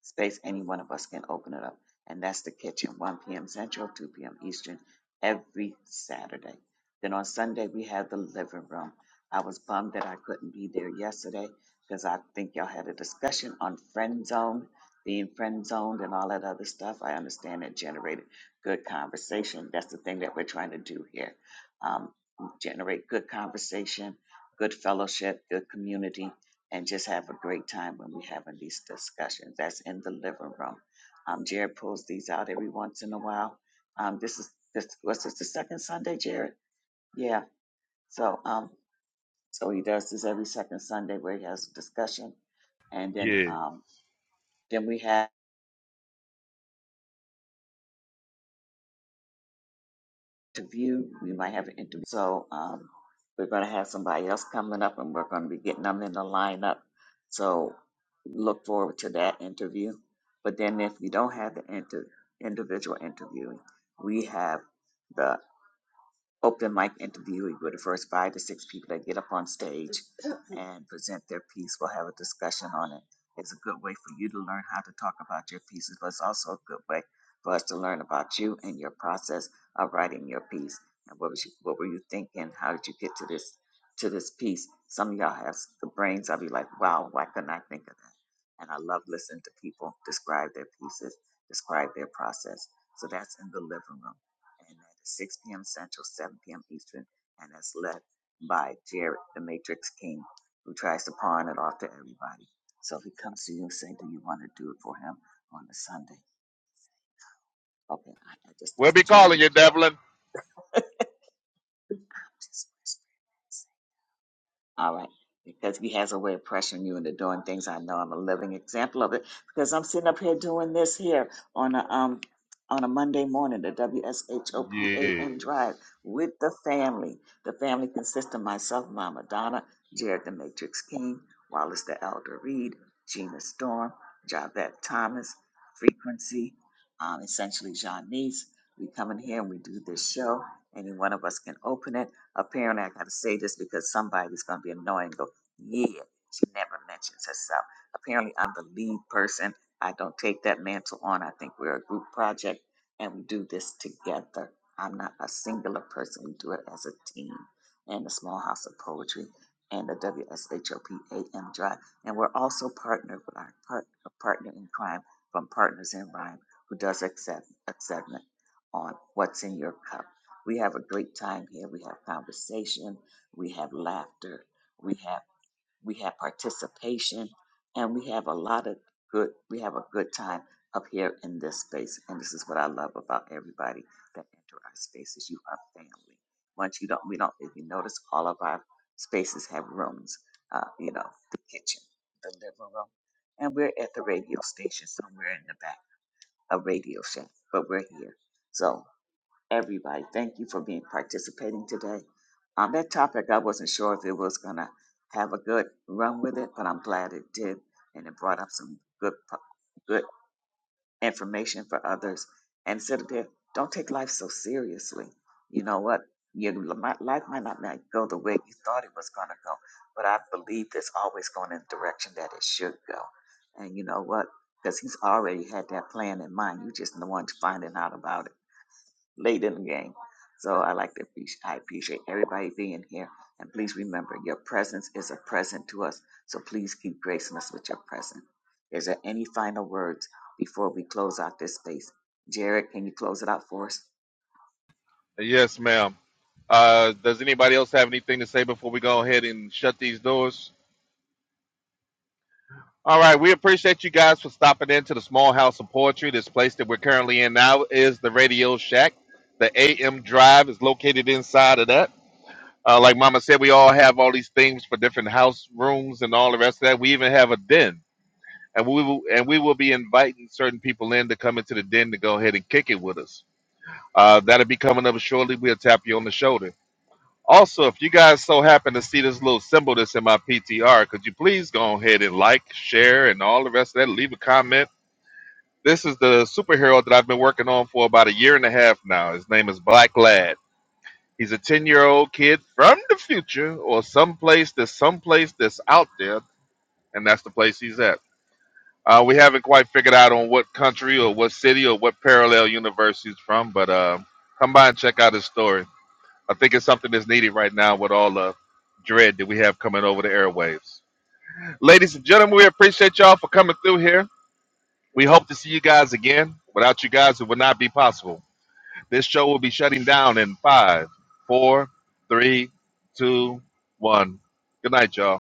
space, any one of us can open it up. And that's the kitchen, 1 p.m. Central, 2 p.m. Eastern, every Saturday. Then on Sunday, we have the living room. I was bummed that I couldn't be there yesterday because I think y'all had a discussion on friend zone, being friend zoned and all that other stuff. I understand it generated good conversation. That's the thing that we're trying to do here um, generate good conversation, good fellowship, good community and just have a great time when we're having these discussions. That's in the living room. Um, Jared pulls these out every once in a while. Um, this is this was this the second Sunday, Jared? Yeah. So um, so he does this every second Sunday where he has a discussion, and then
Yes.
um, then we have. interview. We might have an interview. So um, we're going to have somebody else coming up, and we're going to be getting them in the lineup. So look forward to that interview. But then, if you don't have the inter- individual interview, we have the open mic interview with the first five to six people that get up on stage, and present their piece. We'll have a discussion on it. It's a good way for you to learn how to talk about your pieces, but it's also a good way for us to learn about you and your process of writing your piece. And what was you, what were you thinking? How did you get to this to this piece? Some of y'all have the brains. of you like, wow, why couldn't I think of that? And I love listening to people describe their pieces, describe their process. So that's in the living room, and that is 6 p.m. Central, 7 p.m. Eastern, and that's led by Jared, the Matrix King who tries to pawn it off to everybody. So if he comes to you and say, "Do you want to do it for him on a Sunday?" Okay, I, I just
We'll
that's
be
between me
calling you,
and you.
Devlin.
All right. Because he has a way of pressuring you into doing things. I know I'm a living example of it because I'm sitting up here doing this here on a um on a Monday morning, the WSHOPAM
Yes.
drive with the family. The family consists of myself, Mama Donna, Jared the Matrix King, Wallace the Elder Reed, Gina Storm, Javette Thomas, Frequency, um, essentially Janice. We come in here and we do this show. Any one of us can open it. Apparently, I got to say this because somebody's going to be annoying. Go, yeah, she never mentions herself. Apparently, I'm the lead person. I don't take that mantle on. I think we're a group project and we do this together. I'm not a singular person. We do it as a team and the Small House of Poetry and the W S H O P A M Drive. And we're also partnered with our partner, partner in crime from Partners in Rhyme, who does accept, acceptance on What's in Your Cup. We have a great time here. We have conversation. We have laughter. We have we have participation, and we have a lot of good. We have a good time up here in this space, and this is what I love about everybody that enter our spaces. You are family. Once you don't, we don't. If you notice, all of our spaces have rooms. Uh, you know, the kitchen, the living room, and we're at the radio station somewhere in the back, a radio shack, but we're here. So everybody. Thank you for being participating today. On that topic, I wasn't sure if it was going to have a good run with it, but I'm glad it did, and it brought up some good, po- good information for others. And said there, don't take life so seriously. You know what? Your li- might- life might not might go the way you thought it was going to go, but I believe it's always going in the direction that it should go. And you know what? Because he's already had that plan in mind. You just the one finding out about it late in the game. So I like to appreciate, I appreciate everybody being here. And please remember, your presence is a present to us. So please keep gracing us with your presence. Is there any final words before we close out this space? Jared, can you close it out for us?
Yes, ma'am. Uh, does anybody else have anything to say before we go ahead and shut these doors? All right, we appreciate you guys for stopping into the Small House of Poetry. This place that we're currently in now is the Radio Shack. The AM Drive is located inside of that. Uh, like Mama said, we all have all these things for different house rooms and all the rest of that. We even have a den, and we will and we will be inviting certain people in to come into the den to go ahead and kick it with us. Uh, that'll be coming up shortly. We'll tap you on the shoulder. Also, if you guys so happen to see this little symbol that's in my PTR, could you please go ahead and like, share, and all the rest of that? Leave a comment. This is the superhero that I've been working on for about a year and a half now. His name is Black Lad He's a 10 year old kid from the future or someplace that's someplace that's out there, and that's the place he's at. Uh, we haven't quite figured out on what country or what city or what parallel universe he's from, but uh, come by and check out his story. I think it's something that's needed right now with all the dread that we have coming over the airwaves. Ladies and gentlemen, we appreciate y'all for coming through here. We hope to see you guys again. Without you guys, it would not be possible. This show will be shutting down in five, four, three, two, one. Good night, y'all.